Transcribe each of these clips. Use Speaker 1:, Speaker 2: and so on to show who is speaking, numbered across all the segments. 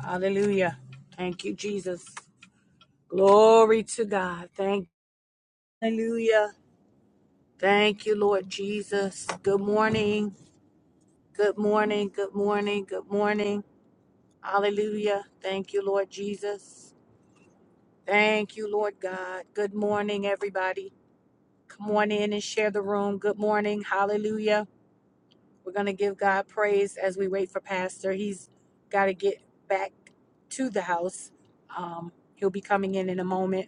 Speaker 1: Hallelujah. Thank you, Jesus. Glory to God. Thank Hallelujah. Thank you, Lord Jesus. Good morning. Good morning. Good morning. Good morning. Hallelujah. Thank you, Lord Jesus. Thank you, Lord God. Good morning, everybody. Come on in and share the room. Good morning. Hallelujah. We're going to give God praise as we wait for Pastor. He's got to get back to the house. Um, he'll be coming in in a moment.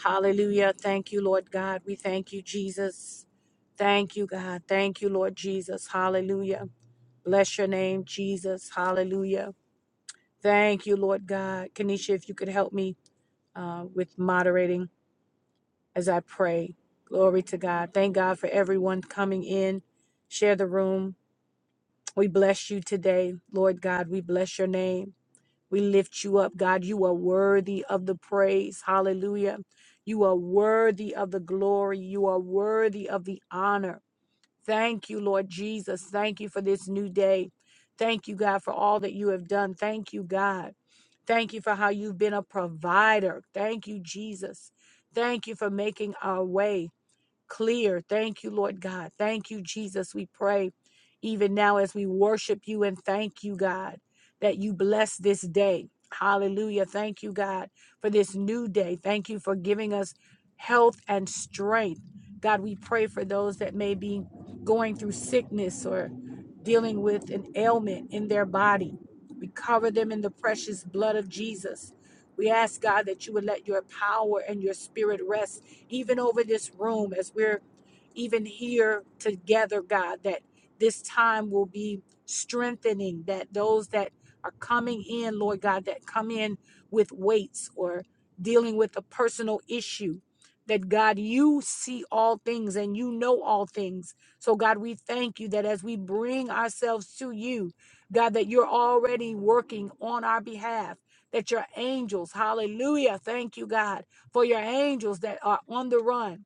Speaker 1: Hallelujah. Thank you, Lord God. We thank you, Jesus. Thank you, God. Thank you, Lord Jesus. Hallelujah. Bless your name, Jesus. Hallelujah. Thank you, Lord God. Kanisha, if you could help me uh, with moderating as I pray. Glory to God. Thank God for everyone coming in. Share the room. We bless you today, Lord God. We bless your name. We lift you up, God. You are worthy of the praise. Hallelujah. You are worthy of the glory. You are worthy of the honor. Thank you, Lord Jesus. Thank you for this new day. Thank you, God, for all that you have done. Thank you, God. Thank you for how you've been a provider. Thank you, Jesus. Thank you for making our way clear. Thank you, Lord God. Thank you, Jesus. We pray even now as we worship you and thank you, God, that you bless this day. Hallelujah. Thank you, God, for this new day. Thank you for giving us health and strength. God, we pray for those that may be going through sickness or dealing with an ailment in their body. We cover them in the precious blood of Jesus. We ask, God, that you would let your power and your spirit rest even over this room as we're even here together, God, that this time will be strengthening, that those that are coming in, Lord God, that come in with weights or dealing with a personal issue, that God, you see all things and you know all things. So, God, we thank you that as we bring ourselves to you, God, that you're already working on our behalf, that your angels, hallelujah, thank you, God for your angels that are on the run,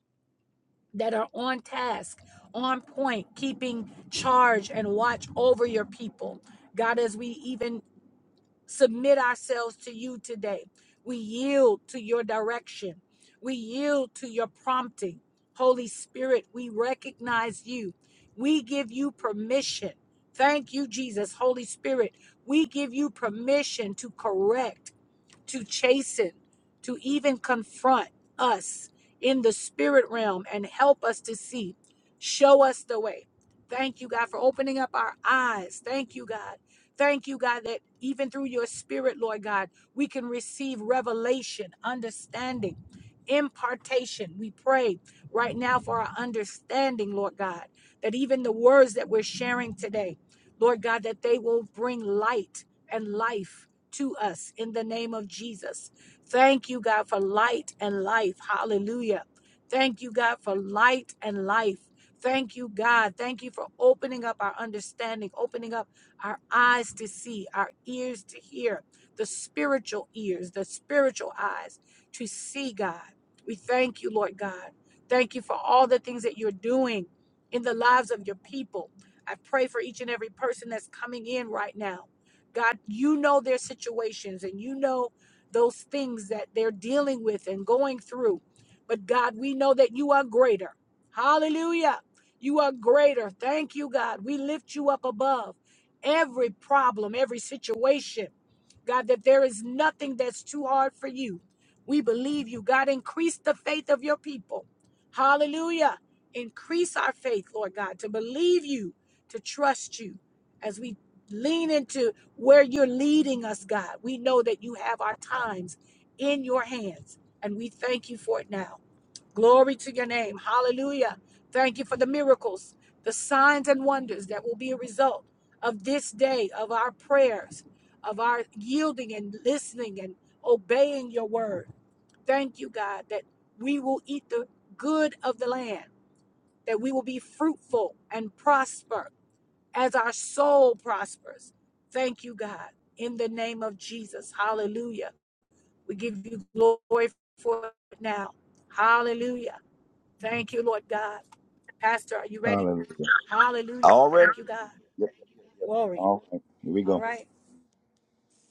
Speaker 1: that are on task, on point, keeping charge and watch over your people. God, as we even submit ourselves to you today, we yield to your direction, we yield to your prompting. Holy Spirit, we recognize you, we give you permission. Thank you, Jesus. Holy Spirit, we give you permission to correct to chasten, to even confront us in the spirit realm and help us to see, show us the way. Thank you, God, for opening up our eyes. Thank you, God. Thank you, God, that even through your spirit, Lord God, we can receive revelation, understanding, impartation. We pray right now for our understanding, Lord God, that even the words that we're sharing today, Lord God, that they will bring light and life to us in the name of Jesus. Thank you, God, for light and life. Hallelujah. Thank you, God, for light and life. Thank you, God. Thank you for opening up our understanding, opening up our eyes to see, our ears to hear, the spiritual ears, the spiritual eyes to see, God. We thank you, Lord God. Thank you for all the things that you're doing in the lives of your people. I pray for each and every person that's coming in right now. God, you know their situations and you know those things that they're dealing with and going through. But God, we know that you are greater. Hallelujah. You are greater. Thank you, God. We lift you up above every problem, every situation. God, that there is nothing that's too hard for you. We believe you. God, increase the faith of your people. Hallelujah. Increase our faith, Lord God, to believe you, to trust you as we lean into where you're leading us, God. We know that you have our times in your hands, and we thank you for it now. Glory to your name. Hallelujah. Thank you for the miracles, the signs and wonders that will be a result of this day, of our prayers, of our yielding and listening and obeying your word. Thank you, God, that we will eat the good of the land, that we will be fruitful and prosper as our soul prospers. Thank you, God, in the name of Jesus. Hallelujah. We give you glory for it now. Hallelujah. Thank you, Lord God. Pastor, are you ready?
Speaker 2: Hallelujah.
Speaker 1: Hallelujah.
Speaker 2: All ready?
Speaker 1: Thank you, God.
Speaker 2: Yep.
Speaker 1: Glory.
Speaker 2: All right. Here we
Speaker 1: All
Speaker 2: go.
Speaker 1: right.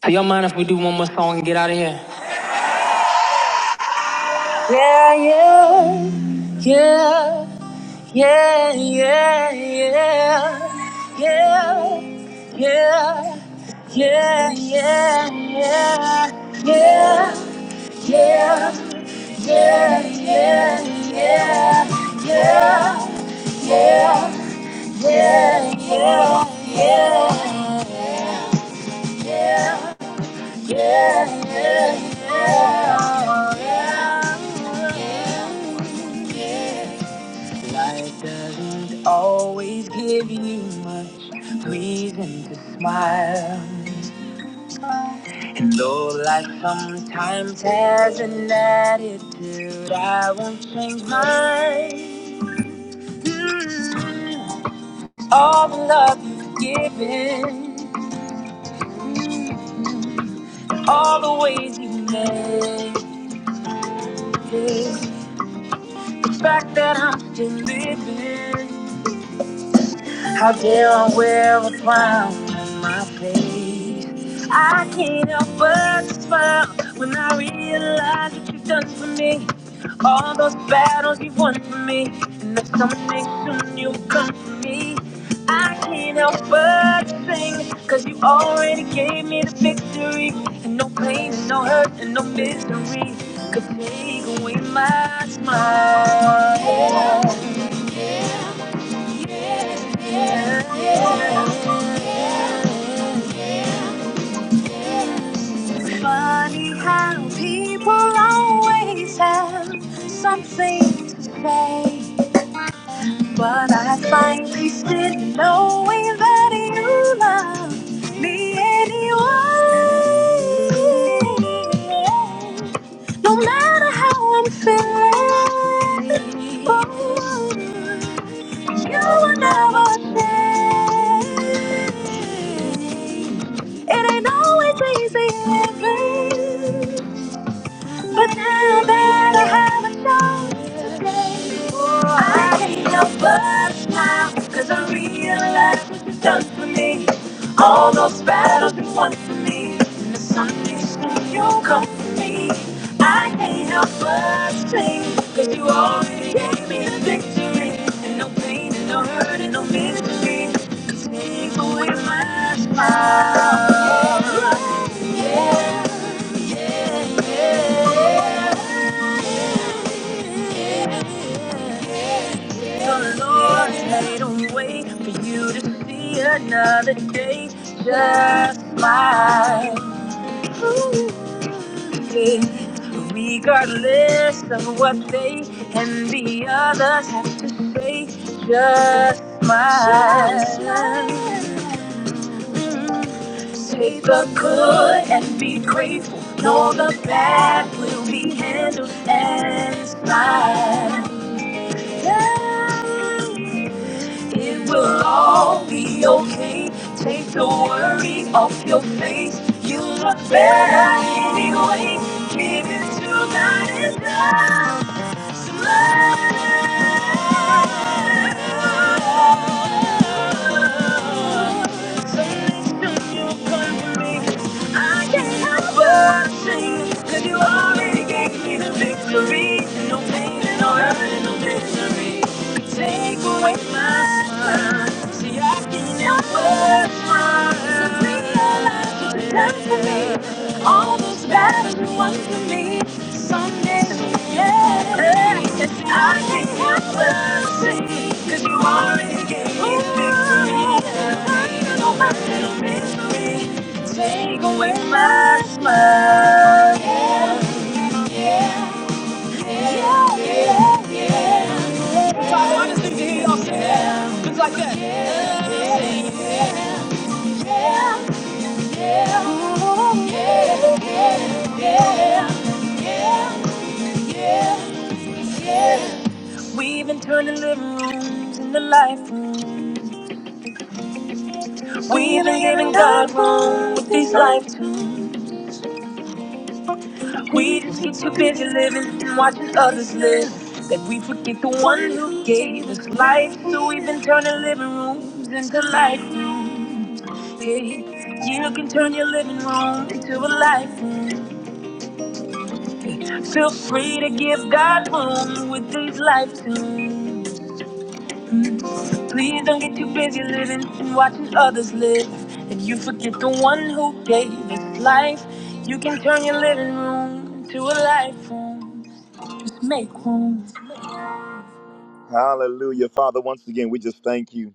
Speaker 2: Do Y'all mind if we do one more song and get out of here? Yeah, yeah, yeah, yeah, yeah, yeah, yeah, yeah, yeah, yeah, yeah, yeah. Yeah, yeah, yeah, yeah, yeah, yeah, yeah, yeah. yeah, yeah, Yeah, yeah, yeah, oh, yeah. yeah. Life doesn't always give you much reason to smile. And though life sometimes has an attitude, I won't change mine. Mm. All the love you've given, mm, all the ways you made it, the fact that I'm still living. How dare I wear a frown on my face? I can't help but smile when I realize what you've done for me. All those battles you've won for me, and that someday soon you'll come for me. I can't help but sing, cause you already gave me the victory. And no pain, and no hurt, and no misery could take away my smile. Yeah, yeah, yeah. It's Funny how people always have something to say, but I find peace in knowing that you love me anyway. No matter how I'm feeling, oh, you will never change. It ain't always easy living. But now that I have a chance to I can't help but smile, cause I realize what you've done for me. All those battles you won for me, and the Sunday soon you'll come for me. I can't help but sing, cause you already gave me the victory. And no pain, and no hurt, and no misery can take away my smile. The Lord made a way for you to see another day. Just smile. Ooh, yeah. Regardless of what they and the others have to say, just smile. Take the good and be grateful. Know the bad will be handled and fine. Yeah, it will all be okay. Take the worry off your face. You look better anyway. Give it to God and God. Smile. Take away my smile. See, I can't help but smile. So realize you've done for me all those battles you won for me. Someday, yeah. I can't help but sing, 'cause you already gave me victory. No matter the misery, Take away my smile. Yeah, yeah, yeah, yeah, yeah. Father, I just need to hear y'all sing that. Just like that. Yeah, yeah, yeah, yeah. Yeah, yeah, yeah, yeah, yeah, yeah. We've been turning living rooms into life rooms. We've been giving God room with these life tunes. We just get too busy living and watching others live that we forget the one who gave us life. So we've been turning living rooms into life rooms. Yeah, you can turn your living room into a life room. Feel free to give God room with these life tunes. Mm. Please don't get too busy living and watching others live. And you forget the one who gave us life. You can turn your living room into a life room. Just make room. Hallelujah. Father, once again, we just thank you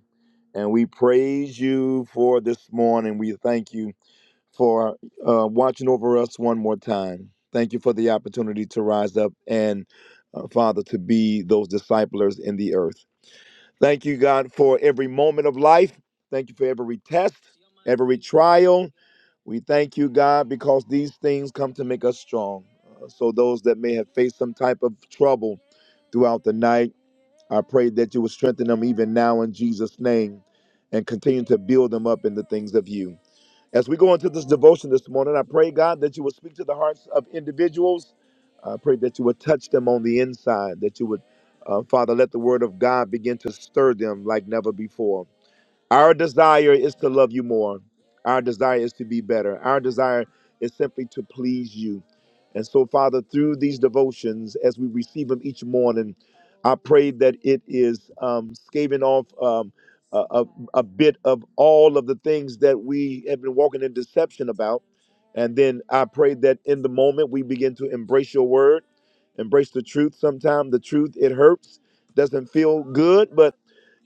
Speaker 2: and we praise you for this morning. We thank you for uh, watching over us one more time. Thank you for the opportunity to rise up and, uh, Father, to be those disciplers in the earth. Thank you, God, for every moment of life. Thank you for every test, every trial. We thank you, God, because these things come to make us strong. Uh, so, those that may have faced some type of trouble throughout the night, I pray that you will strengthen them even now in Jesus' name and continue to build them up in the things of you. As we go into this devotion this morning, I pray, God, that you will speak to the hearts of individuals. I pray that you would touch them on the inside, that you would, uh, Father, let the word of God begin to stir them like never before. Our desire is to love you more. Our desire is to be better. Our desire is simply to please you. And so, Father, through these devotions, as we receive them each morning, I pray that it is um, scaving off um, a, a, a bit of all of the things that we have been walking in deception about. And then I pray that in the moment we begin to embrace your word, embrace the truth. Sometimes the truth, it hurts, doesn't feel good,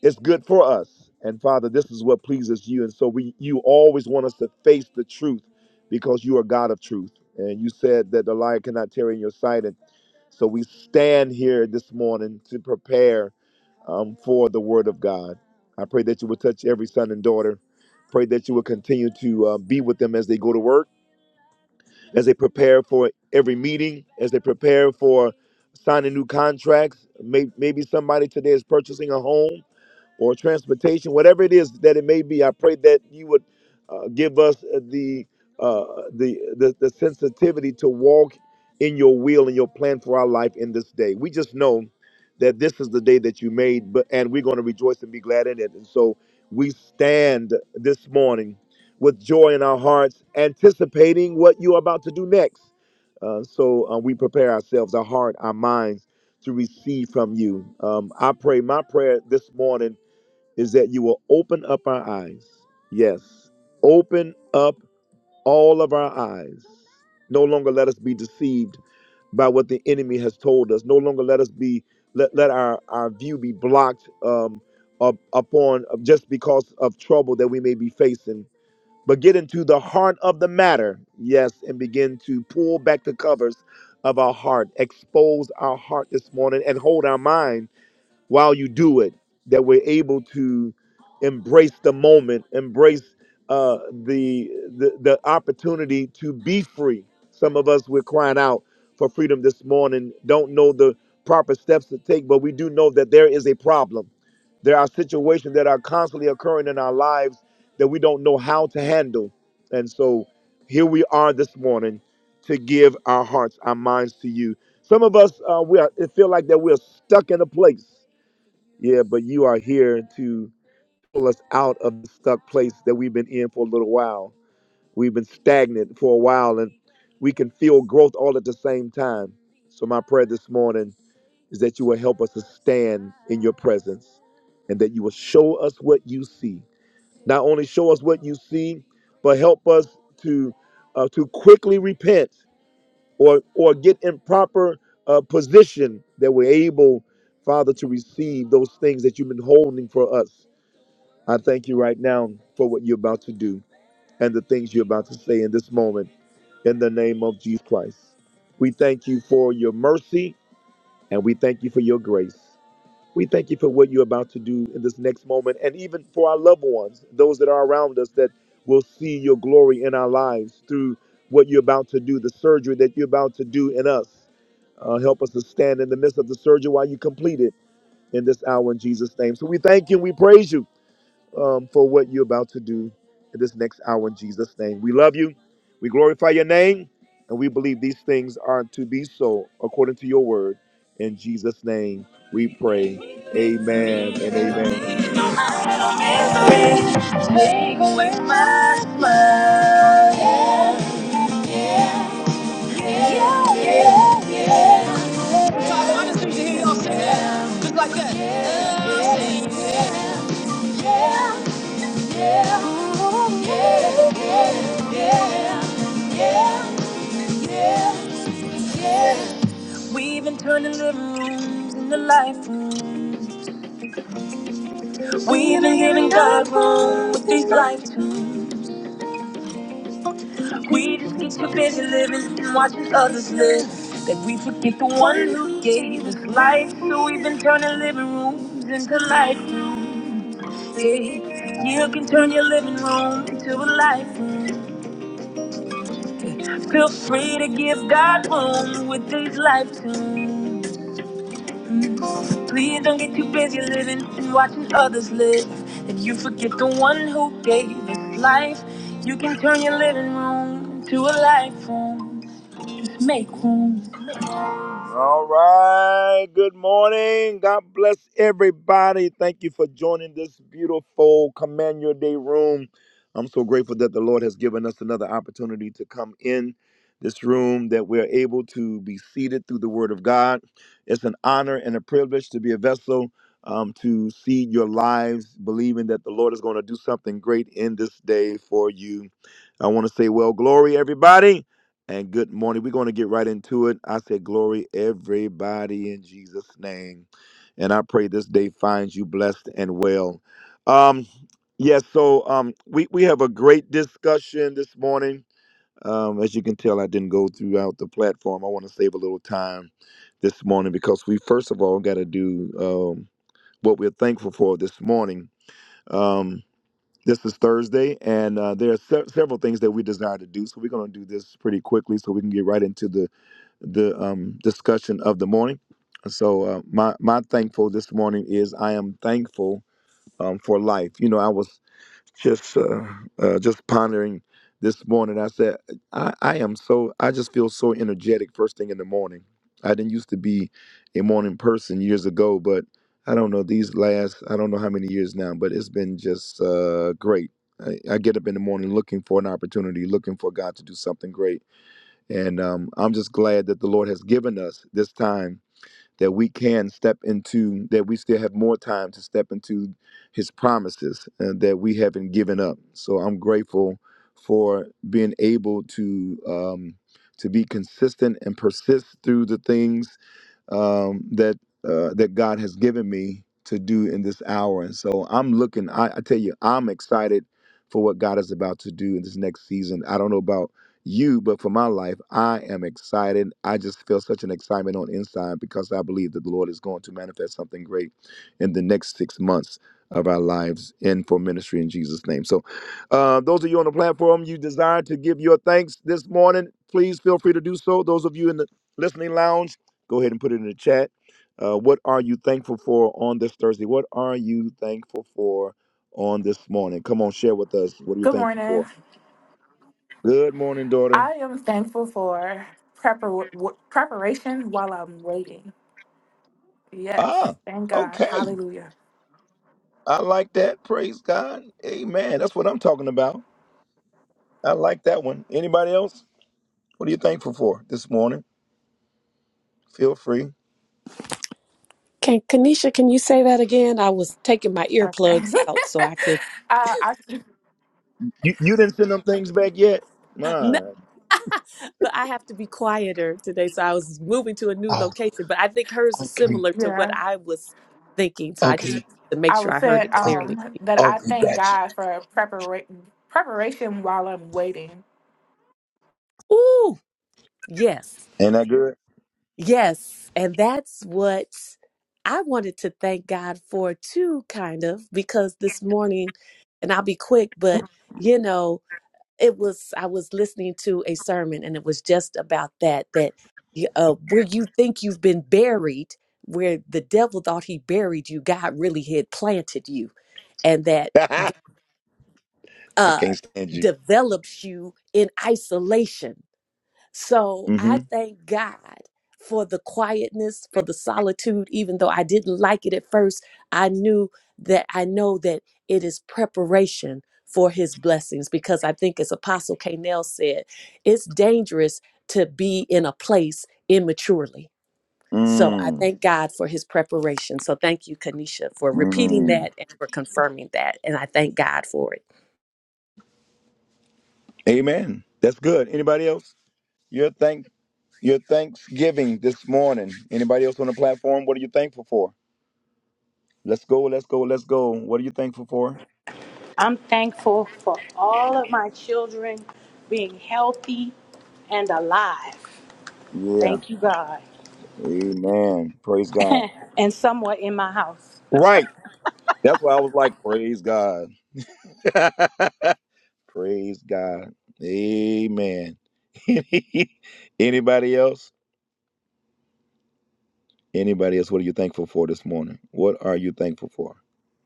Speaker 2: it's good for us and father this is what pleases you and so we you always want us to face the truth because you are god of truth and you said that the lion cannot tear in your sight and so we stand here this morning to prepare um, for the word of god i pray that you will touch every son and daughter pray that you will continue to uh, be with them as they go to work as they prepare for every meeting as they prepare for signing new contracts May- maybe somebody today is purchasing a home or transportation, whatever it is that it may be. I pray that you would uh, give us uh, the, uh, the the the sensitivity to walk in your will and your plan for our life in this day. We just know that this is the day that you made, but and we're going to rejoice and be glad in it. And so we stand this morning with joy in our hearts, anticipating what you're about to do next. Uh, so uh, we prepare ourselves, our heart, our minds to receive from you. Um, I pray my prayer this morning is that you will open up our eyes. Yes, open up all of our eyes. No longer let us be deceived by what the enemy has told us. No longer let us be let, let our, our view be blocked um, up, upon just because of trouble that we may be facing. But get into the heart of the matter, yes, and begin to pull back the covers of our heart, expose our heart this morning, and hold our mind while you do it, that we're able to embrace the moment, embrace uh, the, the the opportunity to be free. Some of us we're crying out for freedom this morning. Don't know the proper steps to take, but we do know that there is a problem. There are situations that are constantly occurring in our lives that we don't know how to handle, and so here we are this morning to give our hearts, our minds to you. Some of us uh, we are, it feel like that we're stuck in a place yeah, but you are here to pull us out of the stuck place that we've been in for a little while. We've been stagnant for a while and we can feel growth all at the same time. So, my prayer this morning is that you will help us to stand in your presence and that you will show us what you see. Not only show us what you see, but help us to, uh, to quickly repent or or get in proper uh, position that we're able, Father, to receive those things that you've been holding for us. I thank you right now for what you're about to do and the things you're about to say in this moment. In the name of Jesus Christ, we thank you for your mercy and we thank you for your grace. We thank you for what you're about to do in this next moment and even for our loved ones, those that are around us that will see your glory in our lives through what you're about to do, the surgery that you're about to do in us. Uh, help us to stand in the midst of the surgery while you complete it in this hour in Jesus' name. So we thank you and we praise you um, for what you're about to do in this next hour in Jesus' name. We love you. We glorify your name. And we believe these things are to be so according to your word. In Jesus' name we pray. Amen and amen. No Yeah, yeah, yeah, yeah, yeah. We've been turning living rooms into life rooms. We've been giving God room with these life tunes. We just get so busy living and watching others live that we forget the one who gave us life. So we've been turning living rooms into life rooms. Yeah. You can turn your living room into a life room. Feel free to give God room with these life tunes. Please don't get too busy living and watching others live. That you forget the one who gave us life. You can turn your living room to a life room. Make room. All right. Good morning. God bless everybody. Thank you for joining this beautiful Command Your Day room. I'm so grateful that the Lord has given us another opportunity to come in this room, that we're able to be seated through the Word of God. It's an honor and a privilege to be a vessel um, to seed your lives, believing that the Lord is going to do something great in this day for you. I want to say, well, glory, everybody and good morning. We're going to get right into it. I said, Glory, everybody, in Jesus' name. And I pray this day finds you blessed and well. Um, yes, yeah, so um, we, we have a great discussion this morning. Um, as you can tell, I didn't go throughout the platform. I want to save a little time this morning because we, first of all, got to do um, what we're thankful for this morning. Um, this is Thursday, and uh, there are se- several things that we desire to do. So we're going to do this pretty quickly, so we can get right into the the um, discussion of the morning. So uh, my my thankful this morning is I am thankful um, for life. You know, I was just uh, uh, just pondering this morning. I said, I, I am so I just feel so energetic first thing in the morning. I didn't used to be a morning person years ago, but I don't know these last I don't know how many years now, but it's been just uh, great. I, I get up in the morning looking for an opportunity, looking for God to do something great, and um, I'm just glad that the Lord has given us this time that we can step into, that we still have more time to step into His promises and that we haven't given up. So I'm grateful for being able to um, to be consistent and persist through the things um, that uh, that God has given me to do in this hour. And so I'm looking. I, I tell you, I'm excited for what God is about to do in this next season. I don't know about you, but for my life, I am excited. I just feel such an excitement on inside because I believe that the Lord is going to manifest something great in the next six months of our lives and for ministry in Jesus' name. So, uh, those of you on the platform, you desire to give your thanks this morning, please feel free to do so. Those of you in the listening lounge. Go ahead and put it in the chat. Uh, what are you thankful for on this Thursday? What are you thankful for on this morning? Come on, share with us. What are you
Speaker 3: Good
Speaker 2: thankful
Speaker 3: morning.
Speaker 2: for? Good morning, daughter.
Speaker 3: I am thankful for prepar- w- preparation while I'm waiting. Yes,
Speaker 2: Ah,
Speaker 3: thank God.
Speaker 2: okay.
Speaker 3: Hallelujah.
Speaker 2: I like that. Praise God. Amen. That's what I'm talking about. I like that one. Anybody else? What are you thankful for this morning? Feel free.
Speaker 4: Can Kanisha, can you say that again? I was taking my
Speaker 3: Okay.
Speaker 4: earplugs
Speaker 3: uh,
Speaker 4: out so I could,
Speaker 3: I,
Speaker 2: You you didn't send them things back yet?
Speaker 4: no,
Speaker 2: My
Speaker 4: but I have to be quieter today. So I was moving to a new
Speaker 2: Oh,
Speaker 4: location, but I think hers is
Speaker 2: okay.
Speaker 4: similar to what
Speaker 3: yeah,
Speaker 4: I was thinking. So I just
Speaker 2: Okay.
Speaker 4: wanted to make
Speaker 3: I
Speaker 4: sure
Speaker 3: was
Speaker 4: I heard
Speaker 3: saying
Speaker 4: it
Speaker 2: Okay.
Speaker 4: clearly.
Speaker 3: um, that I
Speaker 2: Okay.
Speaker 3: thank
Speaker 2: Gotcha.
Speaker 3: God for prepara- preparation while I'm waiting.
Speaker 4: Ooh, yes,
Speaker 2: Ain't that good?
Speaker 4: yes. And that's what I wanted to thank God for too, kind of, because this morning, and I'll be quick, but you know, it was i was listening to a sermon and it was just about that that y- uh, where you think you've been buried where the devil thought he buried you god really had planted you and that
Speaker 2: I
Speaker 4: uh
Speaker 2: can't stand you.
Speaker 4: develops you in isolation so
Speaker 2: Mm-hmm.
Speaker 4: I thank God for the quietness, for the solitude, even though I didn't like it at first. I knew that I know that it is preparation for his blessings because I think, as Apostle K. Nell said, it's dangerous to be in a place immaturely. So I
Speaker 2: Mm,
Speaker 4: thank God for his preparation. So thank you, Kanisha, for repeating
Speaker 2: mm.
Speaker 4: that and for confirming that. And I thank God for it.
Speaker 2: Amen. That's good. Anybody else? Your thank your Thanksgiving this morning. Anybody else on the platform? What are you thankful for? Let's go. Let's go. Let's go. What are you thankful for?
Speaker 1: I'm thankful for all of my children being healthy and alive.
Speaker 2: Yeah.
Speaker 1: Thank you, God.
Speaker 2: Amen. Praise God.
Speaker 1: And somewhere in my house.
Speaker 2: Right. That's why I was like, praise God. praise God. Amen. Anybody else? Anybody else? What are you thankful for this morning? What are you thankful for?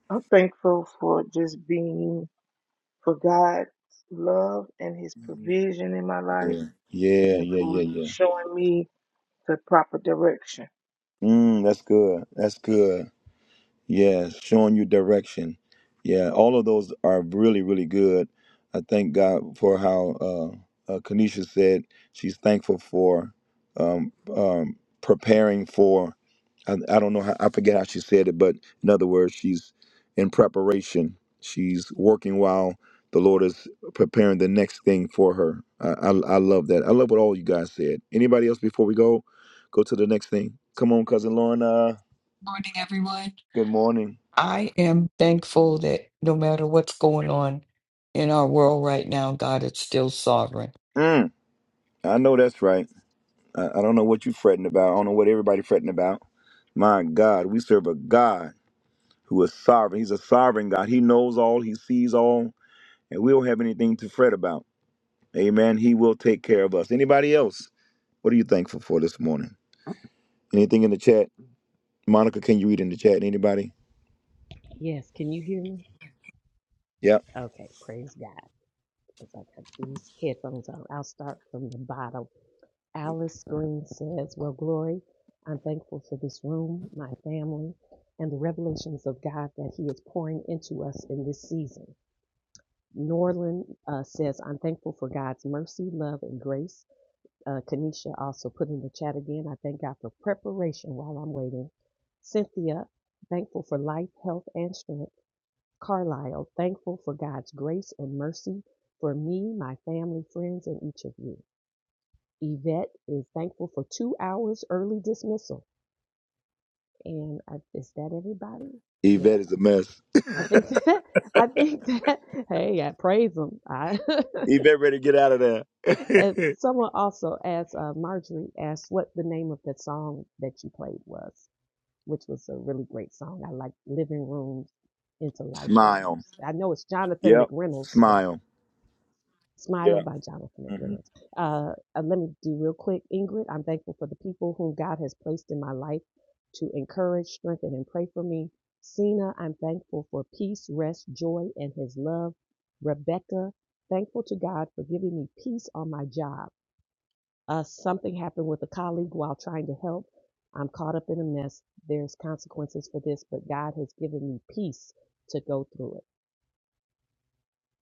Speaker 5: I'm thankful for just being for God's love and His provision in my life
Speaker 2: Yeah. Yeah.
Speaker 5: and
Speaker 2: Yeah.
Speaker 5: for
Speaker 2: Yeah. Yeah.
Speaker 5: showing me the proper direction.
Speaker 2: Mm, that's good. That's good. Yeah, showing you direction. Yeah, all of those are really, really good. I thank God for how uh, uh, Kanisha said she's thankful for um, um, preparing for. I, I don't know how I forget how she said it, but in other words, she's in preparation. She's working while the Lord is preparing the next thing for her. I, I, I love that. I love what all you guys said. Anybody else before we go go to the next thing? Come on, cousin Lorna.
Speaker 6: Morning, everyone.
Speaker 2: Good morning.
Speaker 6: I am thankful that no matter what's going on in our world right now, God is still sovereign.
Speaker 2: I know that's right. I, I don't know what you fretting about. I don't know what everybody fretting about. My God, we serve a God who is sovereign. He's a sovereign God. He knows all. He sees all, and we don't have anything to fret about. Amen. He will take care of us. Anybody else? What are you thankful for this morning? Anything in the chat? Monica, can you read in the chat? Anybody?
Speaker 4: Yes, can you hear me?
Speaker 2: Yep.
Speaker 4: Okay, praise God. As I got these headphones on. I'll start from the bottom. Alice Green says, Well, Glory, I'm thankful for this room, my family, and the revelations of God that He is pouring into us in this season. Norland uh, says, I'm thankful for God's mercy, love, and grace. Uh, Kanisha also put in the chat again, I thank God for preparation while I'm waiting. Cynthia, thankful for life, health, and strength. Carlisle, thankful for God's grace and mercy for me, my family, friends, and each of you. Yvette is thankful for two hours early dismissal. And I, is that everybody? Yeah,
Speaker 2: Yvette is a mess.
Speaker 4: I think that, I think that, hey, I praise them. I,
Speaker 2: Yvette ready to get out of
Speaker 4: and
Speaker 2: there.
Speaker 4: someone also asked, uh, Marjorie asked what the name of the song that you played was, which was a really great song. I like living rooms into life
Speaker 2: Smile.
Speaker 4: rooms. I know it's Jonathan
Speaker 2: Yep.
Speaker 4: McReynolds, but.
Speaker 2: Smile.
Speaker 4: Smile
Speaker 2: Yeah.
Speaker 4: by Jonathan
Speaker 2: hmm
Speaker 4: McReynolds. Uh, uh, let me do real quick, Ingrid. I'm thankful for the people whom God has placed in my life to encourage, strengthen, and pray for me. Sina, I'm thankful for peace, rest, joy, and his love. Rebecca, thankful to God for giving me peace on my job. Uh, something happened with a colleague while trying to help. I'm caught up in a mess. There's consequences for this, but God has given me peace to go through it.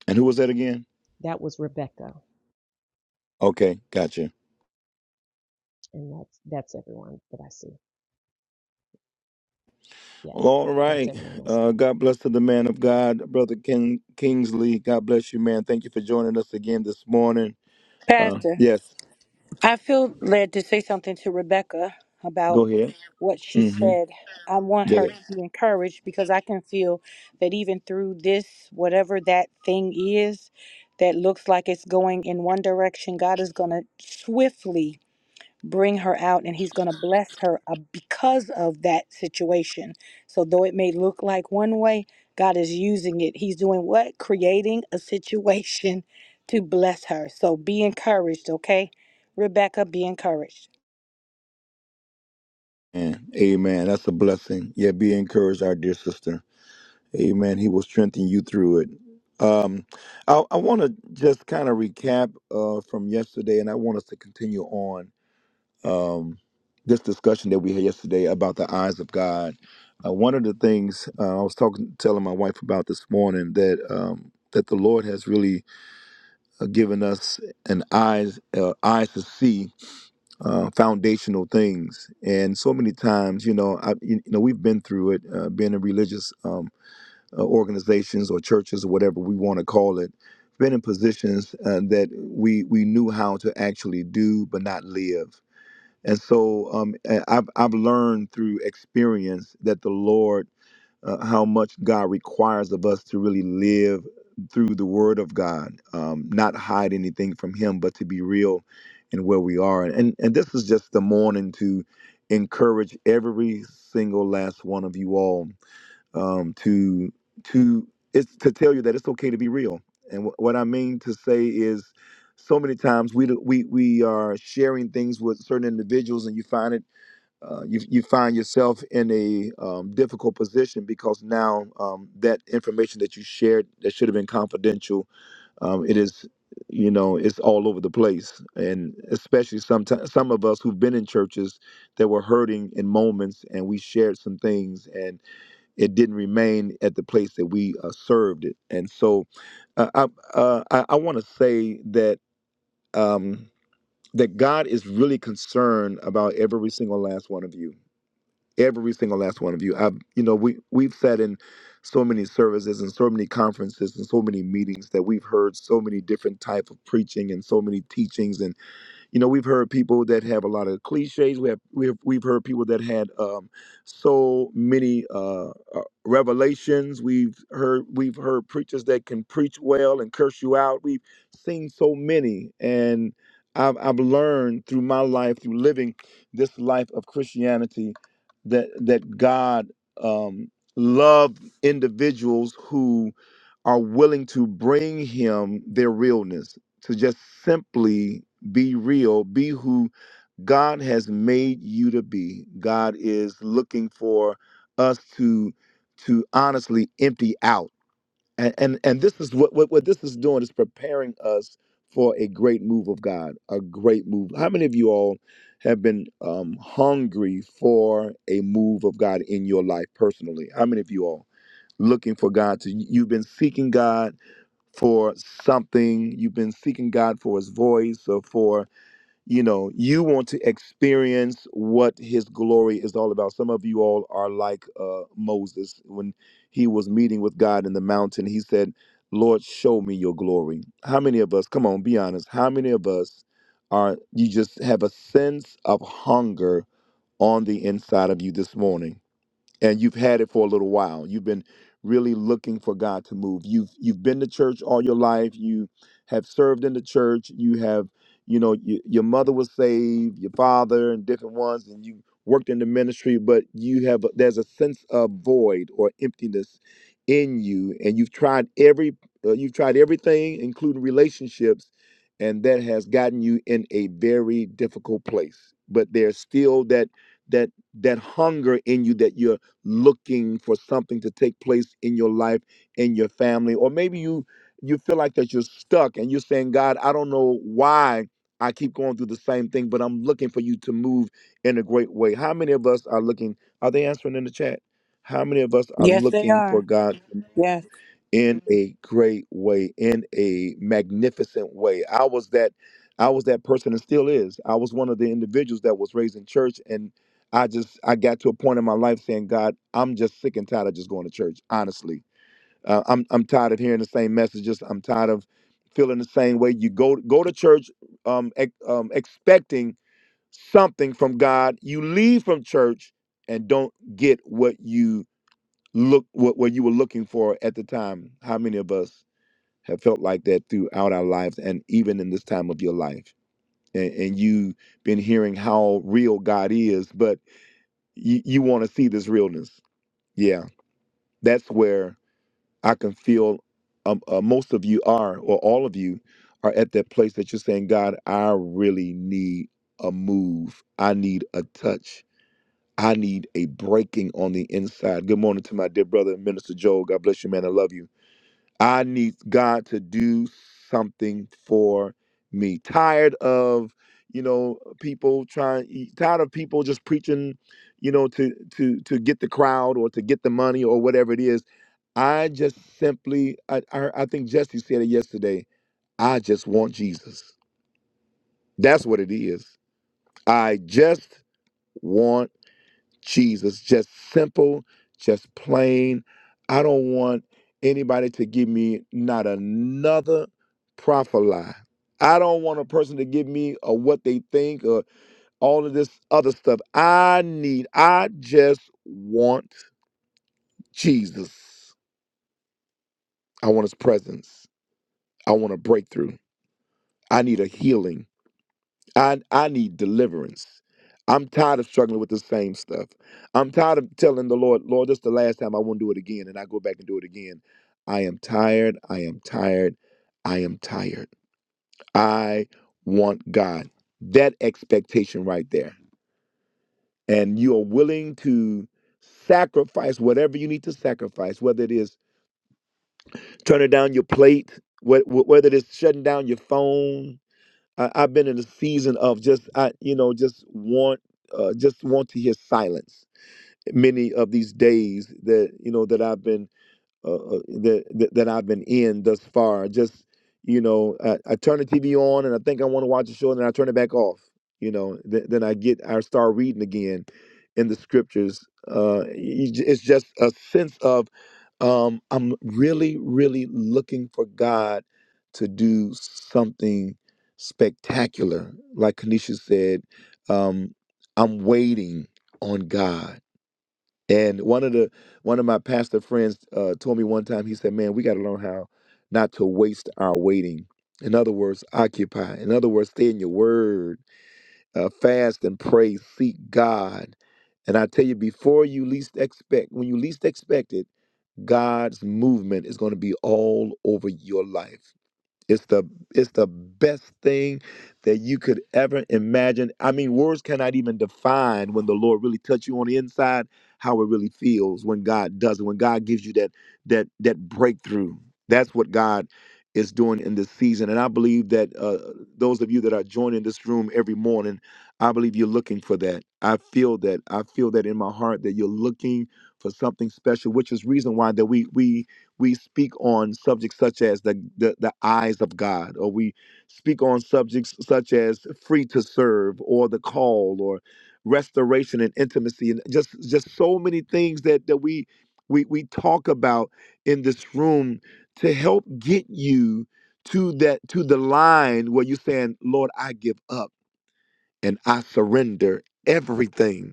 Speaker 2: And who was that again?
Speaker 4: That was Rebecca,
Speaker 2: Okay, gotcha.
Speaker 4: and that's that's everyone that I see. Yes,
Speaker 2: All
Speaker 4: that's
Speaker 2: right.
Speaker 4: everyone else.
Speaker 2: Uh, God bless to the man of God, Brother King Kingsley. God bless you, man. Thank you for joining us again this morning. Uh, yes,
Speaker 1: I feel led to say something to Rebecca about
Speaker 2: go ahead.
Speaker 1: what she
Speaker 2: hmm
Speaker 1: said. I want
Speaker 2: Go
Speaker 1: her to
Speaker 2: ahead.
Speaker 1: be encouraged because I can feel that even through this, whatever that thing is that looks like it's going in one direction, God is going to swiftly bring her out and he's going to bless her uh, because of that situation. So, though it may look like one way, God is using it. He's doing what? Creating a situation to bless her. So, be encouraged, okay? Rebecca, be encouraged.
Speaker 2: Amen. Amen. That's a blessing. Yeah, be encouraged, our dear sister. Amen. He will strengthen you through it. Um, I, I want to just kind of recap uh, from yesterday, and I want us to continue on. um, this discussion that we had yesterday about the eyes of God. Uh, one of the things uh, I was talking, telling my wife about this morning that um, that the Lord has really uh, given us an eyes uh, eyes to see uh, foundational things. And so many times, you know, I, you know, we've been through it, uh, being in religious um, uh, organizations or churches or whatever we want to call it. Been in positions uh, that we we knew how to actually do but not live and so um, a- I've, I've learned through experience that the Lord, uh, how much God requires of us to really live through the Word of God, um, not hide anything from Him, but to be real in where we are. And, and this is just the morning to encourage every single last one of you all um, to to it's to tell you that it's okay to be real. And wh- what I mean to say is, so many times we do- we we are sharing things with certain individuals, and you find it uh, you you find yourself in a um, difficult position because now um, that information that you shared that should have been confidential, um, it is you know it's all over the place and especially sometimes some of us who've been in churches that were hurting in moments and we shared some things and it didn't remain at the place that we uh, served it. And so, uh, I uh, I, I want to say that um, that God is really concerned about every single last one of you, every single last one of you. I, you know, we we've sat in so many services and so many conferences and so many meetings that we've heard so many different type of preaching and so many teachings and. You know, we've heard people that have a lot of cliches. We have we have we've heard people that had um, so many uh, uh, revelations. We've heard we've heard preachers that can preach well and curse you out. We've seen so many, and I've I've learned through my life through living this life of Christianity that that God um, loved individuals who are willing to bring Him their realness to just simply be real. Be who God has made you to be. God is looking for us to to honestly empty out. And and, and this is what, what what this is doing is preparing us for a great move of God. A great move. How many of you all have been um, hungry for a move of God in your life personally? How many of you all looking for God to you've been seeking God for something, you've been seeking God for his voice or for you know you want to experience what his glory is all about some of you all are like uh moses when he was meeting with god in the mountain he said lord show me your glory how many of us come on be honest how many of us are you just have a sense of hunger on the inside of you this morning and you've had it for a little while. You've been really looking for God to move. You've you've been to church all your life. You have served in the church. You have, you know, y your mother was saved, your father, and different ones, and you worked in the ministry. But you have there's a sense of void or emptiness in you, and you've tried every uh, you've tried everything, including relationships, and that has gotten you in a very difficult place. But there's still that that that hunger in you that you're looking for something to take place in your life, in your family, or maybe you you feel like that you're stuck and you're saying, God, I don't know why I keep going through the same thing, but I'm looking for you to move in a great way. How many of us are looking? Are they answering in the chat? How many of us are
Speaker 1: Yes, they
Speaker 2: looking for
Speaker 1: are.
Speaker 2: God?
Speaker 1: Yes.
Speaker 2: in a great way in a magnificent way i was that i was that person and still is i was one of the individuals that was raised in church and i just i got to a point in my life saying god i'm just sick and tired of just going to church honestly uh, i'm i'm tired of hearing the same messages i'm tired of feeling the same way you go go to church um, ex- um expecting something from god you leave from church and don't get what you look what, what you were looking for at the time how many of us have felt like that throughout our lives and even in this time of your life. And, and you've been hearing how real God is, but you, you want to see this realness. Yeah, that's where I can feel um, uh, most of you are, or all of you are at that place that you're saying, God, I really need a move. I need a touch. I need a breaking on the inside. Good morning to my dear brother, Minister Joel. God bless you, man. I love you I need God to do something for me. Tired of, you know, people trying e, tired of people just preaching, you know, to to to get the crowd or to get the money or whatever it is. I just simply I I, I think Jesse said it yesterday. I just want Jesus. That's what it is. I just want Jesus. Just simple, just plain. I don't want anybody to give me not another profit lie. I don't want a person to give me or what they think or all of this other stuff. I need, I just want Jesus. I want his presence. I want a breakthrough. I need a healing. I I need deliverance. I'm tired of struggling with the same stuff. I'm tired of telling the Lord, Lord, this is the last time I won't do it again, and I go back and do it again. I am tired. I am tired. I am tired. I want God. That expectation right there. And you are willing to sacrifice whatever you need to sacrifice, whether it is turning down your plate, wh- wh- whether it is shutting down your phone, I, I've been in a season of just I you know just want uh, just want to hear silence. Many of these days that you know that I've been uh, uh, that, that that I've been in thus far. Just you know, I, I turn the TV on and I think I want to watch a show, and then I turn it back off. You know, th- then I get I start reading again in the scriptures. Uh, y- j- it's just a sense of um, I'm really, really looking for God to do something spectacular. Like Kanisha said, um, I'm waiting on God. And one of the one of my pastor friends uh, told me one time, he said, "Man, we got to learn how not to waste our waiting. In other words, occupy. In other words, stay in your word, uh, fast and pray, seek God." And I tell you, before you least expect, when you least expect it, God's movement is going to be all over your life. It's the it's the best thing that you could ever imagine. I mean, words cannot even define when the Lord really touch you on the inside, how it really feels when God does it, when God gives you that that that breakthrough. That's what God is doing in this season. And I believe that uh, those of you that are joining this room every morning, I believe you're looking for that. I feel that. I feel that in my heart that you're looking for something special, which is reason why that we we we speak on subjects such as the, the the eyes of God, or we speak on subjects such as free to serve, or the call, or restoration and intimacy, and just just so many things that that we we we talk about in this room to help get you to that to the line where you're saying, Lord, I give up and I surrender everything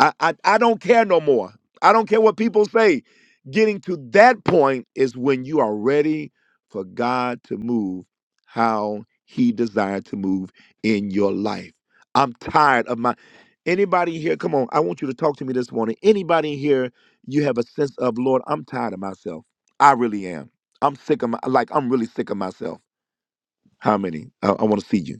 Speaker 2: I, I I don't care no more. I don't care what people say. Getting to that point is when you are ready for God to move how he desired to move in your life. I'm tired of my anybody here, come on, I want you to talk to me this morning. Anybody here, you have a sense of Lord, I'm tired of myself. I really am. I'm sick of my like I'm really sick of myself. How many? I, I want to see you.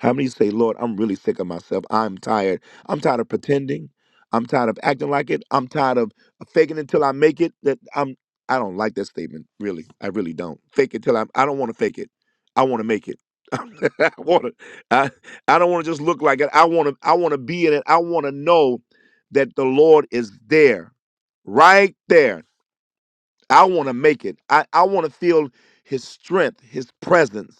Speaker 2: How many say, Lord, I'm really sick of myself. I'm tired. I'm tired of pretending. I'm tired of acting like it. I'm tired of faking until I make it. That I'm I don't like that statement, really. I really don't. Fake it till I I don't want to fake it. I want to make it. I want to I, I don't want to just look like it. I want to I want to be in it. I want to know that the Lord is there. Right there. I want to make it. I, I want to feel his strength, his presence.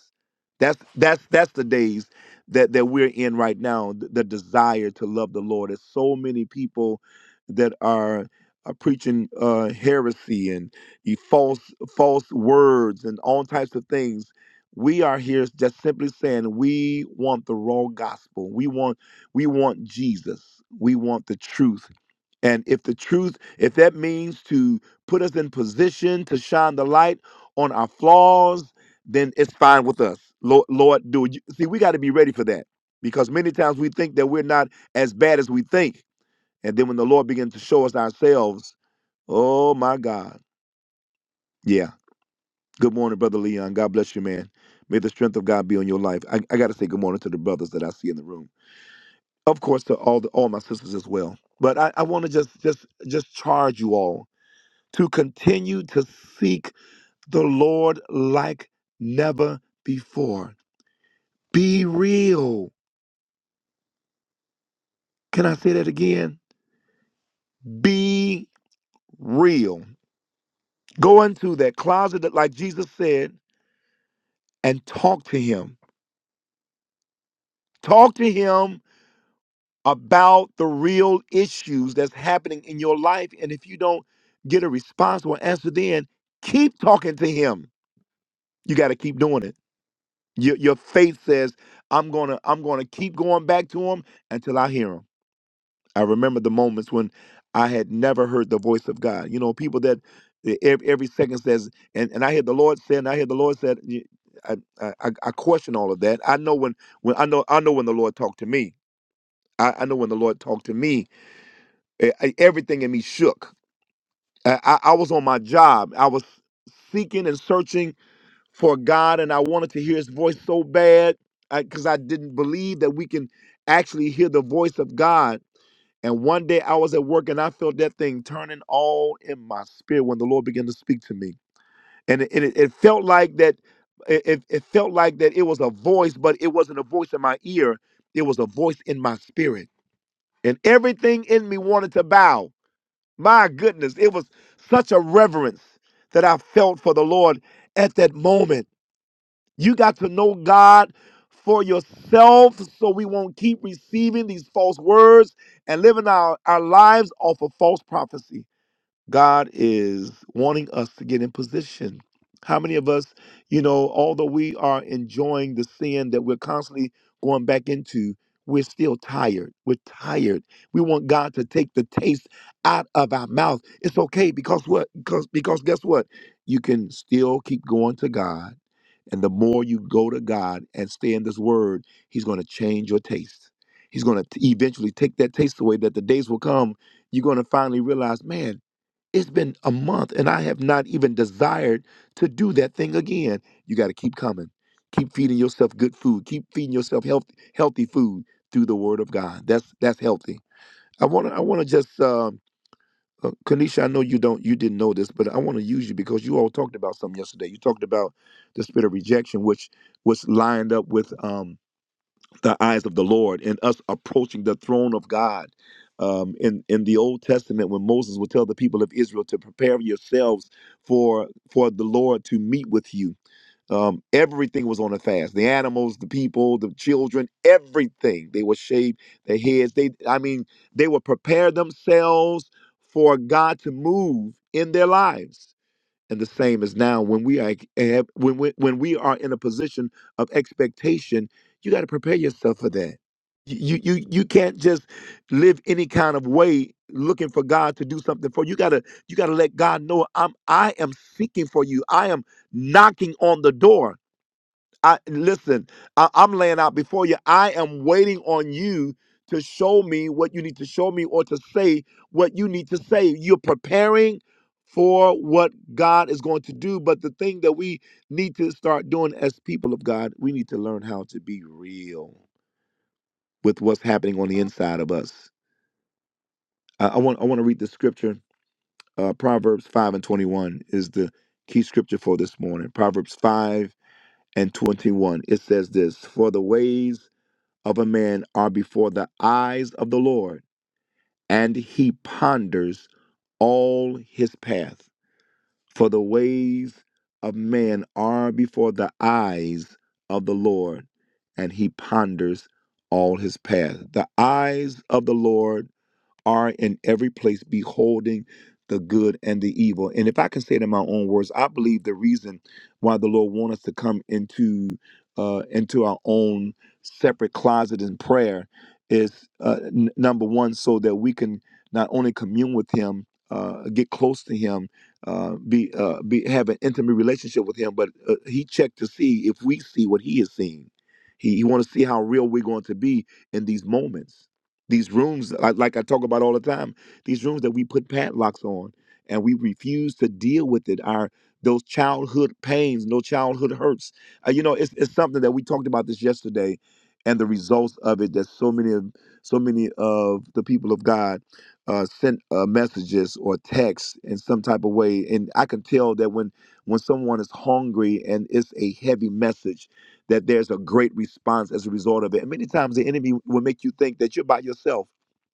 Speaker 2: That's that's that's the days that that we're in right now. The, the desire to love the Lord. There's so many people that are, are preaching uh, heresy and the false false words and all types of things. We are here just simply saying we want the raw gospel. We want we want Jesus. We want the truth. And if the truth, if that means to put us in position to shine the light on our flaws, then it's fine with us. Lord, Lord do it. You- See, we got to be ready for that because many times we think that we're not as bad as we think. And then when the Lord begins to show us ourselves, oh my God. Yeah. Good morning, Brother Leon. God bless you, man. May the strength of God be on your life. I, I got to say good morning to the brothers that I see in the room. Of course, to all the, all my sisters as well. But I, I want to just just just charge you all to continue to seek the Lord like never before. Be real. Can I say that again? Be real. Go into that closet that, like Jesus said, and talk to Him. Talk to Him about the real issues that's happening in your life. And if you don't get a response or answer, then keep talking to Him. You got to keep doing it. Your, your faith says, "I'm gonna, I'm gonna keep going back to Him until I hear Him." I remember the moments when I had never heard the voice of God. You know, people that e- ev- every second says, and, and I hear the Lord say, and I hear the Lord said, y- I, I, I I question all of that. I know when, when I know I know when the Lord talked to me. I, I know when the Lord talked to me, e- e- everything in me shook. I, I I was on my job. I was seeking and searching for God, and I wanted to hear His voice so bad because I 'cause I didn't believe that we can actually hear the voice of God and one day I was at work and I felt that thing turning all in my spirit when the Lord began to speak to me. And it, it, it felt like that it, it it felt like that it was a voice, but it wasn't a voice in my ear. It was a voice in my spirit. And everything in me wanted to bow. My goodness, it was such a reverence that I felt for the Lord at that moment. You got to know God for yourself so we won't keep receiving these false words and living our, our lives off of false prophecy. God is wanting us to get in position. How many of us, you know, although we are enjoying the sin that we're constantly going back into, we're still tired. We're tired. We want God to take the taste out of our mouth. It's okay because what? Because because guess what? You can still keep going to God and the more you go to God and stay in this word, He's going to change your taste. He's going to eventually take that taste away that the days will come. You're going to finally realize, man, it's been a month and I have not even desired to do that thing again. You got to keep coming. Keep feeding yourself good food. Keep feeding yourself healthy, healthy food through the word of God. That's that's healthy. I want to I want to just um uh, Kanisha, I know you don't, you didn't know this, but I want to use you because you all talked about something yesterday. You talked about the spirit of rejection, which was lined up with um, the eyes of the Lord and us approaching the throne of God. Um, in in the Old Testament, when Moses would tell the people of Israel to prepare yourselves for for the Lord to meet with you, um, everything was on a fast. The animals, the people, the children, everything. They were shaved their heads. They, I mean, they would prepare themselves for God to move in their lives and the same as now when we are have- when we, when we are in a position of expectation you got to prepare yourself for that you you you can't just live any kind of way looking for God to do something for you. You gotta you gotta let God know I'm I am seeking for you. I am knocking on the door. I listen, I, I'm laying out before you. I am waiting on you to show me what you need to show me or to say what you need to say. You're preparing for what God is going to do. But the thing that we need to start doing as people of God, we need to learn how to be real with what's happening on the inside of us. I, I want I want to read the scripture. Uh, Proverbs 5 and 21 is the key scripture for this morning. Proverbs 5 and 21. It says this For the ways of a man are before the eyes of the Lord, and he ponders all his path. For the ways of man are before the eyes of the Lord, and he ponders all his path. The eyes of the Lord are in every place beholding the good and the evil. And if I can say it in my own words, I believe the reason why the Lord wants us to come into uh, into our own separate closet in prayer is uh, n- number one, so that we can not only commune with Him, uh, get close to Him, uh, be uh, be have an intimate relationship with Him, but uh, He checked to see if we see what He is seeing. He, he want to see how real we're going to be in these moments these rooms, like, like I talk about all the time, these rooms that we put padlocks on and we refuse to deal with it. Our those childhood pains, no childhood hurts. Uh, you know, it's, it's something that we talked about this yesterday, and the results of it. That so many of so many of the people of God uh, sent uh, messages or texts in some type of way, and I can tell that when when someone is hungry and it's a heavy message that there's a great response as a result of it. And many times the enemy will make you think that you're by yourself,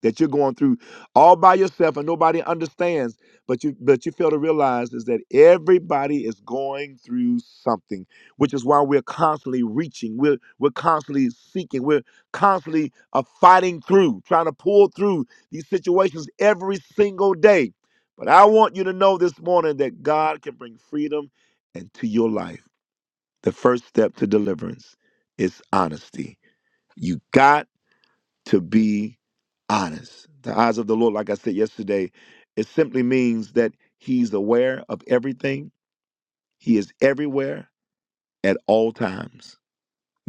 Speaker 2: that you're going through all by yourself and nobody understands. But you but you fail to realize is that everybody is going through something, which is why we're constantly reaching, we're we're constantly seeking, we're constantly uh, fighting through, trying to pull through these situations every single day. But I want you to know this morning that God can bring freedom into your life. The first step to deliverance is honesty. You got to be honest. The eyes of the Lord, like I said yesterday, it simply means that He's aware of everything, He is everywhere at all times.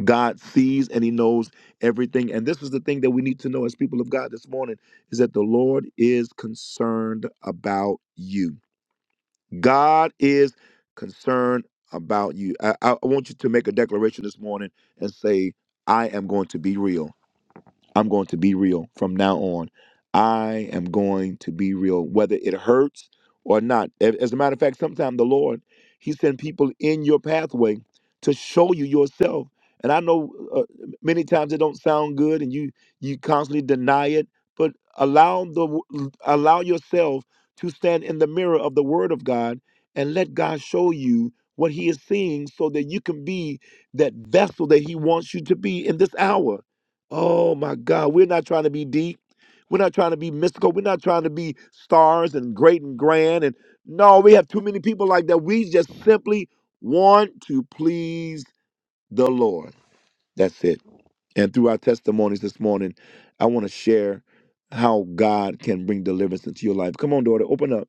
Speaker 2: God sees and He knows everything. And this is the thing that we need to know as people of God this morning is that the Lord is concerned about you. God is concerned about you. I, I want you to make a declaration this morning and say, I am going to be real. I'm going to be real from now on. I am going to be real, whether it hurts or not. As a matter of fact, sometimes the Lord, He sends people in your pathway to show you yourself. And I know uh, many times it don't sound good, and you you constantly deny it. But allow the allow yourself to stand in the mirror of the Word of God and let God show you what He is seeing, so that you can be that vessel that He wants you to be in this hour. Oh my God, we're not trying to be deep. We're not trying to be mystical. We're not trying to be stars and great and grand. And no, we have too many people like that. We just simply want to please the Lord. That's it. And through our testimonies this morning, I want to share how God can bring deliverance into your life. Come on, daughter, open up.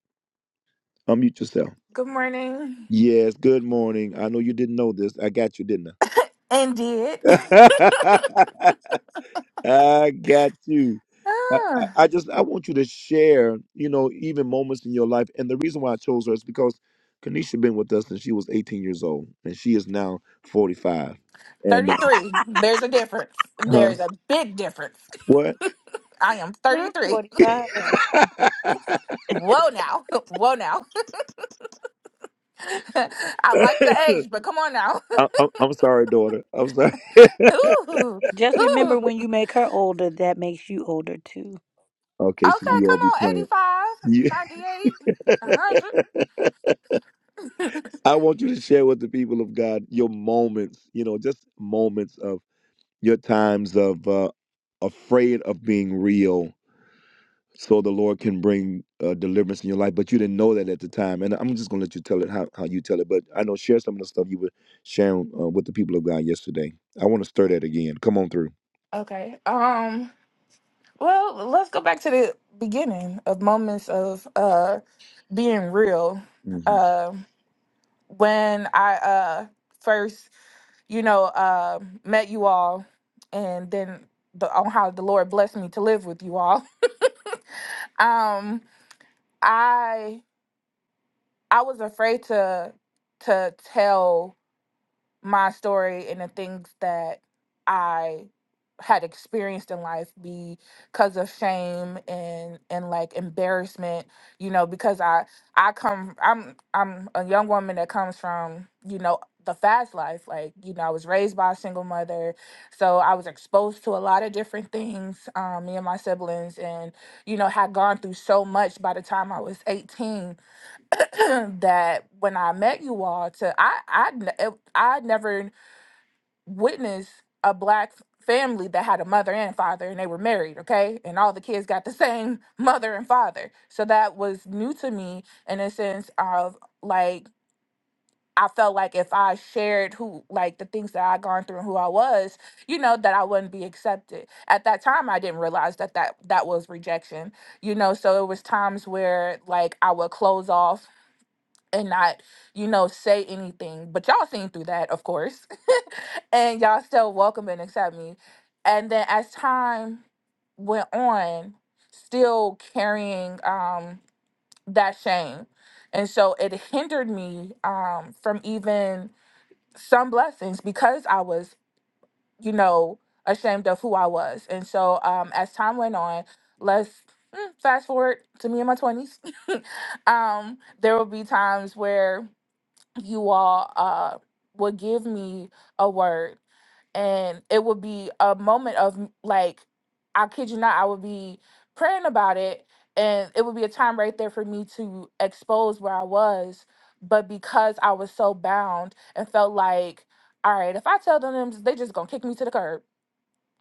Speaker 2: Unmute yourself.
Speaker 3: Good morning.
Speaker 2: Yes, good morning. I know you didn't know this. I got you, didn't
Speaker 3: Indeed.
Speaker 2: I? I got you. I, I
Speaker 3: Ah,
Speaker 2: I just I want you to share, you know, even moments in your life. And the reason why I chose her is because Kanisha been with us since she was 18 years old, and she is now 45. And uh,
Speaker 3: 33. There's a difference.
Speaker 2: huh?
Speaker 3: There's a big difference.
Speaker 2: What?
Speaker 3: I am
Speaker 1: Not
Speaker 3: 33.
Speaker 1: 45. Esther.
Speaker 3: Whoa now. Whoa now. I like the age, but come on now.
Speaker 2: I, I'm, I'm sorry, daughter. I'm sorry.
Speaker 3: Ooh,
Speaker 1: Just
Speaker 3: ooh.
Speaker 1: remember when you make her older, that makes you older too.
Speaker 2: okay, so
Speaker 3: Okay,
Speaker 1: Okay.
Speaker 2: you all
Speaker 3: come
Speaker 2: be
Speaker 3: on,
Speaker 2: playing.
Speaker 3: Eighty-five,
Speaker 2: You,
Speaker 3: ninety-eight, 98, 100.
Speaker 2: I want you to share with the people of God your moments, you know, just moments of your times of uh, afraid of being real so the Lord can bring uh, deliverance in your life. But you didn't know that at the time. And I'm just going to let you tell it how, how you tell it. But I know share some of the stuff you were sharing uh, with the people of God yesterday. I want to stir that again. Come on through.
Speaker 3: okay. Um, well, let's go back to the beginning of moments of uh being real.
Speaker 2: hmm
Speaker 3: Uh, when I uh first, you know, uh met you all and then the on how the Lord blessed me to live with you all. Um, I I was afraid to to tell my story and the things that I had experienced in life because of shame and and like embarrassment, you know, because I I come I'm I'm a young woman that comes from, you know, the fast life. Like, you know, I was raised by a single mother. So I was exposed to a lot of different things, um, me and my siblings and, you know, had gone through so much by the time I was 18 that when I met you all to I I n- it- I never witness a black family that had a mother and father and they were married okay and all the kids got the same mother and father so that was new to me in a sense of like i felt like if i shared who like the things that i gone through and who i was you know that i wouldn't be accepted at that time i didn't realize that that that was rejection you know so it was times where like i would close off and not, you know, say anything. But y'all seen through that, of course. and y'all still welcome and accept me. And then as time went on, still carrying um that shame. And so it hindered me um from even some blessings because I was, you know, ashamed of who I was. And so um as time went on, let's mm, fast forward to me in my 20s. um there will be times where you all uh, would give me a word and it would be a moment of m- like i kid you not i would be praying about it and it would be a time right there for me to expose where i was but because i was so bound and felt like all right if i tell them this, they just gonna kick me to the curb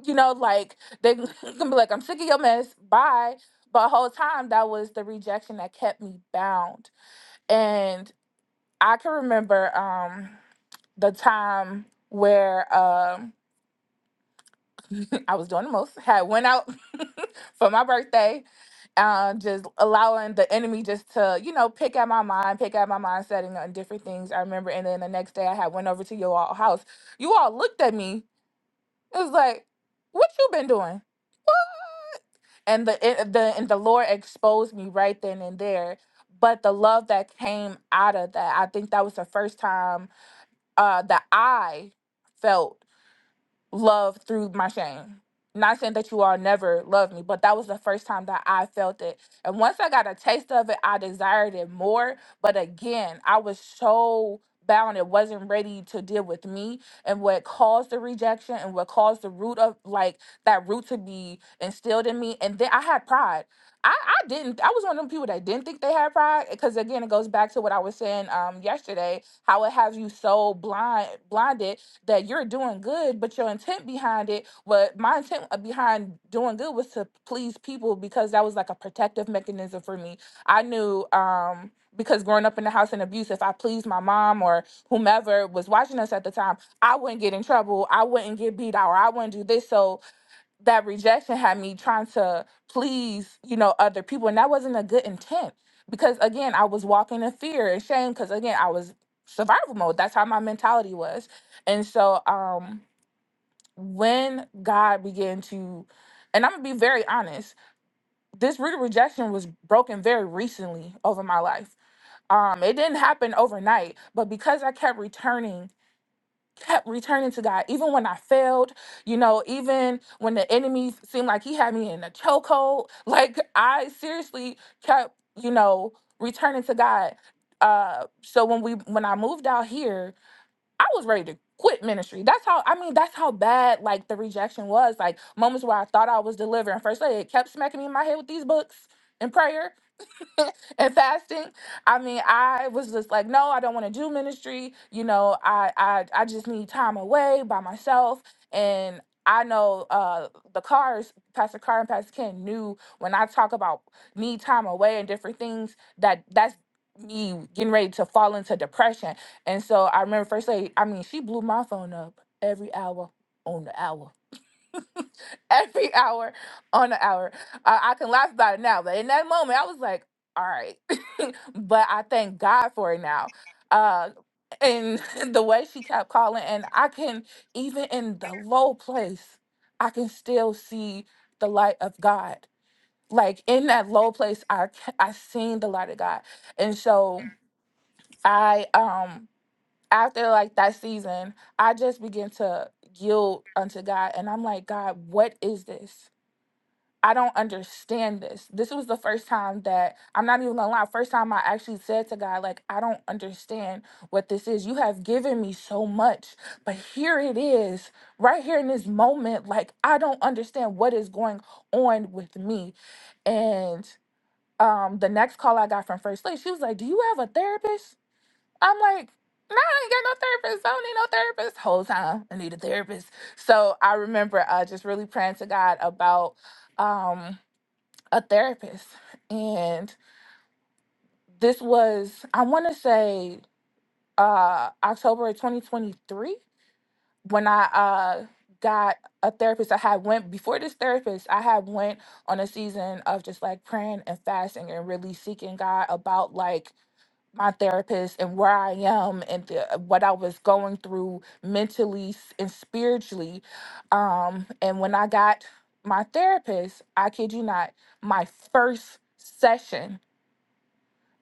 Speaker 3: you know like they gonna be like i'm sick of your mess bye but whole time that was the rejection that kept me bound and i can remember um the time where um I was doing the most, had went out for my birthday, uh, just allowing the enemy just to, you know, pick at my mind, pick at my mindset and on different things. I remember, and then the next day I had went over to your all house. You all looked at me. It was like, what you been doing? And the it, the and the Lord exposed me right then and there. But the love that came out of that, I think that was the first time uh, that I felt. love through my shame. Not saying that you all never loved me, but that was the first time that I felt it. And once I got a taste of it, I desired it more. But again, I was so bound it wasn't ready to deal with me and what caused the rejection and what caused the root of like that root to be instilled in me and then i had pride i i didn't i was one of them people that didn't think they had pride because again it goes back to what i was saying um yesterday how it has you so blind blinded that you're doing good, but your intent behind it, what my intent uh, behind doing good was to please people because that was like a protective mechanism for me. I knew um because growing up in the house in abuse, if I pleased my mom or whomever was watching us at the time, I wouldn't get in trouble. I wouldn't get beat out or I wouldn't do this. So that rejection had me trying to please, you know, other people. And that wasn't a good intent because, again, I was walking in fear and shame because, again, I was survival mode. That's how my mentality was. And so um, when God began to, and I'm going to be very honest, this root of rejection was broken very recently over my life. Um, it didn't happen overnight, but because I kept returning kept returning to God, even when I failed, you know, even when the enemy seemed like he had me in a chokehold. Like I seriously kept, you know, returning to God. Uh, so when we when I moved out here, I was ready to quit ministry. That's how I mean. That's how bad like the rejection was. Like moments where I thought I was delivering. First lady it kept smacking me in my head with these books and prayer. and fasting. I mean, I was just like, no, I don't want to do ministry. You know, I I I just need time away by myself. And I know uh the cars, Pastor Carr and Pastor Ken knew when I talk about need time away and different things that that's me getting ready to fall into depression. And so I remember first lady, I mean, she blew my phone up every hour on the hour every hour on the hour. I, I can laugh about it now, but in that moment, I was like, all right. but I thank God for it now. Uh, and the way she kept calling, and I can, even in the low place, I can still see the light of God. Like in that low place, I ca- I seen the light of God, and so I um after like that season, I just begin to yield unto God, and I'm like, God, what is this? I don't understand this. This was the first time that I'm not even gonna lie, first time I actually said to God, like, I don't understand what this is. You have given me so much, but here it is, right here in this moment, like I don't understand what is going on with me. And um the next call I got from First Lady, she was like, Do you have a therapist? I'm like, no, I ain't got no therapist. I don't need no therapist. Whole time I need a therapist. So I remember uh, just really praying to God about um a therapist and this was i want to say uh october of 2023 when i uh got a therapist i had went before this therapist i had went on a season of just like praying and fasting and really seeking god about like my therapist and where i am and the, uh, what i was going through mentally s- and spiritually um and when i got my therapist i kid you not my first session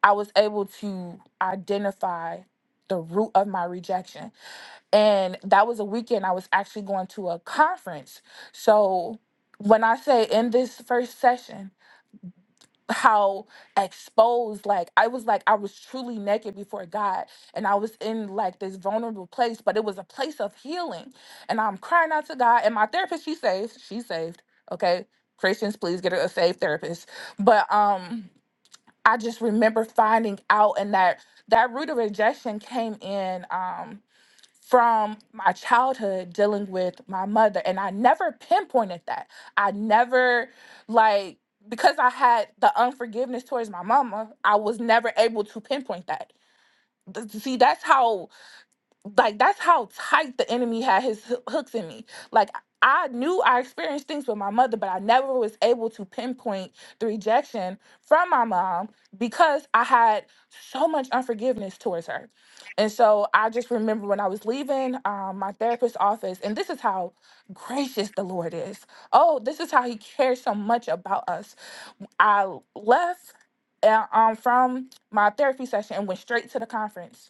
Speaker 3: I was able to identify the root of my rejection. And that was a weekend I was actually going to a conference. So when I say in this first session, how exposed, like I was like, I was truly naked before God. And I was in like this vulnerable place, but it was a place of healing. And I'm crying out to God. And my therapist, she's saved. She's saved. Okay. Christians, please get a a saved therapist. But um I just remember finding out and that that root of rejection came in um from my childhood dealing with my mother and I never pinpointed that. I never like because I had the unforgiveness towards my mama, I was never able to pinpoint that. Th- See, that's how like that's how tight the enemy had his hoo- hooks in me. Like I knew I experienced things with my mother, but I never was able to pinpoint the rejection from my mom because I had so much unforgiveness towards her. And so I just remember when I was leaving um, my therapist's office, and this is how gracious the Lord is. Oh, this is how He cares so much about us. I left uh, um, from my therapy session and went straight to the conference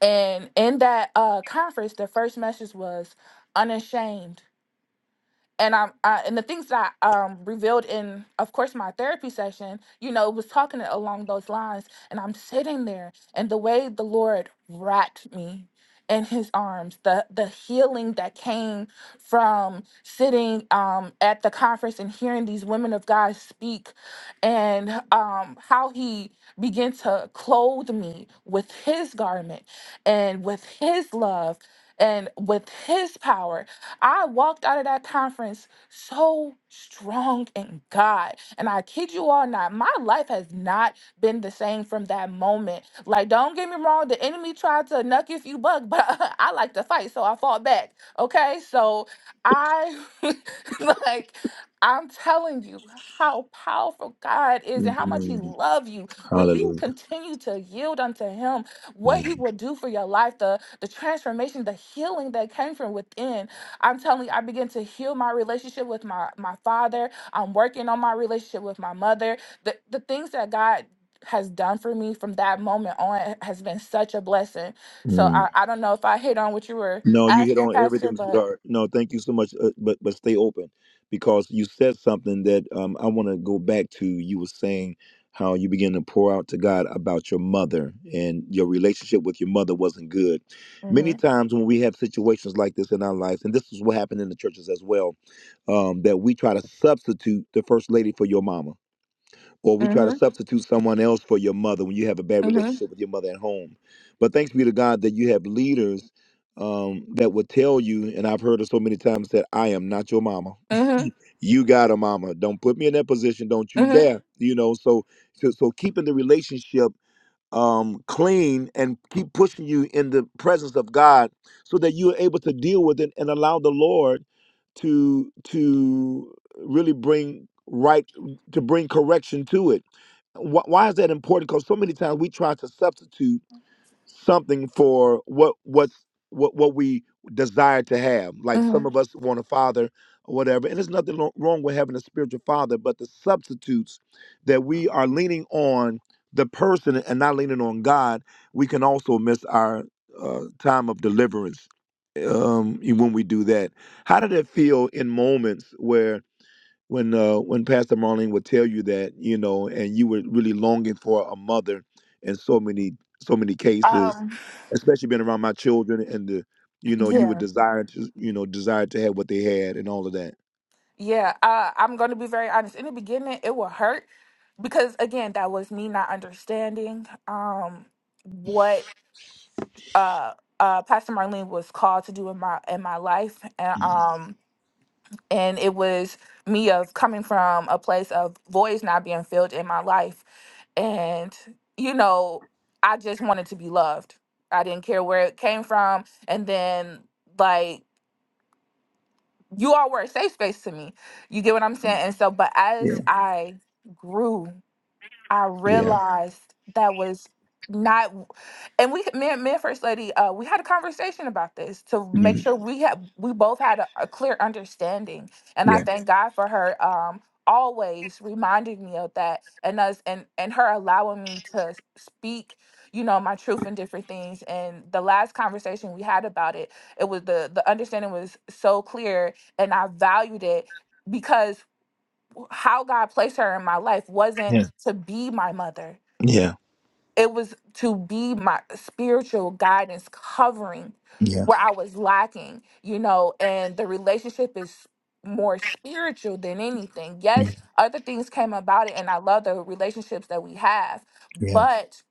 Speaker 3: and in that uh, conference, the first message was unashamed and I'm uh, and the things that I um revealed in, of course, my therapy session, you know, was talking along those lines. And I'm sitting there, and the way the Lord wrapped me in His arms, the the healing that came from sitting um at the conference and hearing these women of God speak, and um how He began to clothe me with His garment and with His love and with His power I walked out of that conference so strong in God. And I kid you all not, my life has not been the same from that moment. Like, don't get me wrong, the enemy tried to nuck if you buck, but I like to fight, so I fought back. Okay, so I like. I'm telling you how powerful God is and how much He loves you. When you
Speaker 2: Hallelujah.
Speaker 3: continue to yield unto Him, what He will do for your life, the, the transformation, the healing that came from within. I'm telling you, I begin to heal my relationship with my my father. I'm working on my relationship with my mother. The the things that God has done for me from that moment on has been such a blessing. So I, I don't know if I hit on what you were
Speaker 2: No, you hit
Speaker 3: asking,
Speaker 2: on
Speaker 3: Pastor,
Speaker 2: everything,
Speaker 3: but
Speaker 2: sweetheart. No, thank you so much, uh, but but stay open because you said something that um, I want to go back to. You were saying how you began to pour out to God about your mother and your relationship with your mother wasn't good. Many
Speaker 3: mm-hmm,
Speaker 2: times when we have situations like this in our lives, and this is what happened in the churches as well, um, that we try to substitute the first lady for your mama or we try to
Speaker 3: mm-hmm,
Speaker 2: substitute someone else for your mother when you have a bad
Speaker 3: mm-hmm,
Speaker 2: relationship with your mother at home. But thanks be to God that you have leaders um, that would tell you, and I've heard it so many times that I am not your mama.
Speaker 3: mm-hmm,
Speaker 2: you got a mama. Don't put me in that position. Don't you
Speaker 3: mm-hmm,
Speaker 2: dare. You know. So so so keeping the relationship um, clean and keep pushing you in the presence of God so that you are able to deal with it and allow the Lord to to really bring right to bring correction to it. Wh- Why is that important? Because so many times we try to substitute something for what what what what we desire to have. Like
Speaker 3: mm-hmm.
Speaker 2: some of us want a father or whatever, and there's nothing lo- wrong with having a spiritual father, but the substitutes that we are leaning on the person and not leaning on God, we can also miss our uh, time of deliverance um, e- when we do that. How did it feel in moments where? When uh, when Pastor Marlene would tell you that you know, and you were really longing for a mother in so many so many cases,
Speaker 3: um
Speaker 2: especially being around my children and the you know you would
Speaker 3: yeah.
Speaker 2: desire to you know desire to have what they had and all of that
Speaker 3: Yeah, uh, I'm going to be very honest. In the beginning, it will hurt because again, that was me not understanding um what uh, uh, Pastor Marlene was called to do in my in my life, and um, and it was me of coming from a place of voids not being filled in my life, and you know, I just wanted to be loved. I didn't care where it came from, and then like you all were a safe space to me. You get what I'm saying? And so, but
Speaker 2: yeah
Speaker 3: as I grew I
Speaker 2: yeah
Speaker 3: realized that was not and we me and, me and first lady uh we had a conversation about this to make
Speaker 2: Mhm.
Speaker 3: sure we had we both had a, a clear understanding and i
Speaker 2: yeah
Speaker 3: thank god for her um always reminding me of that and us and and her allowing me to speak you know my truth in different things and the last conversation we had about it it was the the understanding was so clear and i valued it because how God placed her in my life wasn't
Speaker 2: Yeah.
Speaker 3: to be my mother.
Speaker 2: yeah
Speaker 3: It was to be my spiritual guidance covering
Speaker 2: yeah
Speaker 3: where I was lacking, you know, and the relationship is more spiritual than anything. Yes,
Speaker 2: Mhm.
Speaker 3: other things came about it and I love the relationships that we have,
Speaker 2: yeah
Speaker 3: but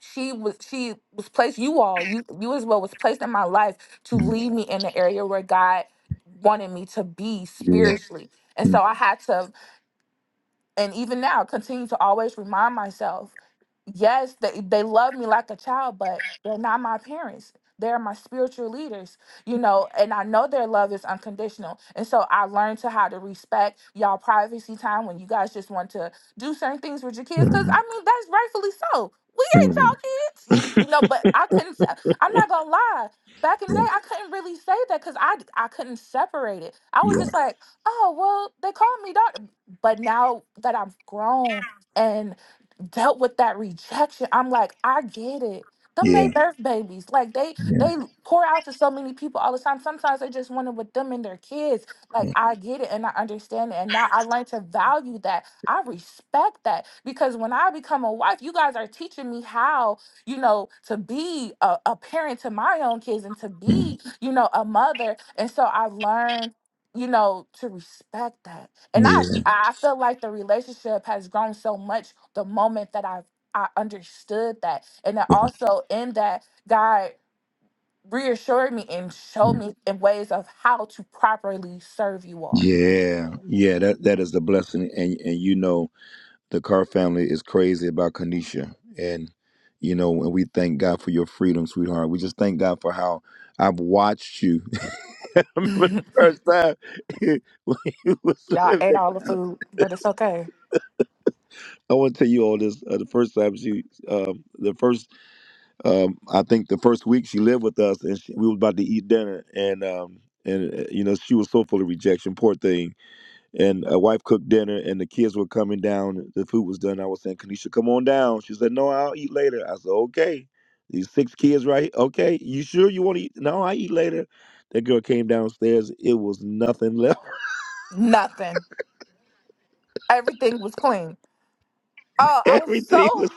Speaker 3: she was she was placed you all, you you as well was placed in my life to
Speaker 2: Mhm.
Speaker 3: lead me in the area where God wanted me to be
Speaker 2: yeah
Speaker 3: spiritually. And so I had to and even now continue to always remind myself yes they, they love me like a child but they're not my parents they're my spiritual leaders you know and i know their love is unconditional and so i learned to how to respect y'all privacy time when you guys just want to do certain things with your kids because
Speaker 2: Mhm.
Speaker 3: i mean that's rightfully so we ain't y'all
Speaker 2: Mhm.
Speaker 3: kids you, you know but i couldn't se- i'm not gonna lie back in the day
Speaker 2: Mhm.
Speaker 3: i couldn't really say that because i i couldn't separate it i was
Speaker 2: yeah
Speaker 3: just like oh well they called me daughter but now that I've grown and dealt with that rejection, I'm like, I get it. Them they
Speaker 2: yeah
Speaker 3: birth babies. Like they
Speaker 2: yeah
Speaker 3: they pour out to so many people all the time. Sometimes they just want it with them and their kids. Like
Speaker 2: yeah
Speaker 3: I get it and I understand it. And now I learn to value that. I respect that. Because when I become a wife, you guys are teaching me how, you know, to be a, a parent to my own kids and to
Speaker 2: Mhm.
Speaker 3: be, you know, a mother. And so I've learned you know, to respect that. And I
Speaker 2: yeah
Speaker 3: I feel like the relationship has grown so much the moment that I I understood that. And then also in that God reassured me and showed me in ways of how to properly serve you all.
Speaker 2: yeah yeah that that is a blessing and and you know the Carr family is crazy about Kanisha. And, you know, and we thank God for your freedom, sweetheart. We just thank God for how I've watched you. I remember the first time when you was
Speaker 3: Y'all ate
Speaker 2: living.
Speaker 3: all the food, but it's okay.
Speaker 2: I want to tell you all this. Uh, the first time she, um, the first, um, I think the first week she lived with us and she, we were about to eat dinner. And, um, and uh, you know, she was so full of rejection, poor thing and a wife cooked dinner and the kids were coming down the food was done i was saying kanisha come on down she said no i'll eat later i said okay these six kids right okay you sure you want to eat no i eat later that girl came downstairs it was nothing left
Speaker 3: Nothing. Everything was clean. Oh, I was so
Speaker 2: everything was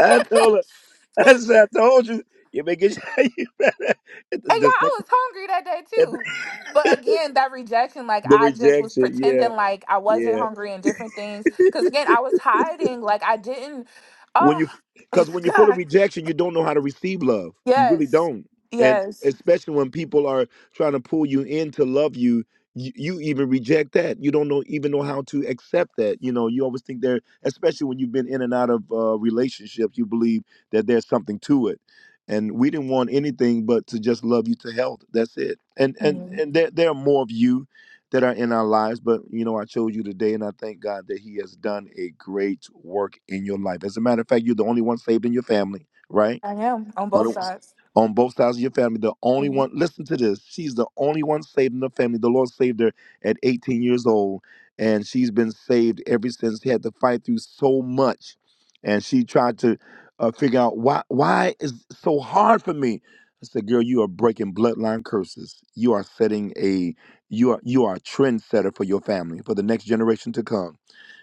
Speaker 2: i told her i said i told you you better get you better the,
Speaker 3: And y'all,
Speaker 2: the,
Speaker 3: I
Speaker 2: second-
Speaker 3: was hungry that day too. But again, that rejection, like
Speaker 2: the
Speaker 3: I just was
Speaker 2: rejection yeah
Speaker 3: pretending like I wasn't
Speaker 2: yeah.
Speaker 3: hungry and different things. Cause again, I was hiding. Like I didn't.
Speaker 2: when
Speaker 3: Oh
Speaker 2: you because when you're full of
Speaker 3: God.
Speaker 2: rejection you don't know how to receive love you really
Speaker 3: Yes.
Speaker 2: don't and
Speaker 3: Yes.
Speaker 2: especially when people are trying to pull you in to love you you, you even reject that you don't know even know how to accept that you know you always think there especially when you've been in and out of uh, relationships you believe that there's something to it and we didn't want anything but to just love you to health that's it and and
Speaker 3: Mhm.
Speaker 2: and there, there are more of you that are in our lives. But you know, I chose you today, and I thank God that He has done a great work in your life. As a matter of fact, you're the only one saved in your family, right?
Speaker 3: I am on
Speaker 2: On,
Speaker 3: both
Speaker 2: the-
Speaker 3: sides.
Speaker 2: on both sides of your family, the only
Speaker 3: Mhm.
Speaker 2: one, listen to this. She's the only one saved in the family. The Lord saved her at 18 years old, and she's been saved ever since. She had to fight through so much, and she tried to uh, figure out why why is it so hard for me. I said, "Girl, you are breaking bloodline curses. You are setting a you are you are a trendsetter for your family for the next generation to come."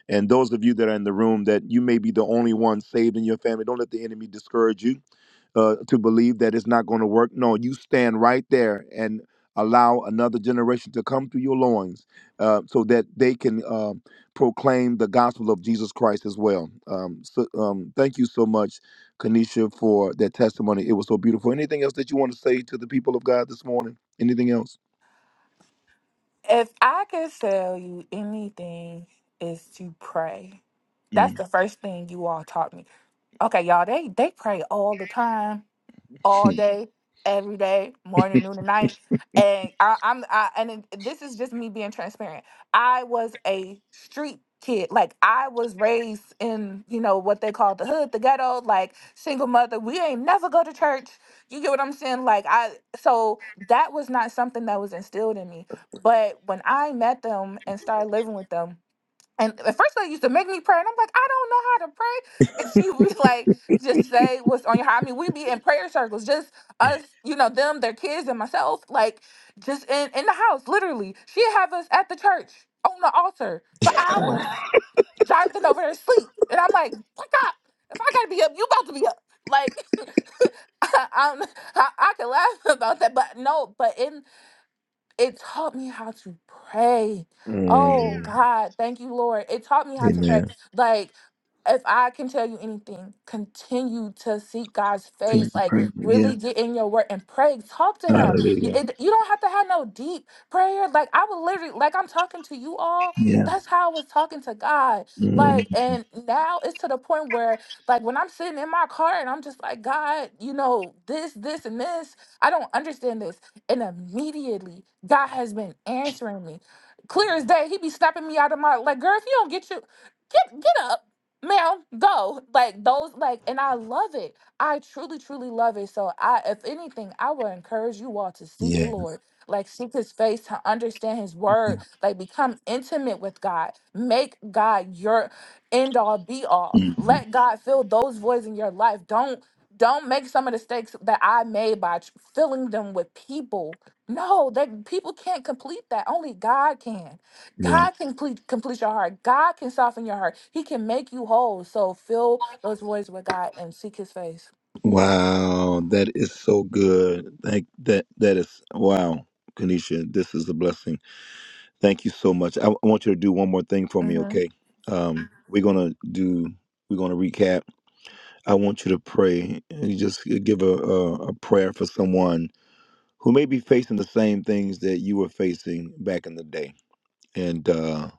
Speaker 2: And those of you that are in the room, that you may be the only one saved in your family, don't let the enemy discourage you uh, to believe that it's not going to work. No, you stand right there and allow another generation to come through your loins uh, so that they can uh, proclaim the gospel of Jesus Christ as well. Um, so, um, thank you so much, Kanisha, for that testimony. It was so beautiful. Anything else that you want to say to the people of God this morning? Anything else?
Speaker 3: If I could tell you anything, is to pray. That's
Speaker 2: Mm,
Speaker 3: the first thing you all taught me. Okay, y'all, they they pray all the time. all day, every day, morning, noon, and night. And I, I'm, I, and it, this is just me being transparent. I was a street kid. Like I was raised in, you know, what they call the hood, the ghetto. Like single mother, we ain't never go to church. You get what I'm saying? Like I, so that was not something that was instilled in me. But when I met them and started living with them, and at first, they used to make me pray, and I'm like, I don't know how to pray. And she would be like, just say what's on your heart. I mean, we be in prayer circles, just us, you know, them, their kids, and myself, like just in, in the house, literally. She'd have us at the church on the altar for hours. Jonathan over there asleep. And I'm like, wake up. If I gotta be up, you about to be up. Like, I, I'm, I, I can laugh about that, but no, but in it taught me how to pray. Oh
Speaker 2: mm,
Speaker 3: God, thank you, Lord. It taught me how to pray.
Speaker 2: amen.
Speaker 3: Like, if I can tell you anything, continue to seek God's
Speaker 2: Thank
Speaker 3: face.
Speaker 2: you,
Speaker 3: Like,
Speaker 2: praise. Yeah.
Speaker 3: really get in your word and pray. Talk to Him. You,
Speaker 2: Hallelujah.
Speaker 3: it- you don't have to have no deep prayer. Like, I would literally, like, I'm talking to you all.
Speaker 2: Yeah.
Speaker 3: That's how I was talking to God. Like, and now it's to the point where, like, when I'm sitting in my car and I'm just like, God, you know, this, this, and this, I don't understand this and immediately, God has been answering me. Clear as day, he be snapping me out of my like, girl, if you don't get you, get get up, ma'am, go. Like those, like, and I love it. I truly, truly love it. So I, if anything, I would encourage you all to seek the
Speaker 2: Yeah.
Speaker 3: Lord, like seek his face to understand his word, like become intimate with God. Make God your end all be all.
Speaker 2: Mhm.
Speaker 3: Let God fill those voids in your life. Don't don't make some of the mistakes that I made by tr- filling them with people. No, that people can't complete that. Only God can.
Speaker 2: Yeah.
Speaker 3: God can complete, complete your heart. God can soften your heart. He can make you whole. So fill those voids with God and seek His face.
Speaker 2: Wow, that is so good. Thank that that is wow, Kanisha. This is a blessing. Thank you so much. I, I want you to do one more thing for me,
Speaker 3: hmm
Speaker 2: okay? Um, we're gonna do. We're gonna recap. I want you to pray. and You just give a, a a prayer for someone who may be facing the same things that you were facing back in the day, and uh,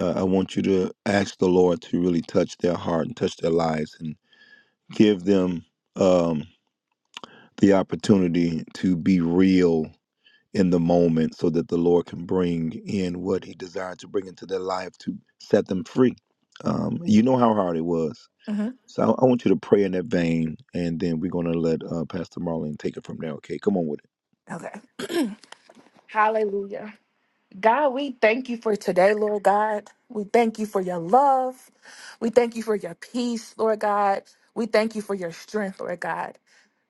Speaker 2: uh, I want you to ask the Lord to really touch their heart and touch their lives give them um, the opportunity to be real in the moment so that the Lord can bring in what He desired to bring into their life to set them free. Um, you know how hard it was.
Speaker 3: hmm
Speaker 2: So I, I want you to pray in that vein, and then we're going to let uh, Pastor Marlene take it from there. Okay, come on with it.
Speaker 3: Okay. Hallelujah. God, we thank you for today, Lord God. We thank you for your love. We thank you for your peace, Lord God. We thank you for your strength, Lord God.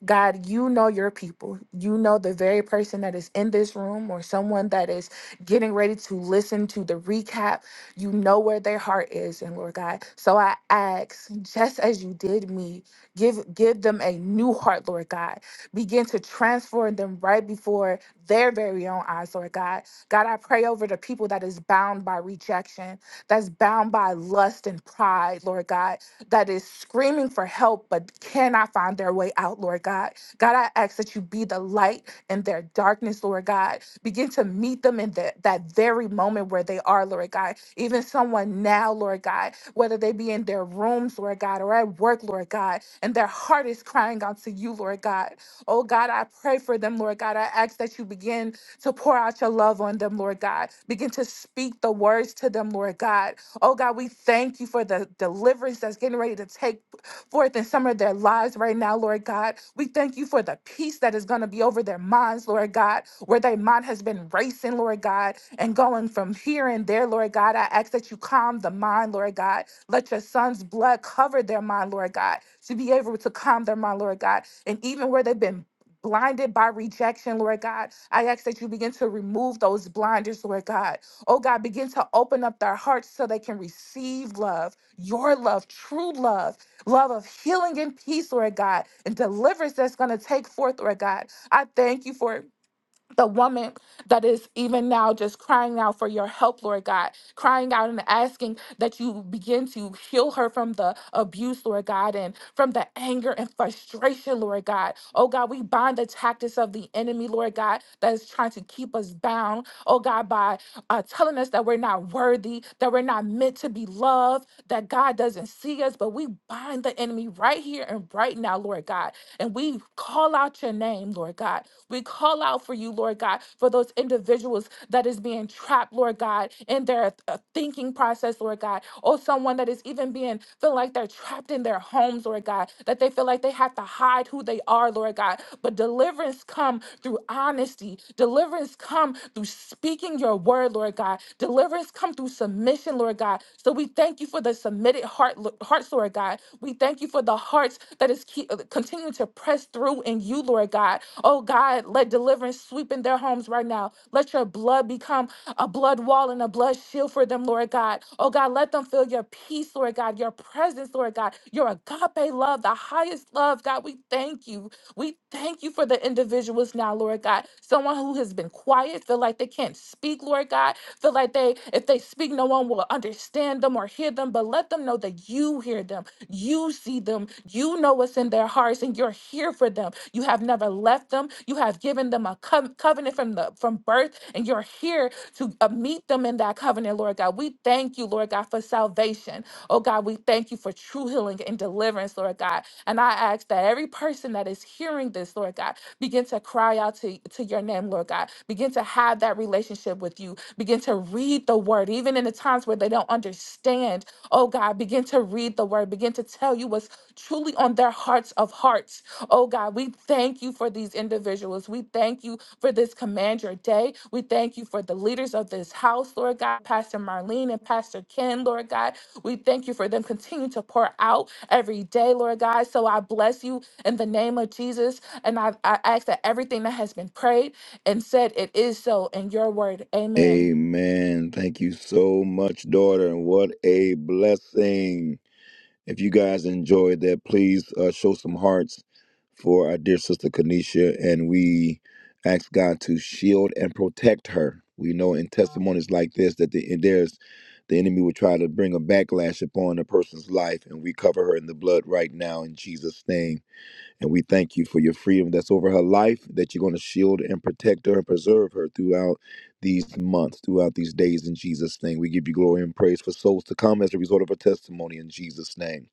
Speaker 3: God, you know your people. You know the very person that is in this room or someone that is getting ready to listen to the recap. You know where their heart is. And Lord God, so I ask, just as you did me, give give them a new heart, Lord God. Begin to transform them right before their very own eyes, Lord God. God, I pray over the people that is bound by rejection, that's bound by lust and pride, Lord God that is screaming for help but cannot find their way out, Lord God. God, I ask that you be the light in their darkness, Lord God. Begin to meet them in that that very moment where they are, Lord God. Even someone now, Lord God, whether they be in their rooms, Lord God, or at work, Lord God, and their heart is crying out to you, Lord God. Oh God, I pray for them, Lord God. I ask that you begin to pour out your love on them, Lord God. Begin to speak the words to them, Lord God Oh God, we thank you for the deliverance that's getting ready to take forth in some of their lives right now, Lord God. We thank you for the peace that is going to be over their minds, Lord God, where their mind has been racing, Lord God, and going from here and there, Lord God. I ask that you calm the mind, Lord God. Let your son's blood cover their mind, Lord God, to be able to calm their mind, Lord God. And even where they've been blinded by rejection, Lord God, I ask that you begin to remove those blinders, Lord God. Oh God, begin to open up their hearts so they can receive love, your love, true love, love of healing and peace, Lord God, and deliverance that's going to take forth, Lord God. I thank you for it the woman that is even now just crying out for your help, Lord God, crying out and asking that you begin to heal her from the abuse, Lord God, and from the anger and frustration, Lord God. Oh God, we bind the tactics of the enemy, Lord God, that is trying to keep us bound, oh God, by uh, telling us that we're not worthy, that we're not meant to be loved that God doesn't see us, but we bind the enemy right here and right now, Lord God. And we call out your name, Lord God. We call out for you, Lord God, for those individuals that is being trapped, Lord God, in their uh, thinking process, Lord God, or someone that is even being feel like they're trapped in their homes, Lord God, that they feel like they have to hide who they are, Lord God. But deliverance come through honesty. Deliverance come through speaking your word, Lord God. Deliverance come through submission, Lord God. So we thank you for the submitted heart, Lo- hearts, Lord God. We thank you for the hearts that is keep, continuing to press through in you, Lord God. Oh God, let deliverance sweep in their homes right now. Let your blood become a blood wall and a blood shield for them, Lord God. Oh God, let them feel your peace, Lord God, your presence, Lord God, your agape love, the highest love, God. We thank you. We thank you for the individuals now, Lord God. Someone who has been quiet, feel like they can't speak, Lord God. Feel like they, if they speak, no one will understand them or hear them. But let them know that you hear them, you see them, you know what's in their hearts, and you're here for them. You have never left them. You have given them a co- covenant from the from birth, and you're here to uh, meet them in that covenant, Lord God. We thank you, Lord God, for salvation. Oh God, we thank you for true healing and deliverance, Lord God. And I ask that every person that is hearing this, Lord God, begin to cry out to, to your name, Lord God. Begin to have that relationship with you. Begin to read the word, even in the times where they don't understand. Oh God, begin to read the word. Begin to tell you what's truly on their hearts of hearts. Oh God, we thank you for these individuals. We thank you for this command your day. We thank you for the leaders of this house, Lord God, Pastor Marlene and Pastor Ken, Lord God. We thank you for them continuing to pour out every day, Lord God. So I bless you in the name of Jesus. And I, I ask that everything that has been prayed and said, it is so in your word. Amen.
Speaker 2: Amen. Thank you so much, daughter. And what a blessing. If you guys enjoyed that, please uh, show some hearts for our dear sister Kanisha, and we ask God to shield and protect her. We know in testimonies like this that the, there's the enemy will try to bring a backlash upon a person's life, and we cover her in the blood right now in Jesus' name. And we thank you for your freedom that's over her life, that you're going to shield and protect her and preserve her throughout these months, throughout these days in Jesus' name. We give you glory and praise for souls to come as a result of her testimony in Jesus' name.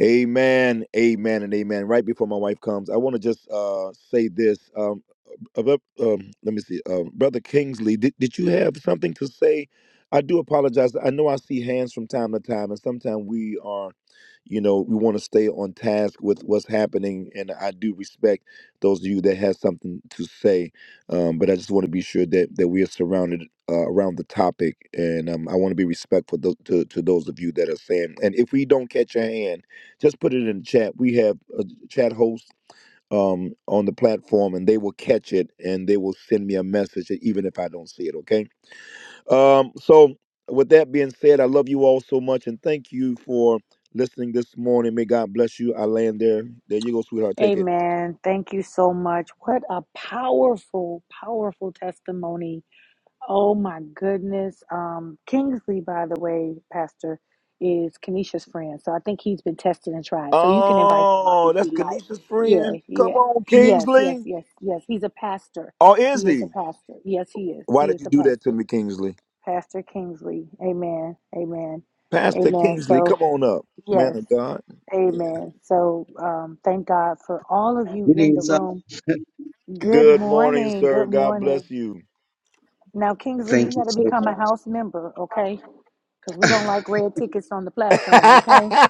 Speaker 2: Amen, amen, and amen. Right before my wife comes, I want to just uh, say this. Um, uh, but, um, let me see, um, Brother Kingsley, did, did you have something to say? I do apologize. I know I see hands from time to time, and sometimes we are, you know, we want to stay on task with what's happening, and I do respect those of you that have something to say, um, but I just want to be sure that that we are surrounded uh, around the topic, and um, I want to be respectful tho- to to those of you that are saying. And if we don't catch your hand, just put it in the chat. We have a chat host um, on the platform and they will catch it and they will send me a message even if I don't see it. Okay. Um, so, with that being said, I love you all so much and thank you for listening this morning. May God bless you. I land there. There you go, sweetheart. Take it.
Speaker 1: Amen. Thank you so much. What a powerful, powerful testimony. Oh my goodness. Um, Kingsley, by the way, Pastor, is Kenesha's friend. So I think he's been tested and tried. So you can invite him up
Speaker 2: Oh,
Speaker 1: if
Speaker 2: that's
Speaker 1: you like.
Speaker 2: Kanisha's
Speaker 1: Yeah,
Speaker 2: friend. Come
Speaker 1: yeah.
Speaker 2: on,
Speaker 1: Yes, yes,
Speaker 2: Kingsley.
Speaker 1: yes, yes. He's a pastor.
Speaker 2: Or is
Speaker 1: He is a
Speaker 2: he?
Speaker 1: pastor. Yes, he is.
Speaker 2: Why
Speaker 1: He
Speaker 2: did
Speaker 1: is
Speaker 2: you
Speaker 1: a
Speaker 2: do that to
Speaker 1: pastor.
Speaker 2: me, Kingsley?
Speaker 1: Pastor Kingsley. Amen. Amen.
Speaker 2: Pastor
Speaker 1: Amen.
Speaker 2: Kingsley,
Speaker 1: So,
Speaker 2: come on up, man
Speaker 1: yes.
Speaker 2: of God. Yeah.
Speaker 1: Amen. So, um, thank God for all of you in the
Speaker 7: Greetings, sir.
Speaker 1: room. Good
Speaker 2: Good morning,
Speaker 1: morning.
Speaker 2: sir.
Speaker 1: Good
Speaker 2: God
Speaker 1: morning.
Speaker 2: bless you.
Speaker 1: Now, Kingsley, you
Speaker 7: Thank you
Speaker 1: got to
Speaker 7: so
Speaker 1: become a
Speaker 7: much.
Speaker 1: house member, okay? because we don't like red tickets on the platform, okay?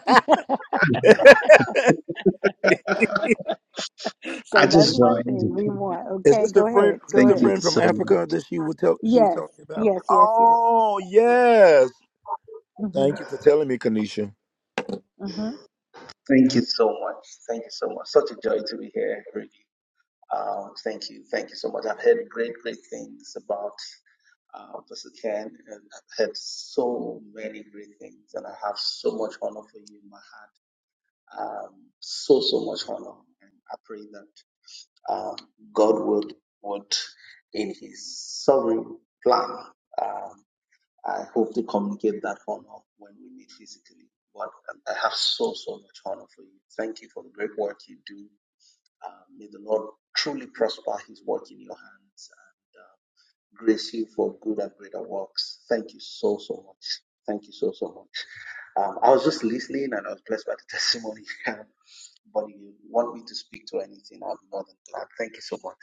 Speaker 7: I
Speaker 1: So that's
Speaker 7: just
Speaker 1: one
Speaker 7: joined.
Speaker 1: thing we want,
Speaker 2: Is
Speaker 1: okay?
Speaker 2: this the
Speaker 1: Go
Speaker 2: friend?
Speaker 1: ahead,
Speaker 2: Is this
Speaker 1: go
Speaker 2: the
Speaker 7: Thank
Speaker 1: ahead.
Speaker 7: you
Speaker 2: friend
Speaker 7: so
Speaker 2: from
Speaker 7: much.
Speaker 2: Africa that she would tell? She was
Speaker 1: Yes,
Speaker 2: telling me about.
Speaker 1: yes, yes, yes,
Speaker 2: Oh
Speaker 1: yes.
Speaker 2: yes.
Speaker 1: Mm-hmm,
Speaker 2: Thank you for telling me, Kanisha.
Speaker 1: mm-hmm.
Speaker 7: Thank you so much. Thank you so much. Such a joy to be here, really. Um, thank you. Thank you so much. I've heard great, great things about uh, Pastor Ken, and I've heard so many great things, and I have so much honor for you in my heart. Um, so, so much honor. And I pray that um, God would, would, in His sovereign plan, um, I hope to communicate that honor when we meet physically. But I have so, so much honor for you. Thank you for the great work you do. Uh, may the Lord truly prosper his work in your hands and uh, grace you for good and greater works. Thank you so, so much. Thank you so, so much. Um, I was just listening and I was blessed by the testimony. but if you want me to speak to anything, I'm more than glad. Thank you so much.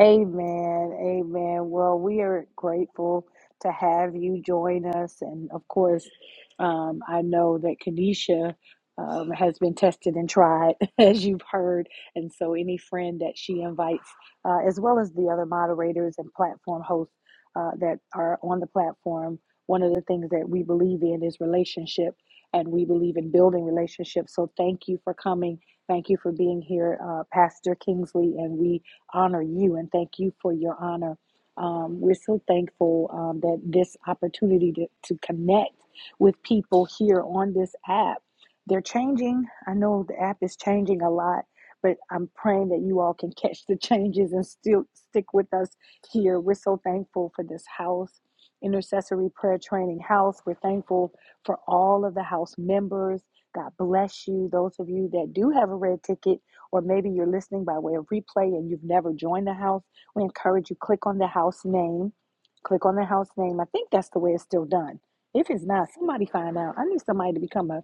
Speaker 1: Amen. Amen. Well, we are grateful to have you join us. And of course, um, I know that Kanisha um, has been tested and tried, as you've heard. And so, any friend that she invites, uh, as well as the other moderators and platform hosts uh, that are on the platform, one of the things that we believe in is relationship. And we believe in building relationships. So, thank you for coming. Thank you for being here, uh, Pastor Kingsley. And we honor you and thank you for your honor. Um, we're so thankful um, that this opportunity to, to connect with people here on this app. They're changing. I know the app is changing a lot, but I'm praying that you all can catch the changes and still stick with us here. We're so thankful for this house, intercessory prayer training house. We're thankful for all of the house members. God bless you. Those of you that do have a red ticket, or maybe you're listening by way of replay and you've never joined the house, we encourage you click on the house name. Click on the house name. I think that's the way it's still done. If it's not, somebody find out. I need somebody to become a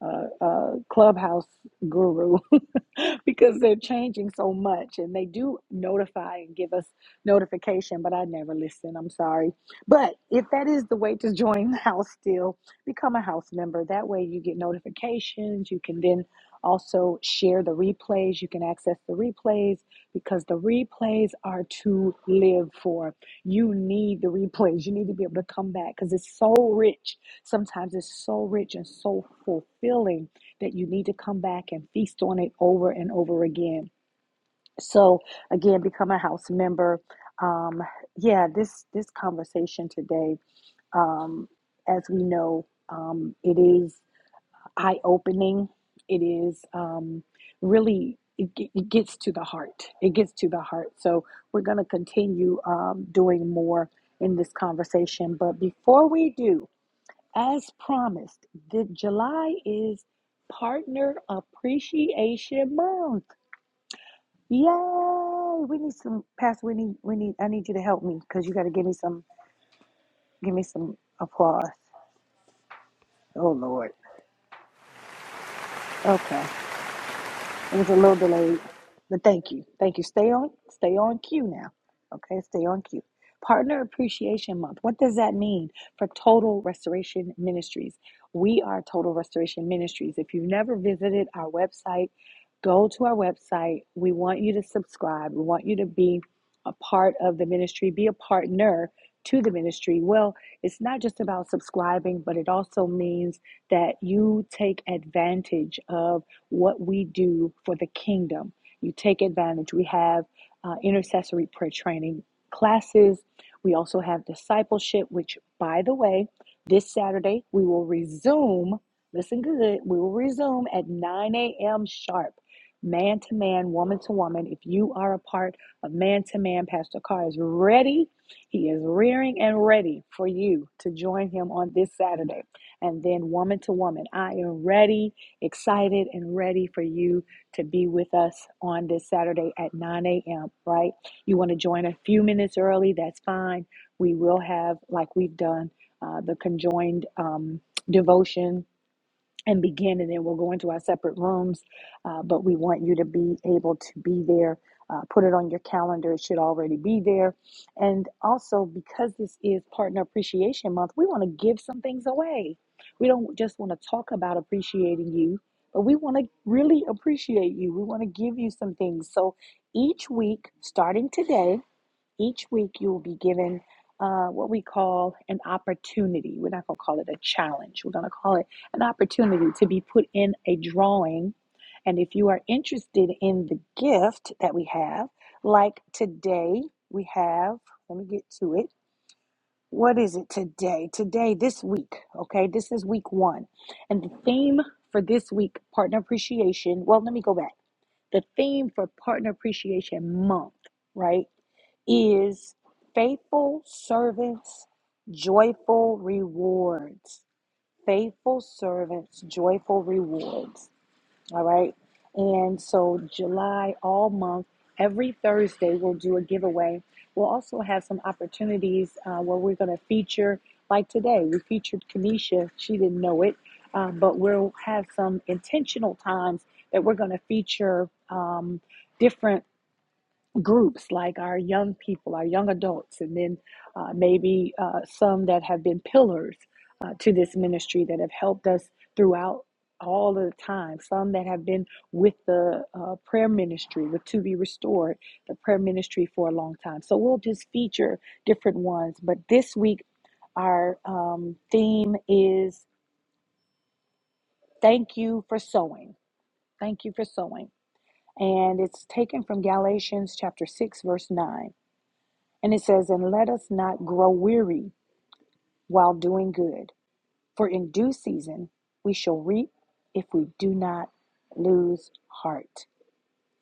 Speaker 1: uh, uh, clubhouse guru because they're changing so much and they do notify and give us notification but i never listen i'm sorry but if that is the way to join the house still become a house member that way you get notifications you can then also share the replays you can access the replays because the replays are to live for you need the replays you need to be able to come back because it's so rich Sometimes it's so rich and so fulfilling that you need to come back and feast on it over and over again. So again, become a house member. Um, yeah, this this conversation today, um, as we know, um, it is eye opening. It is um, really it, it gets to the heart. It gets to the heart. So we're going to continue um, doing more in this conversation. But before we do, as promised, the July is Partner Appreciation Month. Yay! We need some, Pastor. We need, we need. I need you to help me because you got to give me some, give me some applause. Oh Lord. Okay. It was a little delayed, but thank you. Thank you. Stay on stay on cue now. Okay, stay on cue. Partner Appreciation Month. What does that mean for Total Restoration Ministries? We are Total Restoration Ministries. If you've never visited our website, go to our website. We want you to subscribe. We want you to be a part of the ministry, be a partner to the ministry. Well, it's not just about subscribing, but it also means that you take advantage of what we do for the kingdom. You take advantage. We have uh, intercessory prayer training classes. We also have discipleship, which, by the way, this Saturday we will resume. Listen good. We will resume at 9 a.m. sharp, man to man, woman to woman. If you are a part of man to man, Pastor Carr is ready. He is rearing and ready for you to join him on this Saturday. And then woman to woman. I am ready excited and ready for you to be with us on this Saturday at 9 a.m., right? You want to join a few minutes early, that's fine. We will have, like we've done, uh, the conjoined um, devotion and begin, and then we'll go into our separate rooms. Uh, but we want you to be able to be there. Uh, put it on your calendar. It should already be there. And also, because this is Partner Appreciation Month, we want to give some things away. We don't just want to talk about appreciating you, but we want to really appreciate you. We want to give you some things. So each week, starting today, each week, you will be given uh, what we call an opportunity. We're not going to call it a challenge. We're going to call it an opportunity to be put in a drawing. And if you are interested in the gift that we have, like today, we have, let me get to it. What is it today? Today, this week, okay? This is week one. And the theme for this week, partner appreciation. Well, let me go back. The theme for Partner Appreciation Month, right, is faithful servants, joyful rewards. Faithful servants, joyful rewards. All right. And so, July, all month, every Thursday, we'll do a giveaway. We'll also have some opportunities uh, where we're going to feature, like today, we featured Kanisha. She didn't know it, um, but we'll have some intentional times that we're going to feature um, different groups like our young people, our young adults, and then uh, maybe uh, some that have been pillars uh, to this ministry that have helped us throughout all of the time. Some that have been with the uh, prayer ministry, with To Be Restored, the prayer ministry for a long time. So we'll just feature different ones. But this week, our um, theme is Thank You for Sowing. Thank You for Sowing. And it's taken from Galatians chapter 6, verse 9. And it says, And let us not grow weary while doing good, for in due season we shall reap if we do not lose heart.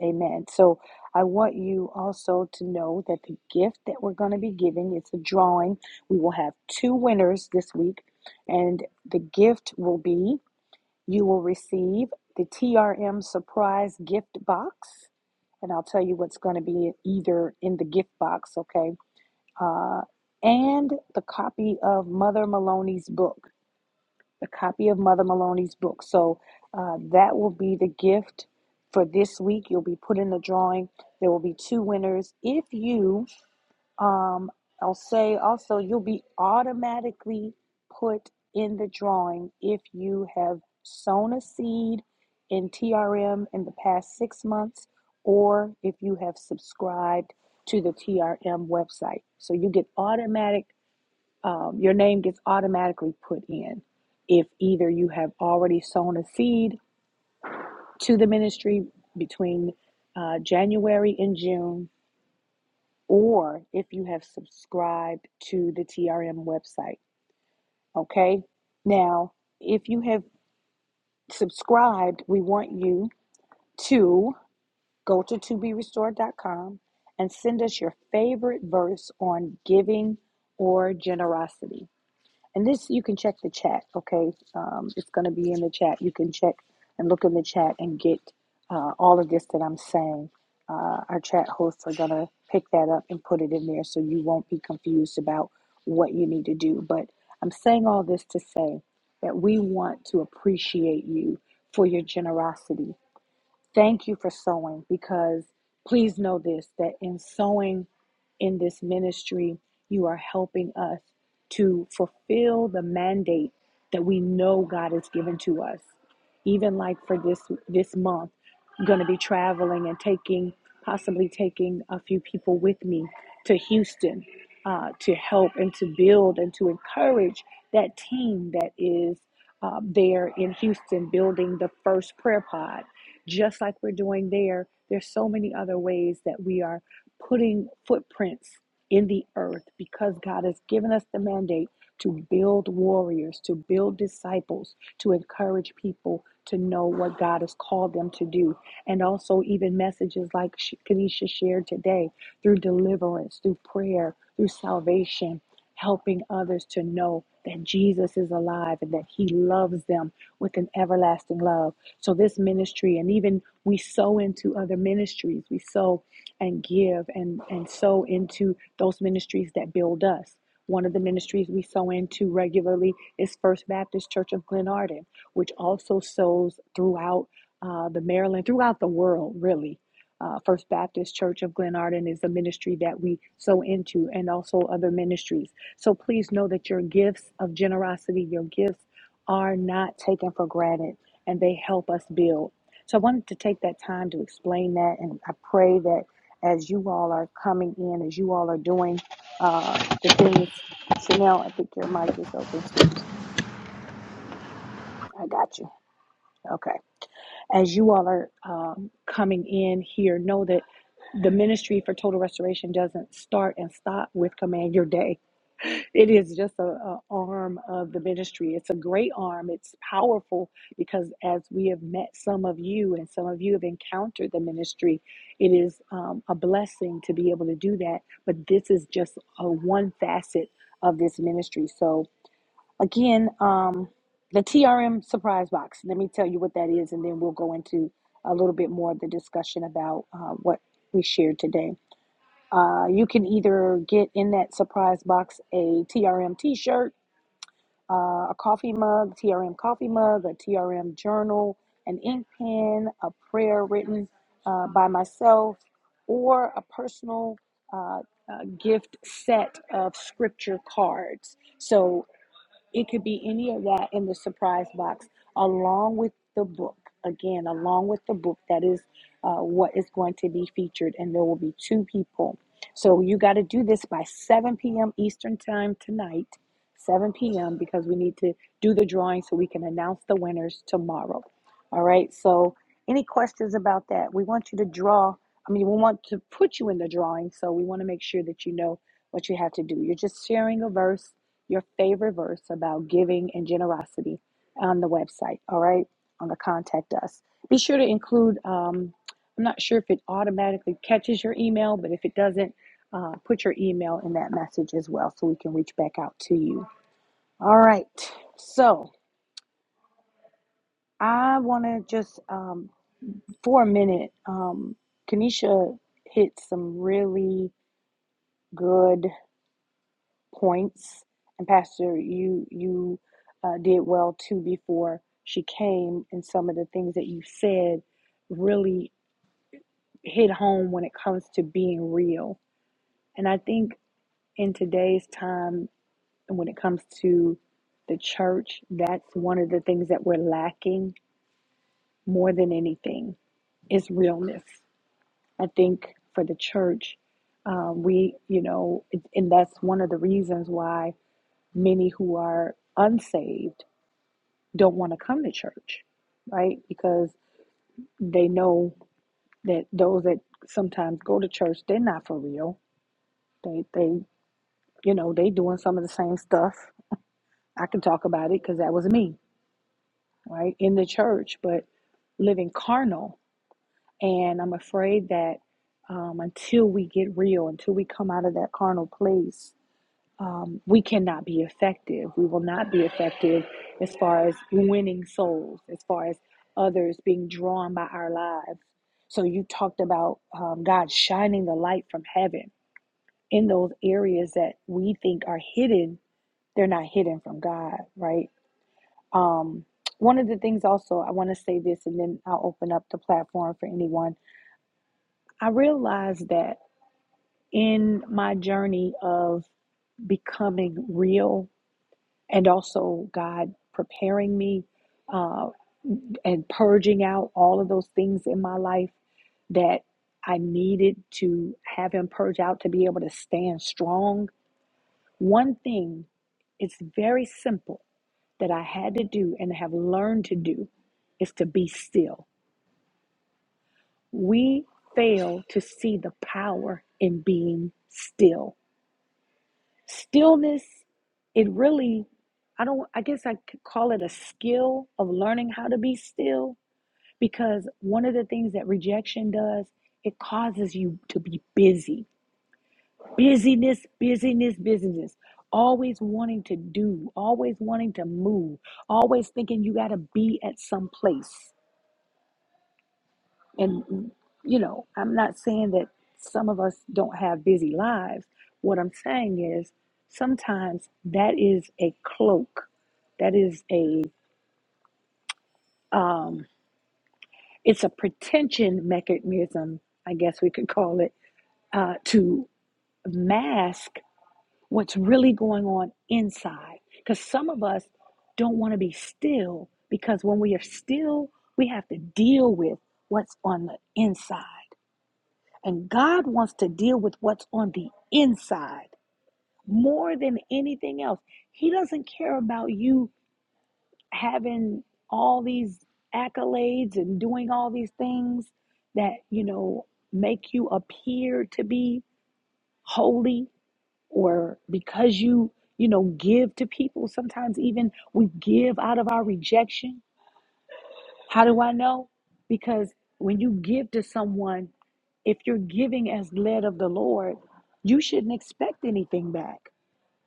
Speaker 1: Amen. So I want you also to know that the gift that we're going to be giving is a drawing. We will have two winners this week, and the gift will be you will receive the TRM surprise gift box. And I'll tell you what's going to be either in the gift box, okay? uh, and the copy of Mother Maloney's book. The copy of Mother Maloney's book. So uh, that will be the gift for this week. You'll be put in the drawing. There will be two winners. If you um, I'll say also, you'll be automatically put in the drawing if you have sown a seed in TRM in the past six months or if you have subscribed to the TRM website. So you get automatic, um, your name gets automatically put in if either you have already sown a seed to the ministry between uh, January and June or if you have subscribed to the TRM website. Okay. Now, if you have subscribed, we want you to go to to be restored dot com and send us your favorite verse on giving or generosity. And this, you can check the chat, okay? Um, it's going to be in the chat. You can check and look in the chat and get uh, all of this that I'm saying. Uh, our chat hosts are going to pick that up and put it in there so you won't be confused about what you need to do. But I'm saying all this to say that we want to appreciate you for your generosity. Thank you for sowing because please know this that in sowing in this ministry, you are helping us to fulfill the mandate that we know God has given to us. Even like for this this month, I'm going to be traveling and taking possibly taking a few people with me to Houston uh, to help and to build and to encourage that team that is uh, there in Houston building the first prayer pod just like we're doing there, there's so many other ways that we are putting footprints in the earth because God has given us the mandate to build warriors, to build disciples, to encourage people to know what God has called them to do. And also, even messages like Kanisha shared today through deliverance, through prayer, through salvation, helping others to know that Jesus is alive and that He loves them with an everlasting love so this ministry, and even we sow into other ministries, we sow and give and, and sow into those ministries that build us. One of the ministries we sow into regularly is First Baptist Church of Glenarden, which also sows throughout uh, the Maryland, throughout the world, really. Uh, First Baptist Church of Glenarden is a ministry that we sow into, and also other ministries. So please know that your gifts of generosity, your gifts are not taken for granted and they help us build. So I wanted to take that time to explain that, and I pray that as you all are coming in, as you all are doing uh, the things, Chanel, I think your mic is open, sweetie. I got you. Okay. as you all are um, coming in here, know that the ministry for total restoration doesn't start and stop with Command Your Day. It is just a, a arm of the ministry. It's a great arm. It's powerful because as we have met some of you and some of you have encountered the ministry, it is um, a blessing to be able to do that. But this is just a one facet of this ministry. So Again, um, the TRM surprise box. Let me tell you what that is, and then we'll go into a little bit more of the discussion about uh, what we shared today. Uh, you can either get in that surprise box a TRM t shirt, uh, a coffee mug, TRM coffee mug, a TRM journal, an ink pen, a prayer written uh, by myself, or a personal uh, uh, gift set of scripture cards. So it could be any of that in the surprise box, along with the book. Again, along with the book, that is uh, what is going to be featured, and there will be two people. So you got to do this by 7 p.m. Eastern Time tonight, 7 p.m., because we need to do the drawing so we can announce the winners tomorrow. All right, so any questions about that? We want you to draw. I mean, we want to put you in the drawing, so we want to make sure that you know what you have to do. You're just sharing a verse your favorite verse about giving and generosity on the website, all right? On the contact us. Be sure to include, um, I'm not sure if it automatically catches your email, but if it doesn't, uh, put your email in that message as well so we can reach back out to you. All right. So I want to just, um, for a minute, um, Kanisha hit some really good. points. And Pastor, you you uh, did well too before she came, and some of the things that you said really hit home when it comes to being real. And I think in today's time, when it comes to the church, that's one of the things that we're lacking more than anything is realness. I think for the church, um, we, you know, it, and that's one of the reasons why many who are unsaved don't want to come to church, right? Because they know that those that sometimes go to church, they're not for real. They they you know they doing some of the same stuff. I can talk about it because that was me, right, in the church, but living carnal. And I'm afraid that um, until we get real, until we come out of that carnal place, um, we cannot be effective. We will not be effective as far as winning souls, as far as others being drawn by our lives. So you talked about um, God shining the light from heaven in those areas that we think are hidden. They're not hidden from God, right? Um, one of the things also I want to say this, and then I'll open up the platform for anyone. I realized that in my journey of becoming real and also God preparing me uh, and purging out all of those things in my life that I needed to have Him purge out to be able to stand strong. One thing, it's very simple that I had to do and have learned to do is to be still. We fail to see the power in being still Stillness, it really, I don't, I guess I could call it a skill of learning how to be still because one of the things that rejection does, it causes you to be busy. Busyness, busyness, busyness. Always wanting to do, always wanting to move, always thinking you got to be at some place. And, you know, I'm not saying that some of us don't have busy lives. What I'm saying is sometimes that is a cloak, that is a, um, it's a pretension mechanism, I guess we could call it, uh, to mask what's really going on inside. Because some of us don't want to be still, because when we are still, we have to deal with what's on the inside. And God wants to deal with what's on the inside more than anything else. He doesn't care about you having all these accolades and doing all these things that, you know, make you appear to be holy or because you, you know, give to people. Sometimes even we give out of our rejection How do I know? Because when you give to someone, if you're giving as led of the Lord, you shouldn't expect anything back.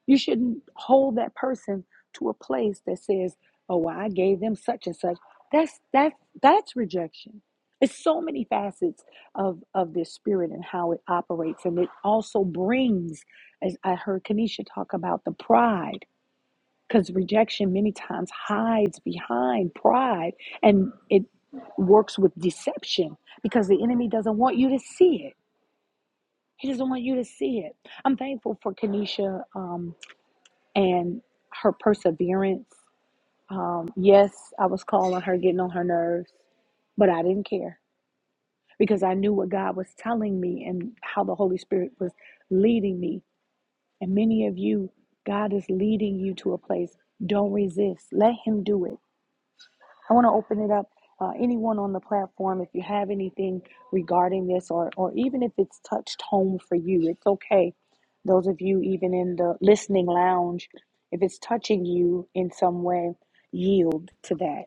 Speaker 1: You shouldn't hold that person to a place that says, "Oh, well, I gave them such and such." That's that's that's rejection. It's so many facets of of this spirit and how it operates, and it also brings, as I heard Kanisha talk about, the pride because rejection many times hides behind pride and it works with deception because the enemy doesn't want you to see it. He doesn't want you to see it. I'm thankful for Kenesha um, and her perseverance. Um, Yes, I was calling her, getting on her nerves, but I didn't care because I knew what God was telling me and how the Holy Spirit was leading me. And many of you, God is leading you to a place. Don't resist. Let Him do it. I want to open it up. Uh, anyone on the platform, if you have anything regarding this, or, or even if it's touched home for you, it's okay. Those of you, even in the listening lounge, if it's touching you in some way, yield to that.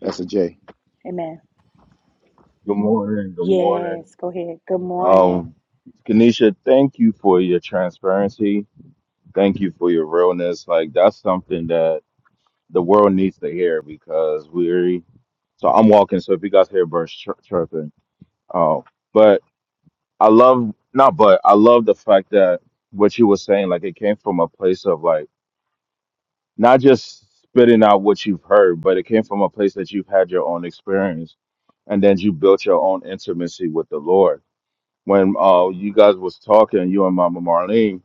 Speaker 2: That's a J.
Speaker 1: Amen.
Speaker 8: Good morning. Good morning.
Speaker 1: Yes, go ahead. Good
Speaker 8: Um,
Speaker 1: morning.
Speaker 8: Kanisha, thank you for your transparency. Thank you for your realness. Like that's something that the world needs to hear because we're. So I'm walking. So if you guys hear birds chir- chirping, um, but I love not, but I love the fact that what you were saying, like it came from a place of like not just spitting out what you've heard, but it came from a place that you've had your own experience, and then you built your own intimacy with the Lord when uh you guys was talking, you and Mama Marlene,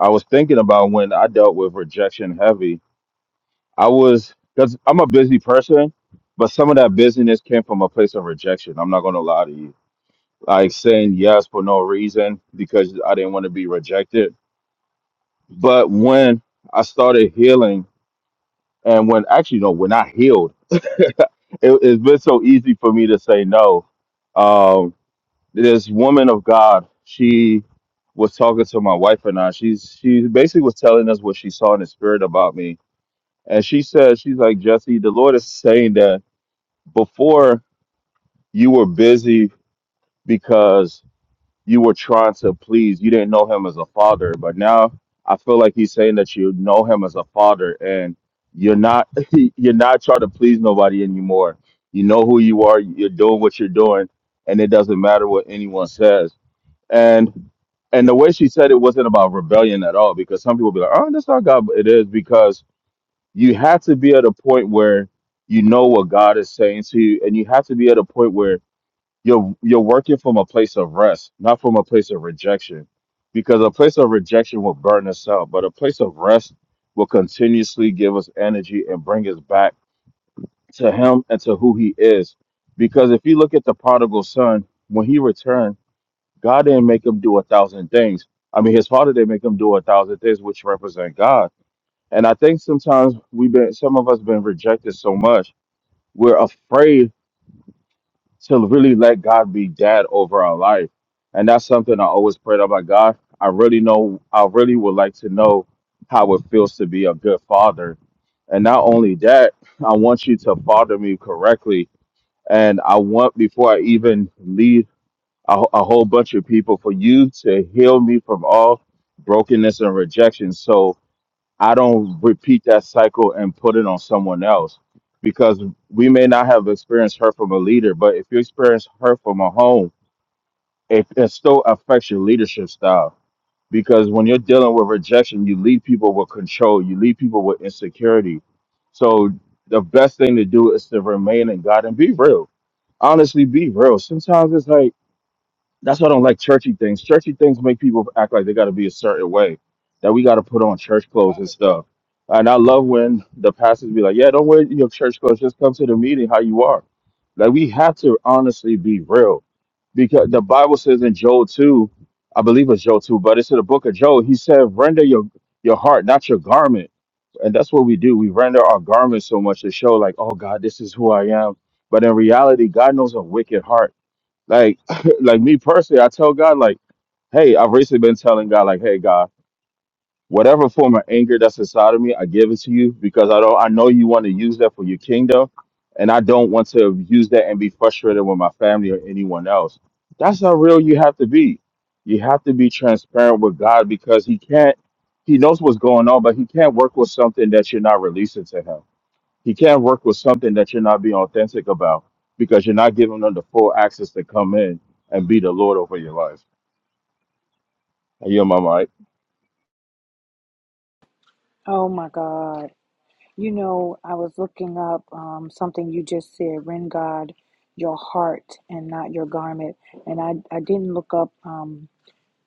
Speaker 8: I was thinking about when I dealt with rejection heavy. I was because I'm a busy person, but some of that busyness came from a place of rejection. I'm not gonna lie to you. Like saying yes for no reason because I didn't want to be rejected. But when I started healing and when actually no, when I healed, it, it's been so easy for me to say no. Um this woman of God, she was talking to my wife and I. She's she basically was telling us what she saw in the spirit about me. And she said, she's like, Jesse, the Lord is saying that before you were busy because you were trying to please, you didn't know him as a father. But now I feel like he's saying that you know him as a father and you're not you're not trying to please nobody anymore. You know who you are, you're doing what you're doing, and it doesn't matter what anyone says and and the way she said it wasn't about rebellion at all, because some people be like, oh, that's not God. But it is because you have to be at a point where you know what God is saying to you, and you have to be at a point where you're you're working from a place of rest, not from a place of rejection. Because a place of rejection will burn us out, but a place of rest will continuously give us energy and bring us back to Him and to who He is. Because if you look at the prodigal son, when he returned, God didn't make him do a thousand things. I mean, his father didn't make him do a thousand things, which represent God. And I think sometimes we've been, some of us been rejected so much, we're afraid to really let God be dad over our life. And that's something I always prayed about God. I really know, I really would like to know how it feels to be a good father. And not only that, I want you to father me correctly. And I want, before I even lead a, wh- a whole bunch of people for you to heal me from all brokenness and rejection so I don't repeat that cycle and put it on someone else. Because we may not have experienced hurt from a leader, but if you experience hurt from a home, it, it still affects your leadership style. Because when you're dealing with rejection, you lead people with control, you lead people with insecurity. So the best thing to do is to remain in God and be real. Honestly, be real. Sometimes it's like, that's why I don't like churchy things. Churchy things make people act like they got to be a certain way, that we got to put on church clothes and stuff. And I love when the pastors be like, "Yeah, don't wear your church clothes. Just come to the meeting how you are." Like we have to honestly be real, because the Bible says in Joel two, I believe it's Joel two, but it's in the book of Joel. He said, "Render your your heart, not your garment." and that's what we do. We render our garments so much to show, like, oh God, this is who I am. But in reality, God knows a wicked heart like, like me personally, I tell God, like, hey, I've recently been telling God, like, hey, God, whatever form of anger that's inside of me, I give it to you because I don't, I know you want to use that for your kingdom, and I don't want to use that and be frustrated with my family or anyone else. That's how real you have to be. You have to be transparent with God because He can't. He knows what's going on, but He can't work with something that you're not releasing to Him. He can't work with something that you're not being authentic about because you're not giving them the full access to come in and be the Lord over your life. And you're my mic.
Speaker 1: Oh my God. You know, I was looking up um, something you just said, rend God your heart and not your garment. And I, I didn't look up. Um,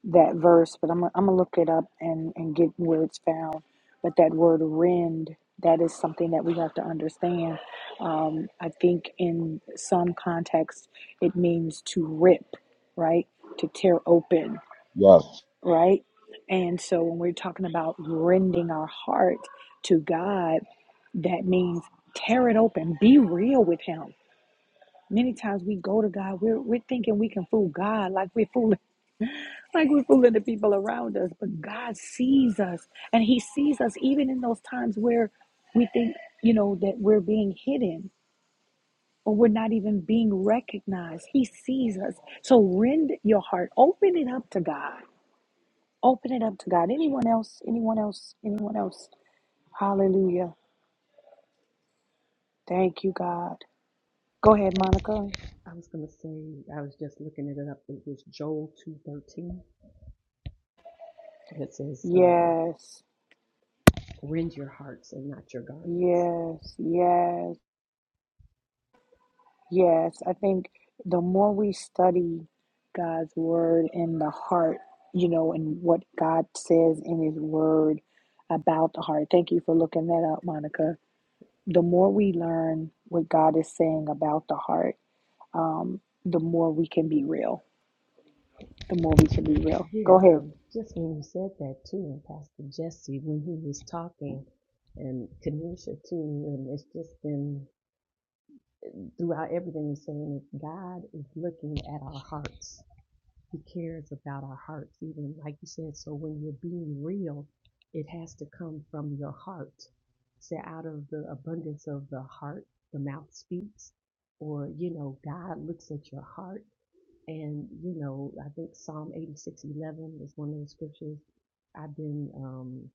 Speaker 1: that verse, but I'm, I'm going to look it up and, and get where it's found. But that word rend, that is something that we have to understand. Um, I think in some context, it means to rip, right? To tear open,
Speaker 8: Yes.
Speaker 1: right? And so when we're talking about rending our heart to God, that means tear it open, be real with Him. Many times we go to God, we're, we're thinking we can fool God like we're fooling like we're fooling the people around us, but God sees us, and He sees us even in those times where we think, you know, that we're being hidden or we're not even being recognized. He sees us. So rend your heart, open it up to God. Open it up to God. Anyone else? Anyone else? Anyone else? Hallelujah. Thank you, God. Go ahead, Monica.
Speaker 4: I was gonna say, I was just looking it up. It was Joel two thirteen It says, uh,
Speaker 1: Yes,
Speaker 4: "Rend your hearts and not your garments."
Speaker 1: yes, yes, Yes, I think the more we study God's word in the heart, you know, and what God says in his word about the heart. Thank you for looking that up, Monica. The more we learn what God is saying about the heart, um, the more we can be real. The more we can be real. Go
Speaker 4: Yeah,
Speaker 1: ahead.
Speaker 4: um, Just when you said that too, and Pastor Jesse, when he was talking, and Kanisha too, and it's just been throughout everything you're saying, God is looking at our hearts. He cares about our hearts, even like you said. So when you're being real, it has to come from your heart. So out of the abundance of the heart, the mouth speaks. Or, you know, God looks at your heart. And, you know, I think Psalm 86, 11 is one of the scriptures I've been um,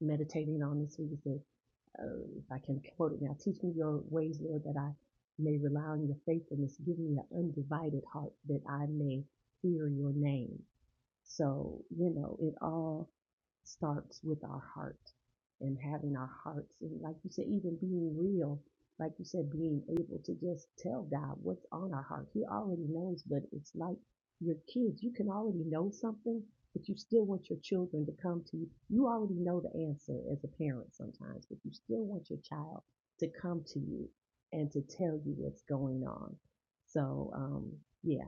Speaker 4: meditating on this week. It said, uh, if I can quote it now, teach me your ways, Lord, that I may rely on your faithfulness. Give me an undivided heart that I may fear your name. So, you know, it all starts with our heart and having our hearts and like you said even being real like you said being able to just tell god what's on our heart he already knows but it's like your kids you can already know something but you still want your children to come to you you already know the answer as a parent sometimes but you still want your child to come to you and to tell you what's going on so um yeah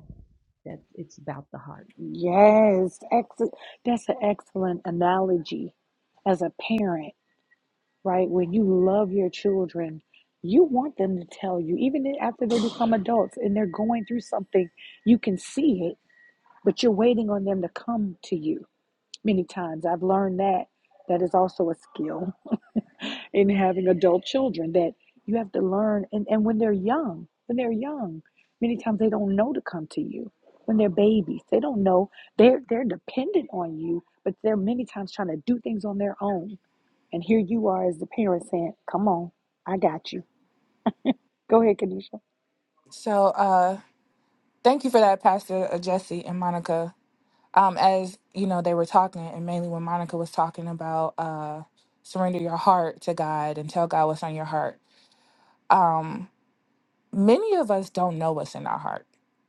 Speaker 4: that's it's about the heart
Speaker 1: Yes, ex- that's an excellent analogy as a parent right? When you love your children, you want them to tell you, even after they become adults and they're going through something, you can see it, but you're waiting on them to come to you. Many times I've learned that that is also a skill in having adult children that you have to learn. And, and when they're young, when they're young, many times they don't know to come to you. When they're babies, they don't know. They're, they're dependent on you, but they're many times trying to do things on their own and here you are as the parent saying, Come on, I got you. Go ahead, Kanisha.
Speaker 3: So uh thank you for that, Pastor uh, Jesse and Monica. um, as you know, they were talking, and mainly when Monica was talking about uh, surrender your heart to God and tell God what's on your heart. Um, many of us don't know what's in our heart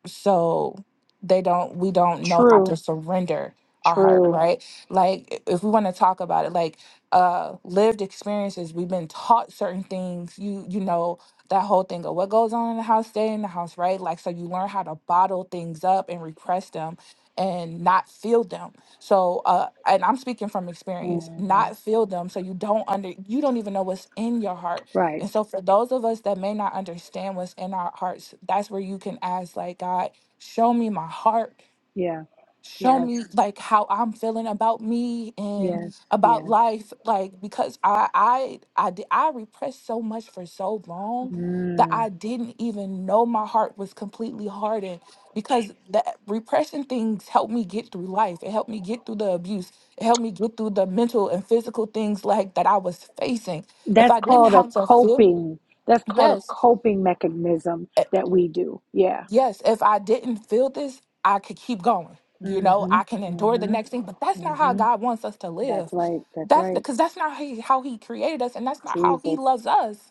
Speaker 3: so they don't we don't know how to
Speaker 1: True,
Speaker 3: surrender our heart Mhm.
Speaker 1: true.
Speaker 3: right like if we want to talk about it like uh lived experiences we've been taught certain things you you know that whole thing of what goes on in the house stay in the house right like so you learn how to bottle things up and repress them and not feel them so uh and i'm speaking from experience
Speaker 1: hmm
Speaker 3: not feel them so you don't under you don't even know what's in your heart
Speaker 1: Right.
Speaker 3: and so, for those of us that may not understand what's in our hearts, that's where you can ask, like, God, show me my heart.
Speaker 1: Yeah.
Speaker 3: Show
Speaker 1: Yes.
Speaker 3: me like how I'm feeling about me and
Speaker 1: Yes.
Speaker 3: about
Speaker 1: Yes.
Speaker 3: life, like because I I I di- I repressed so much for so long that
Speaker 1: Mm.
Speaker 3: I didn't even know my heart was completely hardened because that repression things helped me get through life. It helped me get through the abuse. It helped me get through the mental and physical things like that I was facing if
Speaker 1: That's
Speaker 3: I didn't
Speaker 1: called a
Speaker 3: have to feel
Speaker 1: coping. That's called a
Speaker 3: Yes.
Speaker 1: coping mechanism
Speaker 3: Eh,
Speaker 1: that we do. Yeah.
Speaker 3: yes, if I didn't feel this, I could keep going. You know,
Speaker 1: Mm-hmm.
Speaker 3: I can endure the
Speaker 1: Mm-hmm.
Speaker 3: next thing, but that's not how
Speaker 1: Mm-hmm.
Speaker 3: God wants us to
Speaker 1: That's
Speaker 3: live.
Speaker 1: right. That's
Speaker 3: That's
Speaker 1: right.
Speaker 3: because that's not how he, how he created us, and that's not how He
Speaker 1: Jesus.
Speaker 3: loves us.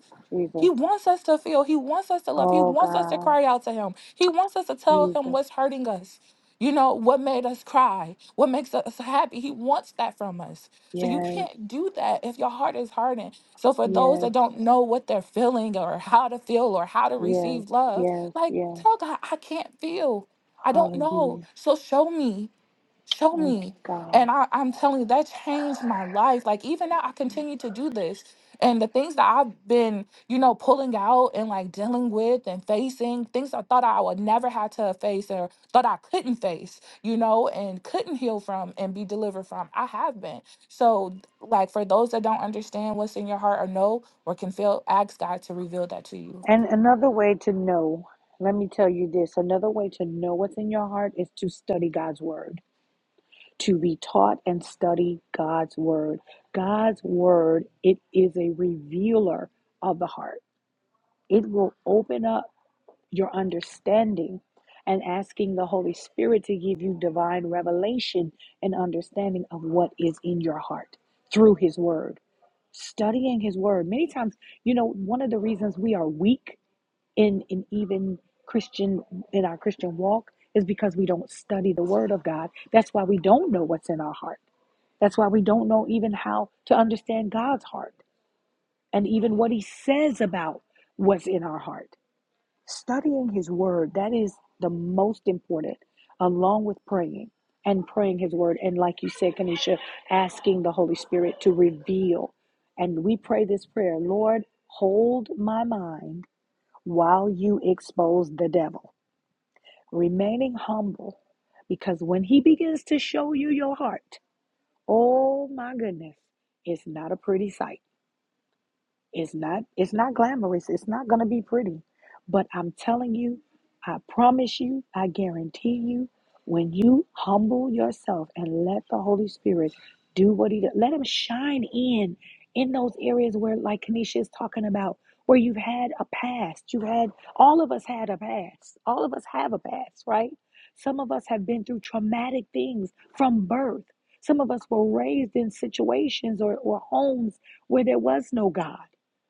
Speaker 3: He
Speaker 1: Jesus.
Speaker 3: wants us to feel, He wants us to love, He
Speaker 1: Oh
Speaker 3: wants us to
Speaker 1: God.
Speaker 3: cry out to Him, He wants us to tell Him
Speaker 1: Jesus.
Speaker 3: what's hurting us. You know, what made us cry, what makes us happy. He wants that from us. So you
Speaker 1: Yes.
Speaker 3: can't do that if your heart is hardened. So for those
Speaker 1: Yes.
Speaker 3: that don't know what they're feeling or how to feel or how to
Speaker 1: Yes.
Speaker 3: receive love,
Speaker 1: Yes.
Speaker 3: like,
Speaker 1: Yes.
Speaker 3: tell God, I can't feel. I don't
Speaker 1: Hallelujah.
Speaker 3: know. So show me, show
Speaker 1: Thank you,
Speaker 3: me. And
Speaker 1: God.
Speaker 3: I, I'm telling you, that changed my life. Like, even now, I continue to do this. And the things that I've been, you know, pulling out and like dealing with and facing, things I thought I would never have to face or thought I couldn't face, you know, and couldn't heal from and be delivered from, I have been. So, like, for those that don't understand what's in your heart or know or can feel, ask God to reveal that to you.
Speaker 1: And another way to know, let me tell you this another way to know what's in your heart is to study God's word, to be taught and study God's word. God's word, it is a revealer of the heart, it will open up your understanding. And asking the Holy Spirit to give you divine revelation and understanding of what is in your heart through His Word. Studying His Word. Many times, you know, one of the reasons we are weak in in even Christian in our Christian walk is because we don't study the word of God. That's why we don't know what's in our heart. That's why we don't know even how to understand God's heart and even what he says about what's in our heart. Studying his word, that is the most important along with praying and praying his word and like you said Kanisha asking the Holy Spirit to reveal and we pray this prayer, Lord, hold my mind while you expose the devil, remaining humble, because when he begins to show you your heart, oh my goodness, it's not a pretty sight. It's not it's not glamorous. It's not going to be pretty. But I'm telling you, I promise you, I guarantee you, when you humble yourself and let the Holy Spirit do what he does, let him shine in in those areas where like Kanisha is talking about where you've had a past. You had all of us had a past. All of us have a past, right? Some of us have been through traumatic things from birth. Some of us were raised in situations or, or homes where there was no God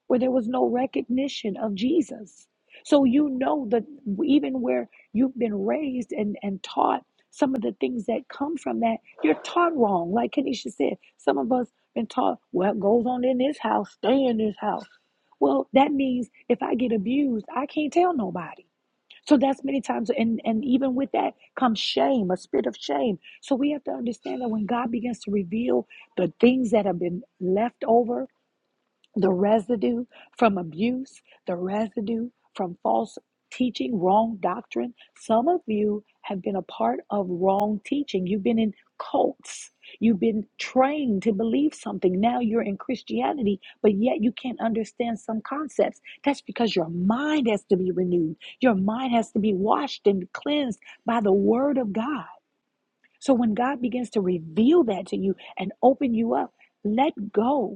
Speaker 1: where there was no recognition of Jesus. So you know that even where you've been raised and, and taught some of the things that come from that, you're taught wrong. Like Kenisha said, some of us been taught what goes on in this house, stay in this house. Well, that means if I get abused, I can't tell nobody. So that's many times, and, and even with that comes shame, a spirit of shame. So we have to understand that when God begins to reveal the things that have been left over the residue from abuse, the residue from false teaching, wrong doctrine. Some of you have been a part of wrong teaching. You've been in cults. You've been trained to believe something. Now you're in Christianity, but yet you can't understand some concepts. That's because your mind has to be renewed. Your mind has to be washed and cleansed by the word of God. So when God begins to reveal that to you and open you up, let go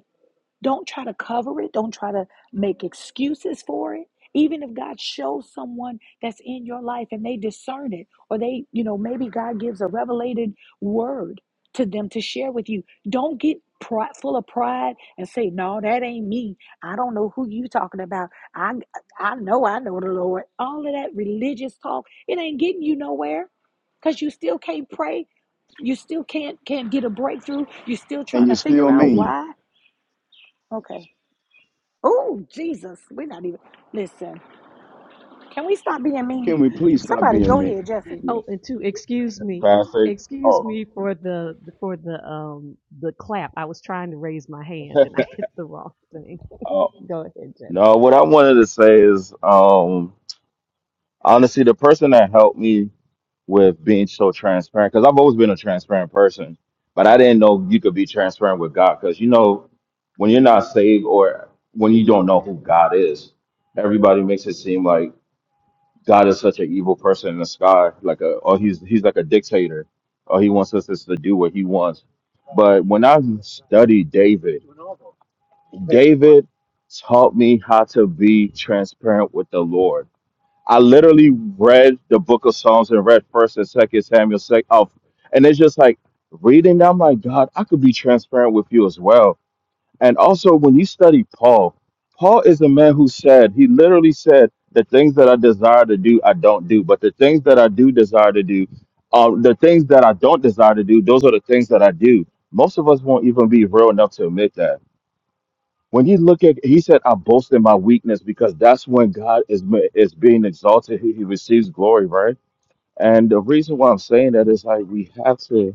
Speaker 1: don't try to cover it. Don't try to make excuses for it. Even if God shows someone that's in your life and they discern it, or they, you know, maybe God gives a revelated word to them to share with you. Don't get pride, full of pride and say, "No, that ain't me. I don't know who you talking about. I, I know, I know the Lord." All of that religious talk, it ain't getting you nowhere, cause you still can't pray. You still can't can't get a breakthrough. You're still
Speaker 2: And
Speaker 1: trying
Speaker 2: you're
Speaker 1: to
Speaker 2: still
Speaker 1: figure out
Speaker 2: mean.
Speaker 1: why. Okay. Oh, Jesus. We're not even. Listen, can we stop being mean?
Speaker 2: Can we please stop
Speaker 1: Somebody
Speaker 2: being
Speaker 1: go ahead,
Speaker 2: mean?
Speaker 1: Jesse.
Speaker 2: Yeah.
Speaker 4: Oh, and two, excuse me.
Speaker 8: Pastor.
Speaker 4: Excuse
Speaker 8: Oh.
Speaker 4: me for the for the um the clap. I was trying to raise my hand and I hit the wrong thing.
Speaker 8: oh.
Speaker 4: Go ahead,
Speaker 8: No,
Speaker 4: Jeff.
Speaker 8: what I wanted to say is um honestly the person that helped me with being so transparent, because I've always been a transparent person, but I didn't know you could be transparent with God. Because you know, when you're not saved or when you don't know who God is, everybody makes it seem like God is such an evil person in the sky, like a or he's he's like a dictator, or he wants us just to do what he wants. But when I studied David, David taught me how to be transparent with the Lord. I literally read the book of Psalms and read First and Second Samuel, sec- oh, and it's just like reading. I'm like, God, I could be transparent with you as well and also, when you study Paul, Paul is a man who said, he literally said, the things that I desire to do, I don't do. But the things that I do desire to do, uh, the things that I don't desire to do, those are the things that I do. Most of us won't even be real enough to admit that. When you look at, he said, I boast in my weakness because that's when God is is being exalted. He, he receives glory, right? And the reason why I'm saying that is like we have to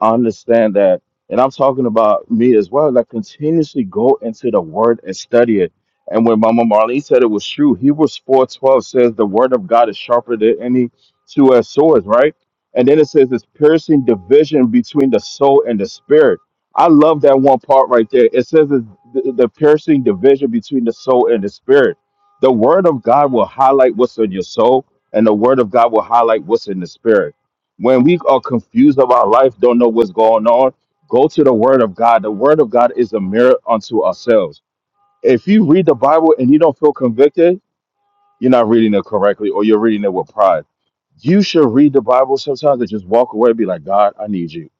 Speaker 8: understand that, and I'm talking about me as well, like continuously go into the word and study it. And when Mama Marlene said it was true, Hebrews 4:12 says the word of God is sharper than any two-edged sword, right? And then it says it's piercing division between the soul and the spirit. I love that one part right there. It says it's the, the piercing division between the soul and the spirit. The word of God will highlight what's in your soul and the word of God will highlight what's in the spirit. When we are confused about life, don't know what's going on, go to the word of God. The word of God is a mirror unto ourselves. If you read the Bible and you don't feel convicted, you're not reading it correctly or you're reading it with pride. You should read the Bible sometimes and just walk away and be like, God, I need you.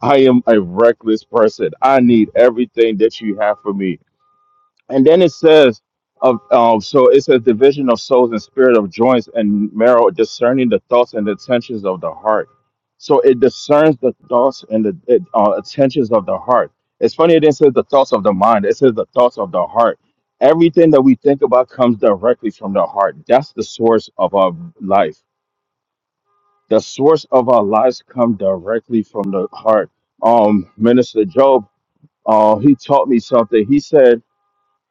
Speaker 8: I am a reckless person. I need everything that you have for me. And then it says, of um, so it says division of souls and spirit of joints and marrow, discerning the thoughts and the intentions of the heart. So it discerns the thoughts and the it, uh, intentions of the heart. It's funny it didn't say the thoughts of the mind. It says the thoughts of the heart. Everything that we think about comes directly from the heart. That's the source of our life. The source of our lives come directly from the heart. Um, Minister Job, uh, he taught me something. He said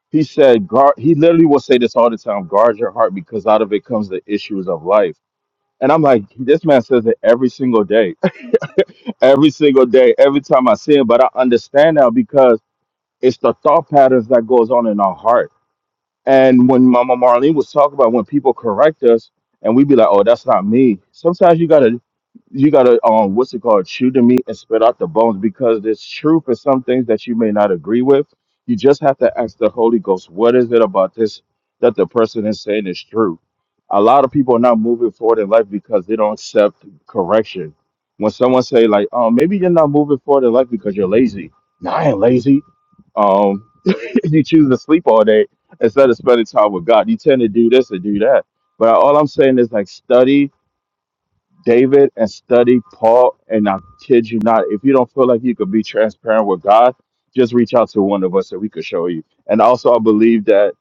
Speaker 8: he said, guard, he literally will say this all the time guard your heart because out of it comes the issues of life. And I'm like, this man says it every single day, every single day, every time I see him. But I understand now because it's the thought patterns that goes on in our heart. And when Mama Marlene was talking about when people correct us and we be like, oh, that's not me. Sometimes you gotta you gotta um what's it called chew the meat and spit out the bones because there's truth in some things that you may not agree with you just have to ask the holy ghost what is it about this that the person is saying is true a lot of people are not moving forward in life because they don't accept correction when someone say like oh maybe you're not moving forward in life because you're lazy no i ain't lazy um you choose to sleep all day instead of spending time with God. You tend to do this and do that. But all I'm saying is like study David and study Paul. And I kid you not, if you don't feel like you could be transparent with God, just reach out to one of us and we could show you. And also, I believe that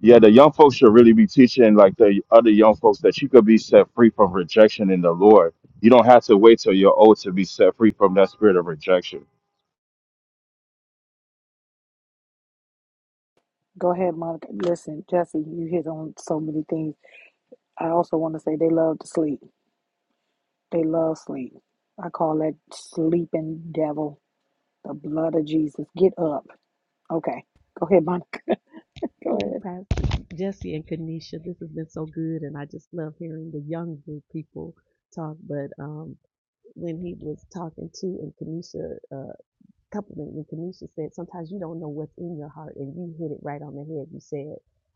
Speaker 8: yeah, the young folks should really be teaching like the other young folks that you could be set free from rejection in the Lord. You don't have to wait till you're old to be set free from that spirit of rejection.
Speaker 1: Go ahead, Monica. Listen, Jesse, you hit on so many things. I also want to say they love to sleep. They love sleep. I call that sleeping devil. The blood of Jesus. Get up. Okay. Go ahead, Monica. go
Speaker 4: Ooh,
Speaker 1: ahead.
Speaker 4: Pastor Jesse and Kanisha, this has been so good, and I just love hearing the younger people talk. But um, when he was talking to and Kanisha, uh, couple compliment when Kanisha said, sometimes you don't know what's in your heart, and you hit it right on the head. You said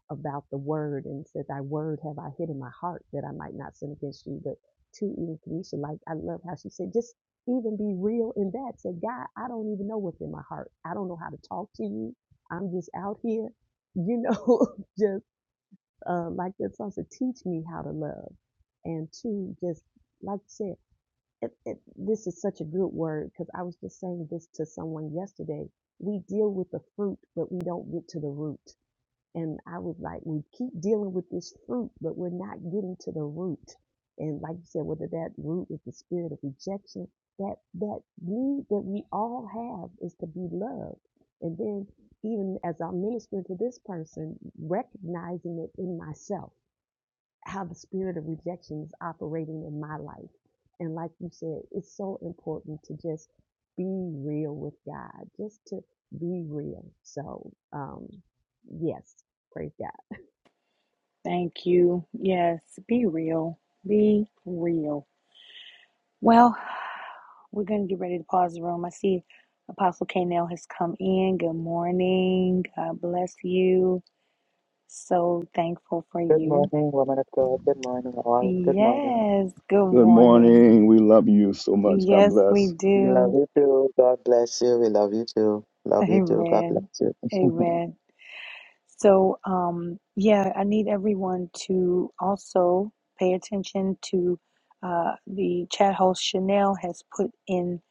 Speaker 4: about the word and said, Thy word have I hid in my heart that I might not sin against you. But to even Kanisha, like I love how she said, just even be real in that. Say, God, I don't even know what's in my heart. I don't know how to talk to you. I'm just out here, you know, just uh, like that song said, teach me how to love. And to just like you said, it, it, this is such a good word because I was just saying this to someone yesterday. We deal with the fruit, but we don't get to the root. And I was like, we keep dealing with this fruit, but we're not getting to the root. And like you said, whether that root is the spirit of rejection, that that need that we all have is to be loved. And then even as I'm ministering to this person, recognizing it in myself how the spirit of rejection is operating in my life. And like you said, it's so important to just be real with God, just to be real. So, um, yes, praise God.
Speaker 1: Thank you. Yes, be real. Be real. Well, We're going to get ready to pause the room. I see Apostle K. has come in. Good morning. God bless you. So thankful for
Speaker 9: Good
Speaker 1: you.
Speaker 9: morning, woman of God. Good morning, all. Good morning.
Speaker 1: Yes. Good
Speaker 2: Good
Speaker 1: morning.
Speaker 2: morning. We love you so much. God
Speaker 1: Yes, we
Speaker 2: bless.
Speaker 9: Love
Speaker 1: do.
Speaker 9: you too. God bless you. We love you too. Love you too. God bless
Speaker 1: Amen.
Speaker 9: you.
Speaker 1: Amen. So, um, yeah, I need everyone to also pay attention to uh, the chat host Chanel has put in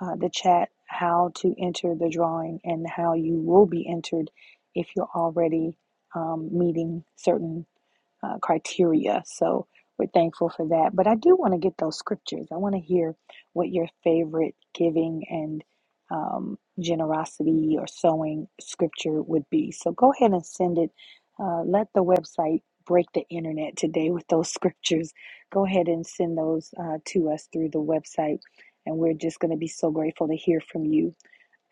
Speaker 1: uh, the chat how to enter the drawing and how you will be entered if you're already um, meeting certain uh, criteria. So we're thankful for that. But I do want to get those scriptures. I want to hear what your favorite giving and um, generosity or sowing scripture would be. So go ahead and send it. Uh, let the website break the internet today with those scriptures. Go ahead and send those uh, to us through the website. And we're just going to be so grateful to hear from you.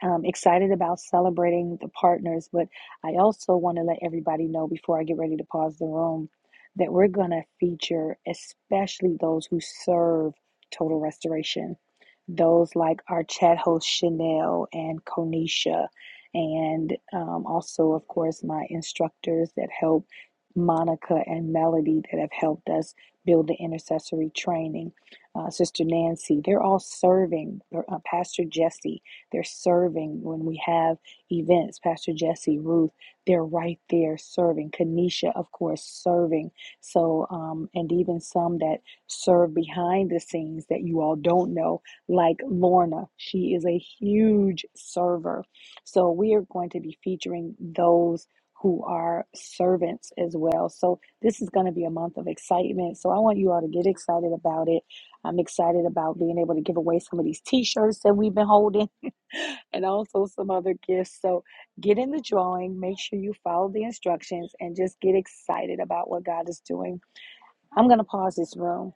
Speaker 1: I'm excited about celebrating the partners, but I also want to let everybody know before I get ready to pause the room that we're going to feature especially those who serve total restoration. Those like our chat host Chanel and Konisha, and um, also, of course, my instructors that help Monica and Melody that have helped us build the intercessory training. Uh, Sister Nancy, they're all serving. Uh, Pastor Jesse, they're serving when we have events. Pastor Jesse, Ruth, they're right there serving. Kanisha, of course, serving. So, um, and even some that serve behind the scenes that you all don't know, like Lorna. She is a huge server. So, we are going to be featuring those who are servants as well. So, this is going to be a month of excitement. So, I want you all to get excited about it. I'm excited about being able to give away some of these t shirts that we've been holding and also some other gifts. So get in the drawing, make sure you follow the instructions, and just get excited about what God is doing. I'm going to pause this room.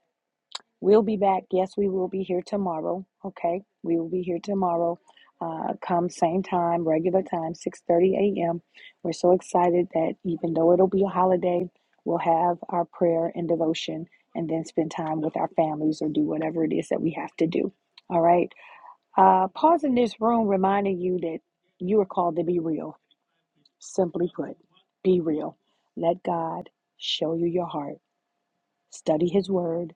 Speaker 1: We'll be back. Yes, we will be here tomorrow. Okay, we will be here tomorrow. Uh, come same time, regular time, 6:30 a.m. We're so excited that even though it'll be a holiday, we'll have our prayer and devotion, and then spend time with our families or do whatever it is that we have to do. All right. Uh, pause in this room reminding you that you are called to be real. Simply put, be real. Let God show you your heart. Study His Word.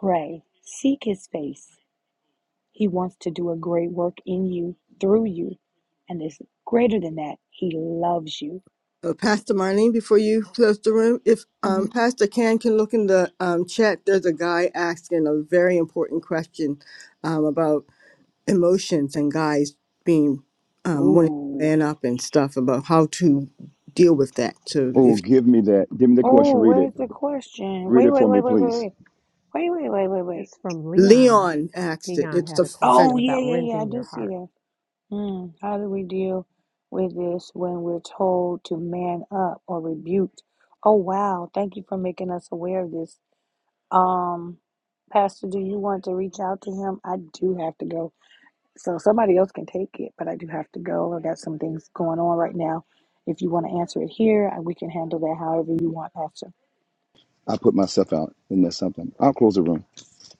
Speaker 1: Pray. Seek His face. He wants to do a great work in you, through you. And it's greater than that. He loves you.
Speaker 10: Uh, Pastor Marlene, before you close the room, if um,
Speaker 1: Mhm.
Speaker 10: Pastor Can can look in the um, chat, there's a guy asking a very important question um, about emotions and guys being um, wanting to
Speaker 1: Ooh.
Speaker 10: man up and stuff about how to deal with that. So
Speaker 2: Oh,
Speaker 10: if
Speaker 2: give me that. Give me the question.
Speaker 1: Oh,
Speaker 2: Read it.
Speaker 1: where's the question?
Speaker 2: Read
Speaker 1: Wait,
Speaker 2: it
Speaker 1: wait,
Speaker 2: for me,
Speaker 1: wait, wait, wait,
Speaker 2: please.
Speaker 1: wait. Wait, wait, wait, wait, wait.
Speaker 4: It's from Leon.
Speaker 10: Leon asked it,
Speaker 4: Leon
Speaker 10: it's
Speaker 4: had a
Speaker 10: offensive.
Speaker 1: Oh,
Speaker 4: question
Speaker 1: yeah,
Speaker 4: about
Speaker 1: yeah, yeah. I
Speaker 4: rending your
Speaker 1: do see
Speaker 4: heart.
Speaker 1: that. Mm, how do we deal with this when we're told to man up or rebuked? Oh, wow. Thank you for making us aware of this. Um, Pastor, do you want to reach out to him? I do have to go. So somebody else can take it, but I do have to go. I got some things going on right now. If you want to answer it here, I- we can handle that however you want, Pastor.
Speaker 2: I put myself out. Isn't that something? I'll close the room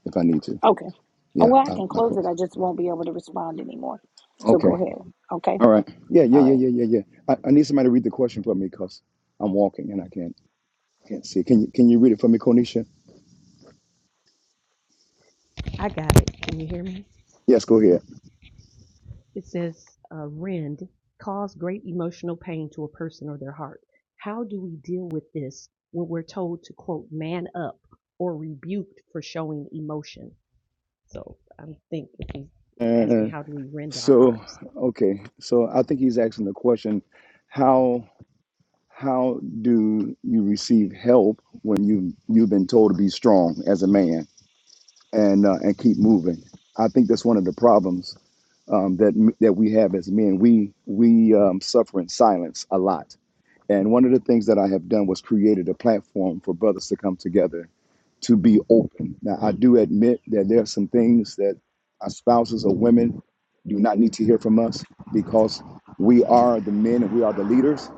Speaker 2: if I need to.
Speaker 1: Okay.
Speaker 2: Yeah,
Speaker 1: And well, I
Speaker 2: I'll,
Speaker 1: can
Speaker 2: I'll
Speaker 1: close it.
Speaker 2: close.
Speaker 1: I just won't be able to respond anymore. So go
Speaker 2: Okay.
Speaker 1: ahead. Okay.
Speaker 2: All right. Yeah, yeah,
Speaker 1: All
Speaker 2: yeah,
Speaker 1: right.
Speaker 2: yeah, yeah, yeah. I, I need somebody to read the question for me because I'm walking and I can't. Can't see. Can you can you read it for me, Cornisha?
Speaker 4: I got it. Can you hear me?
Speaker 2: Yes, go ahead.
Speaker 4: It says, uh, rend, cause great emotional pain to a person or their heart. How do we deal with this when we're told to, quote, man up or rebuked for showing emotion? So I think if he's asking,
Speaker 2: Uh,
Speaker 4: how do we rend our
Speaker 2: so
Speaker 4: hearts?
Speaker 2: okay, so I think he's asking the question, how how do you receive help when you you've been told to be strong as a man and uh, and keep moving? I think that's one of the problems um, that that we have as men. We we um, suffer in silence a lot And one of the things that I have done was created a platform for brothers to come together to be open. Now, I do admit that there are some things that our spouses or women do not need to hear from us because we are the men and we are the leaders.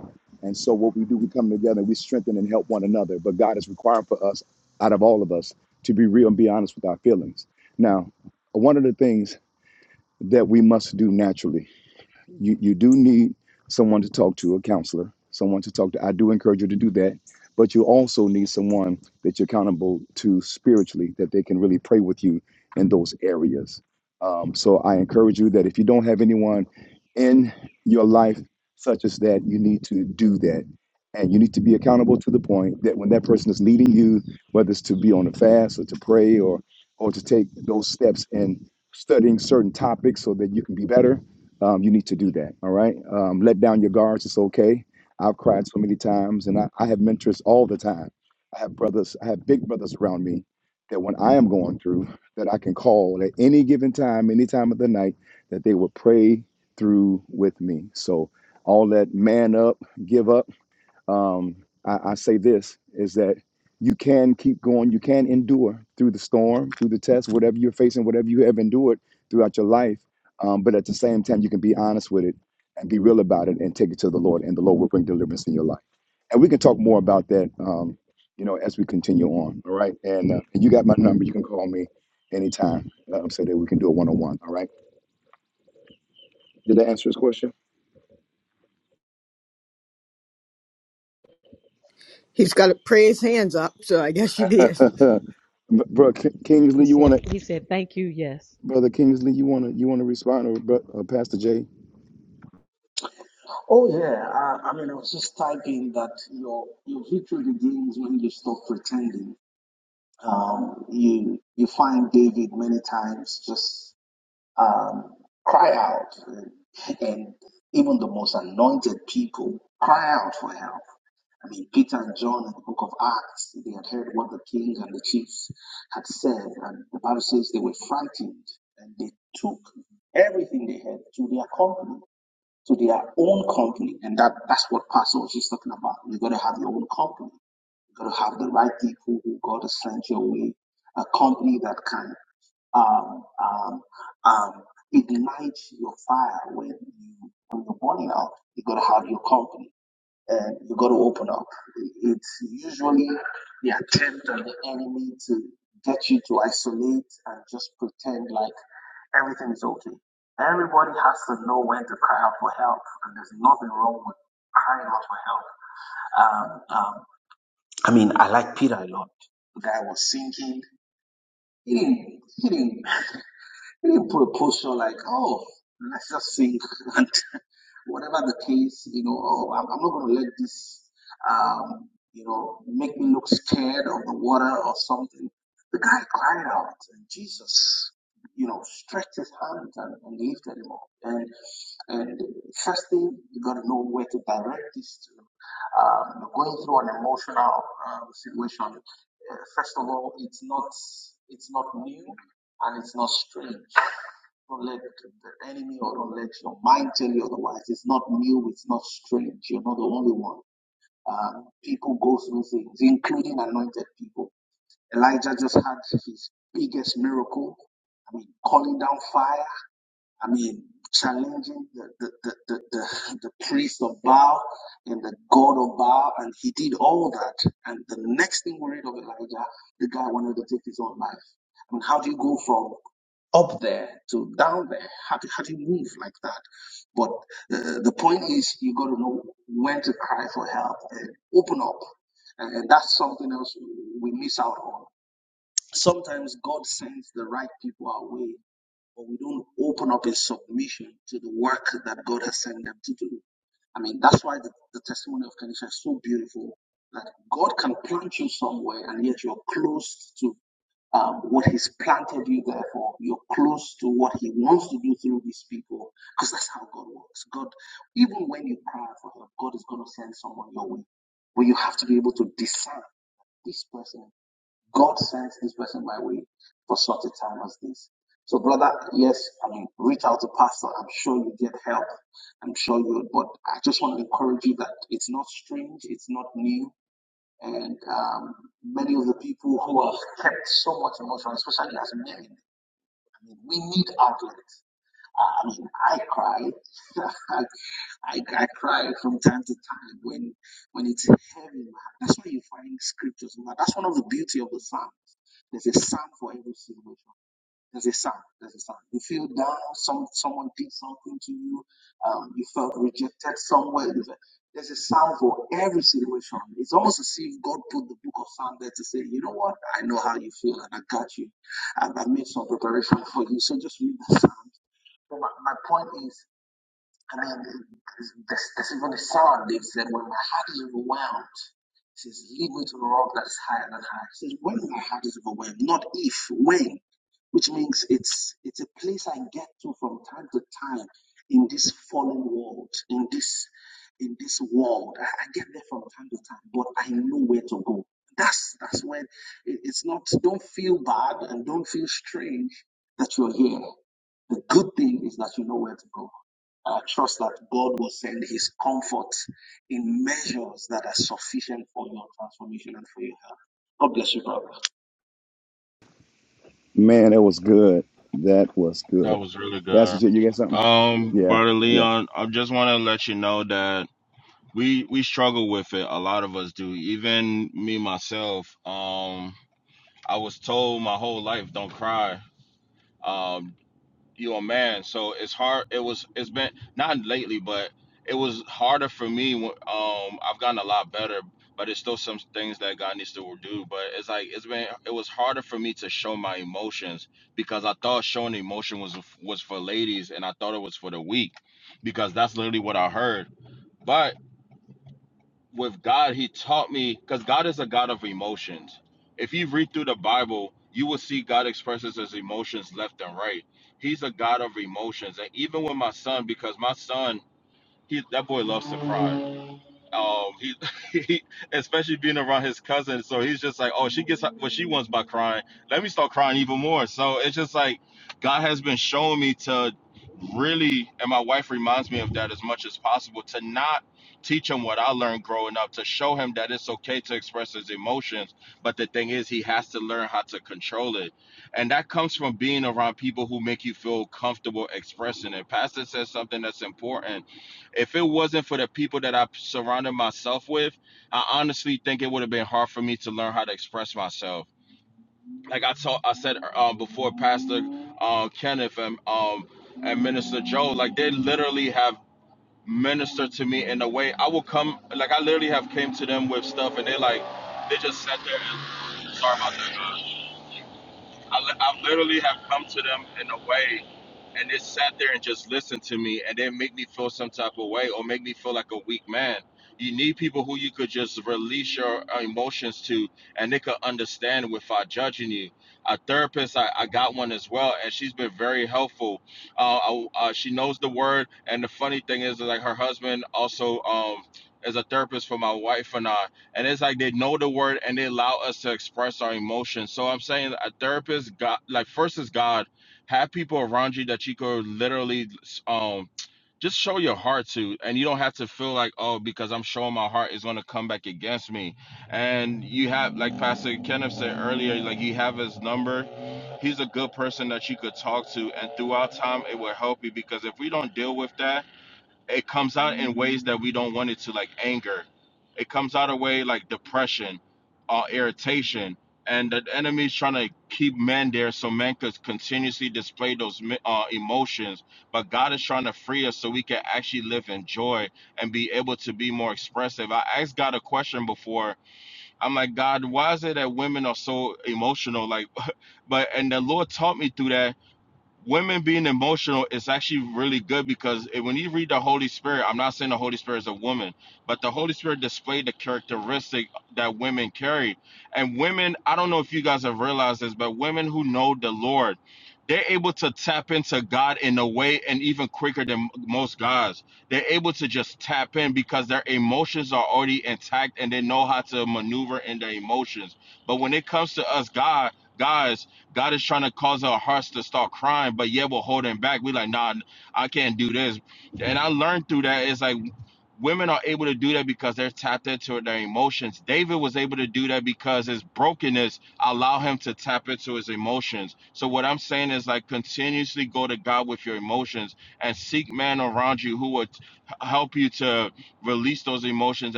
Speaker 2: And so, what we do, we come together and we strengthen and help one another. But God is requiring for us, out of all of us, to be real and be honest with our feelings. Now, one of the things that we must do naturally you, you do need someone to talk to, a counselor, someone to talk to. I do encourage you to do that. But you also need someone that you're accountable to spiritually, that they can really pray with you in those areas. Um, so I encourage you that if you don't have anyone in your life such as that, you need to do that. And you need to be accountable to the point that when that person is leading you, whether it's to be on a fast or to pray or or to take those steps in studying certain topics so that you can be better, um, you need to do that. All right. Um, let down your guards. It's okay. I've cried so many times, and I, I have mentors all the time. I have brothers. I have big brothers around me that when I am going through, that I can call at any given time, any time of the night, that they will pray through with me. So all that man up, give up um, I, I say this is that you can keep going, you can endure through the storm, through the test, whatever you're facing, whatever you have endured throughout your life. Um, but at the same time, you can be honest with it and be real about it and take it to the Lord, and the Lord will bring deliverance in your life. And we can talk more about that, um, you know, as we continue on. All right. And, uh, and you got my number. You can call me anytime. Um, so that we can do a one on one. All right. Did I answer his question?
Speaker 10: He's got to pray his hands up, so I guess you did.
Speaker 2: Bro,
Speaker 4: He
Speaker 2: Kingsley, you want
Speaker 4: said,
Speaker 2: to?
Speaker 4: he said, thank you, yes.
Speaker 2: Brother Kingsley, you wanna you wanna respond or but uh, Pastor Jay?
Speaker 7: Oh yeah, uh, I mean, I was just typing that your your victory begins when you stop pretending. Um, you you find David many times just um, cry out, and, and even the most anointed people cry out for help. I mean, Peter and John in the book of Acts, they had heard what the king and the chiefs had said, and the Bible says they were frightened and they took everything they had to their company, to their own company. And that, that's what Pastor was just talking about. You have gotta have your own company. You've Got to have the right people who God has sent your way, a company that can um, um, um, ignite your fire when you when you're burning out. You gotta have your company and you gotta open up. It's usually the attempt of the enemy to get you to isolate and just pretend like everything is okay. Everybody has to know when to cry out for help, and there's nothing wrong with crying out for help. Um, um, I mean, I like Peter a lot. The guy was singing. He didn't, he didn't, he didn't put a posture like, oh, let's just sing. and whatever the case, you know, oh, I'm, I'm not going to let this, um, you know, make me look scared of the water or something. The guy cried out, and Jesus, you know, stretched his hand and, and lifted him up. And and first thing you got to know where to direct this to. Um, you're going through an emotional um, situation. Uh, first of all, it's not it's not new and it's not strange. Don't let the enemy or don't let your mind tell you otherwise. It's not new, it's not strange. You're not the only one. Um, people go through things, including anointed people. Elijah just had his biggest miracle. I mean, calling down fire. I mean, challenging the, the, the, the, the, the priest of Baal and the god of Baal. And he did all that. And the next thing we read of Elijah, the guy wanted to take his own life. I mean, how do you go from up there to down there. How do, how do you move like that? But uh, the point is, you got to know when to cry for help and open up. And, and that's something else we miss out on. Sometimes God sends the right people our way, but we don't open up in submission to the work that God has sent them to do. I mean, that's why the, the testimony of Kenisha is so beautiful that God can plant you somewhere and yet you're close to um, what he's planted you there for. You're close to what he wants to do through these people because that's how God works. God, even when you cry for help, God is going to send someone your way. But you have to be able to discern this person. God sends this person my way for such a time as this. So, brother, yes, I mean, reach out to pastor. I'm sure you get help. I'm sure you, but I just want to encourage you that it's not strange. It's not new and um, many of the people who have kept so much emotion, especially as men, I mean, we need outlets. Uh, I mean, I cry. I, I cry from time to time when when it's heavy. That's why you find scriptures. That's one of the beauty of the Psalms. There's a psalm for every situation. There's a sound. There's a sound. You feel down. Some someone did something to you. Um, you felt rejected somewhere. You felt- There's a sound for every situation. It's almost as if God put the book of Psalm there to say, you know what? I know how you feel, and I got you. And I made some preparation for you. So just read the psalm. So my, my point is. I mean, there's, there's even a song that said, When my heart is overwhelmed, he says, Lead me to a rock that is higher than high. He says, When my heart is overwhelmed, not if, when, which means it's it's a place I get to from time to time in this fallen world, in this in this world. I, I get there from time to time, but I know where to go. That's that's when it- it's not. Don't feel bad and don't feel strange that you're here. The good thing is that you know where to go I trust that God will send His comfort in measures that are sufficient for your transformation and for your help. God bless you, brother.
Speaker 2: Man, that was good. That was
Speaker 8: That
Speaker 2: good.
Speaker 8: was really
Speaker 2: Pastor
Speaker 8: good.
Speaker 2: Jay, you got something?
Speaker 8: Um,
Speaker 2: Yeah,
Speaker 8: brother
Speaker 2: yeah.
Speaker 8: Leon, I just want to let you know that we we struggle with it a lot of us do even me myself um i was told my whole life don't cry because i thought showing emotion was was for ladies and i thought it was for the weak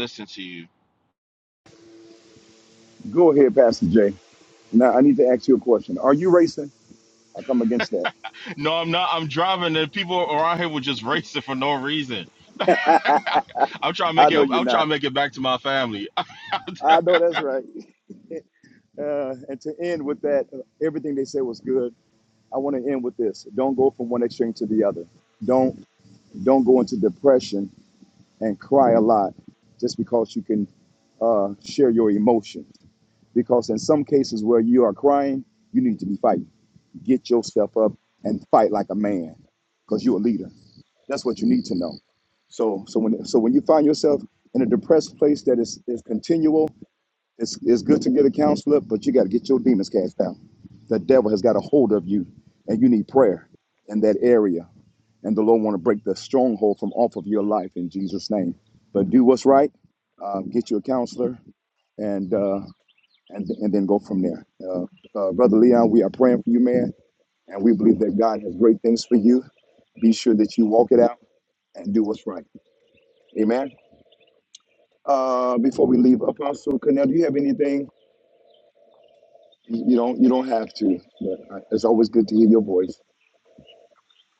Speaker 8: listen to you
Speaker 2: Go ahead, Pastor Jay. Now I need to ask you a question. Are you racing? I come against that.
Speaker 8: no i'm not i'm driving and people around here were just racing for no reason i'm trying to make
Speaker 2: I know
Speaker 8: it
Speaker 2: you're
Speaker 8: i'm trying to
Speaker 2: not.
Speaker 8: make it back to my family
Speaker 2: I know that's right. Uh, and to end with that, uh, everything they said was good. I want to end with this. Don't go from one extreme to the other. Don't don't go into depression and cry a lot just because you can uh, share your emotions. because in some cases where you are crying, you need to be fighting. Get yourself up and fight like a man, because you're a leader. That's what you need to know. So, so when so when you find yourself in a depressed place that is is continual, it's it's good to get a counselor, but you got to get your demons cast out. The devil has got a hold of you, and you need prayer in that area. And the Lord want to break the stronghold from off of your life in Jesus' name. But do what's right. Uh, get you a counselor, and uh, and, and then go from there. Uh, uh, Brother Leon, we are praying for you, man, and we believe that God has great things for you. Be sure that you walk it out and do what's right. Amen. Uh, before we leave, Apostle Cornell, do you have anything? You you don't. You don't have to. But uh, it's always good to hear your voice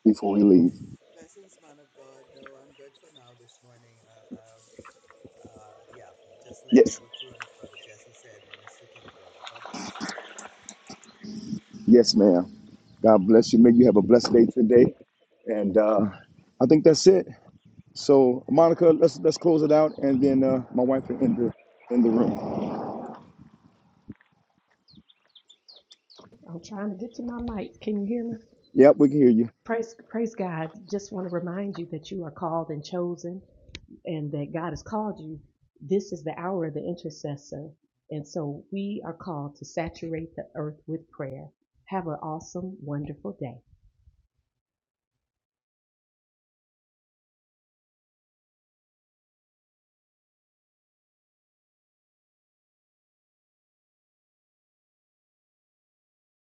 Speaker 2: before we leave. Yes. Yes, ma'am. God bless you. May you have a blessed day today. And uh, I think that's it. So, Monica, let's let's close it out, and then uh, my wife will end the in the room.
Speaker 4: I'm trying to get to my mic. Can you hear me?
Speaker 2: Yep, we can hear you.
Speaker 4: Praise, praise God. Just want to remind you that you are called and chosen and that God has called you. This is the hour of the intercessor. And so we are called to saturate the earth with prayer. Have an awesome, wonderful day.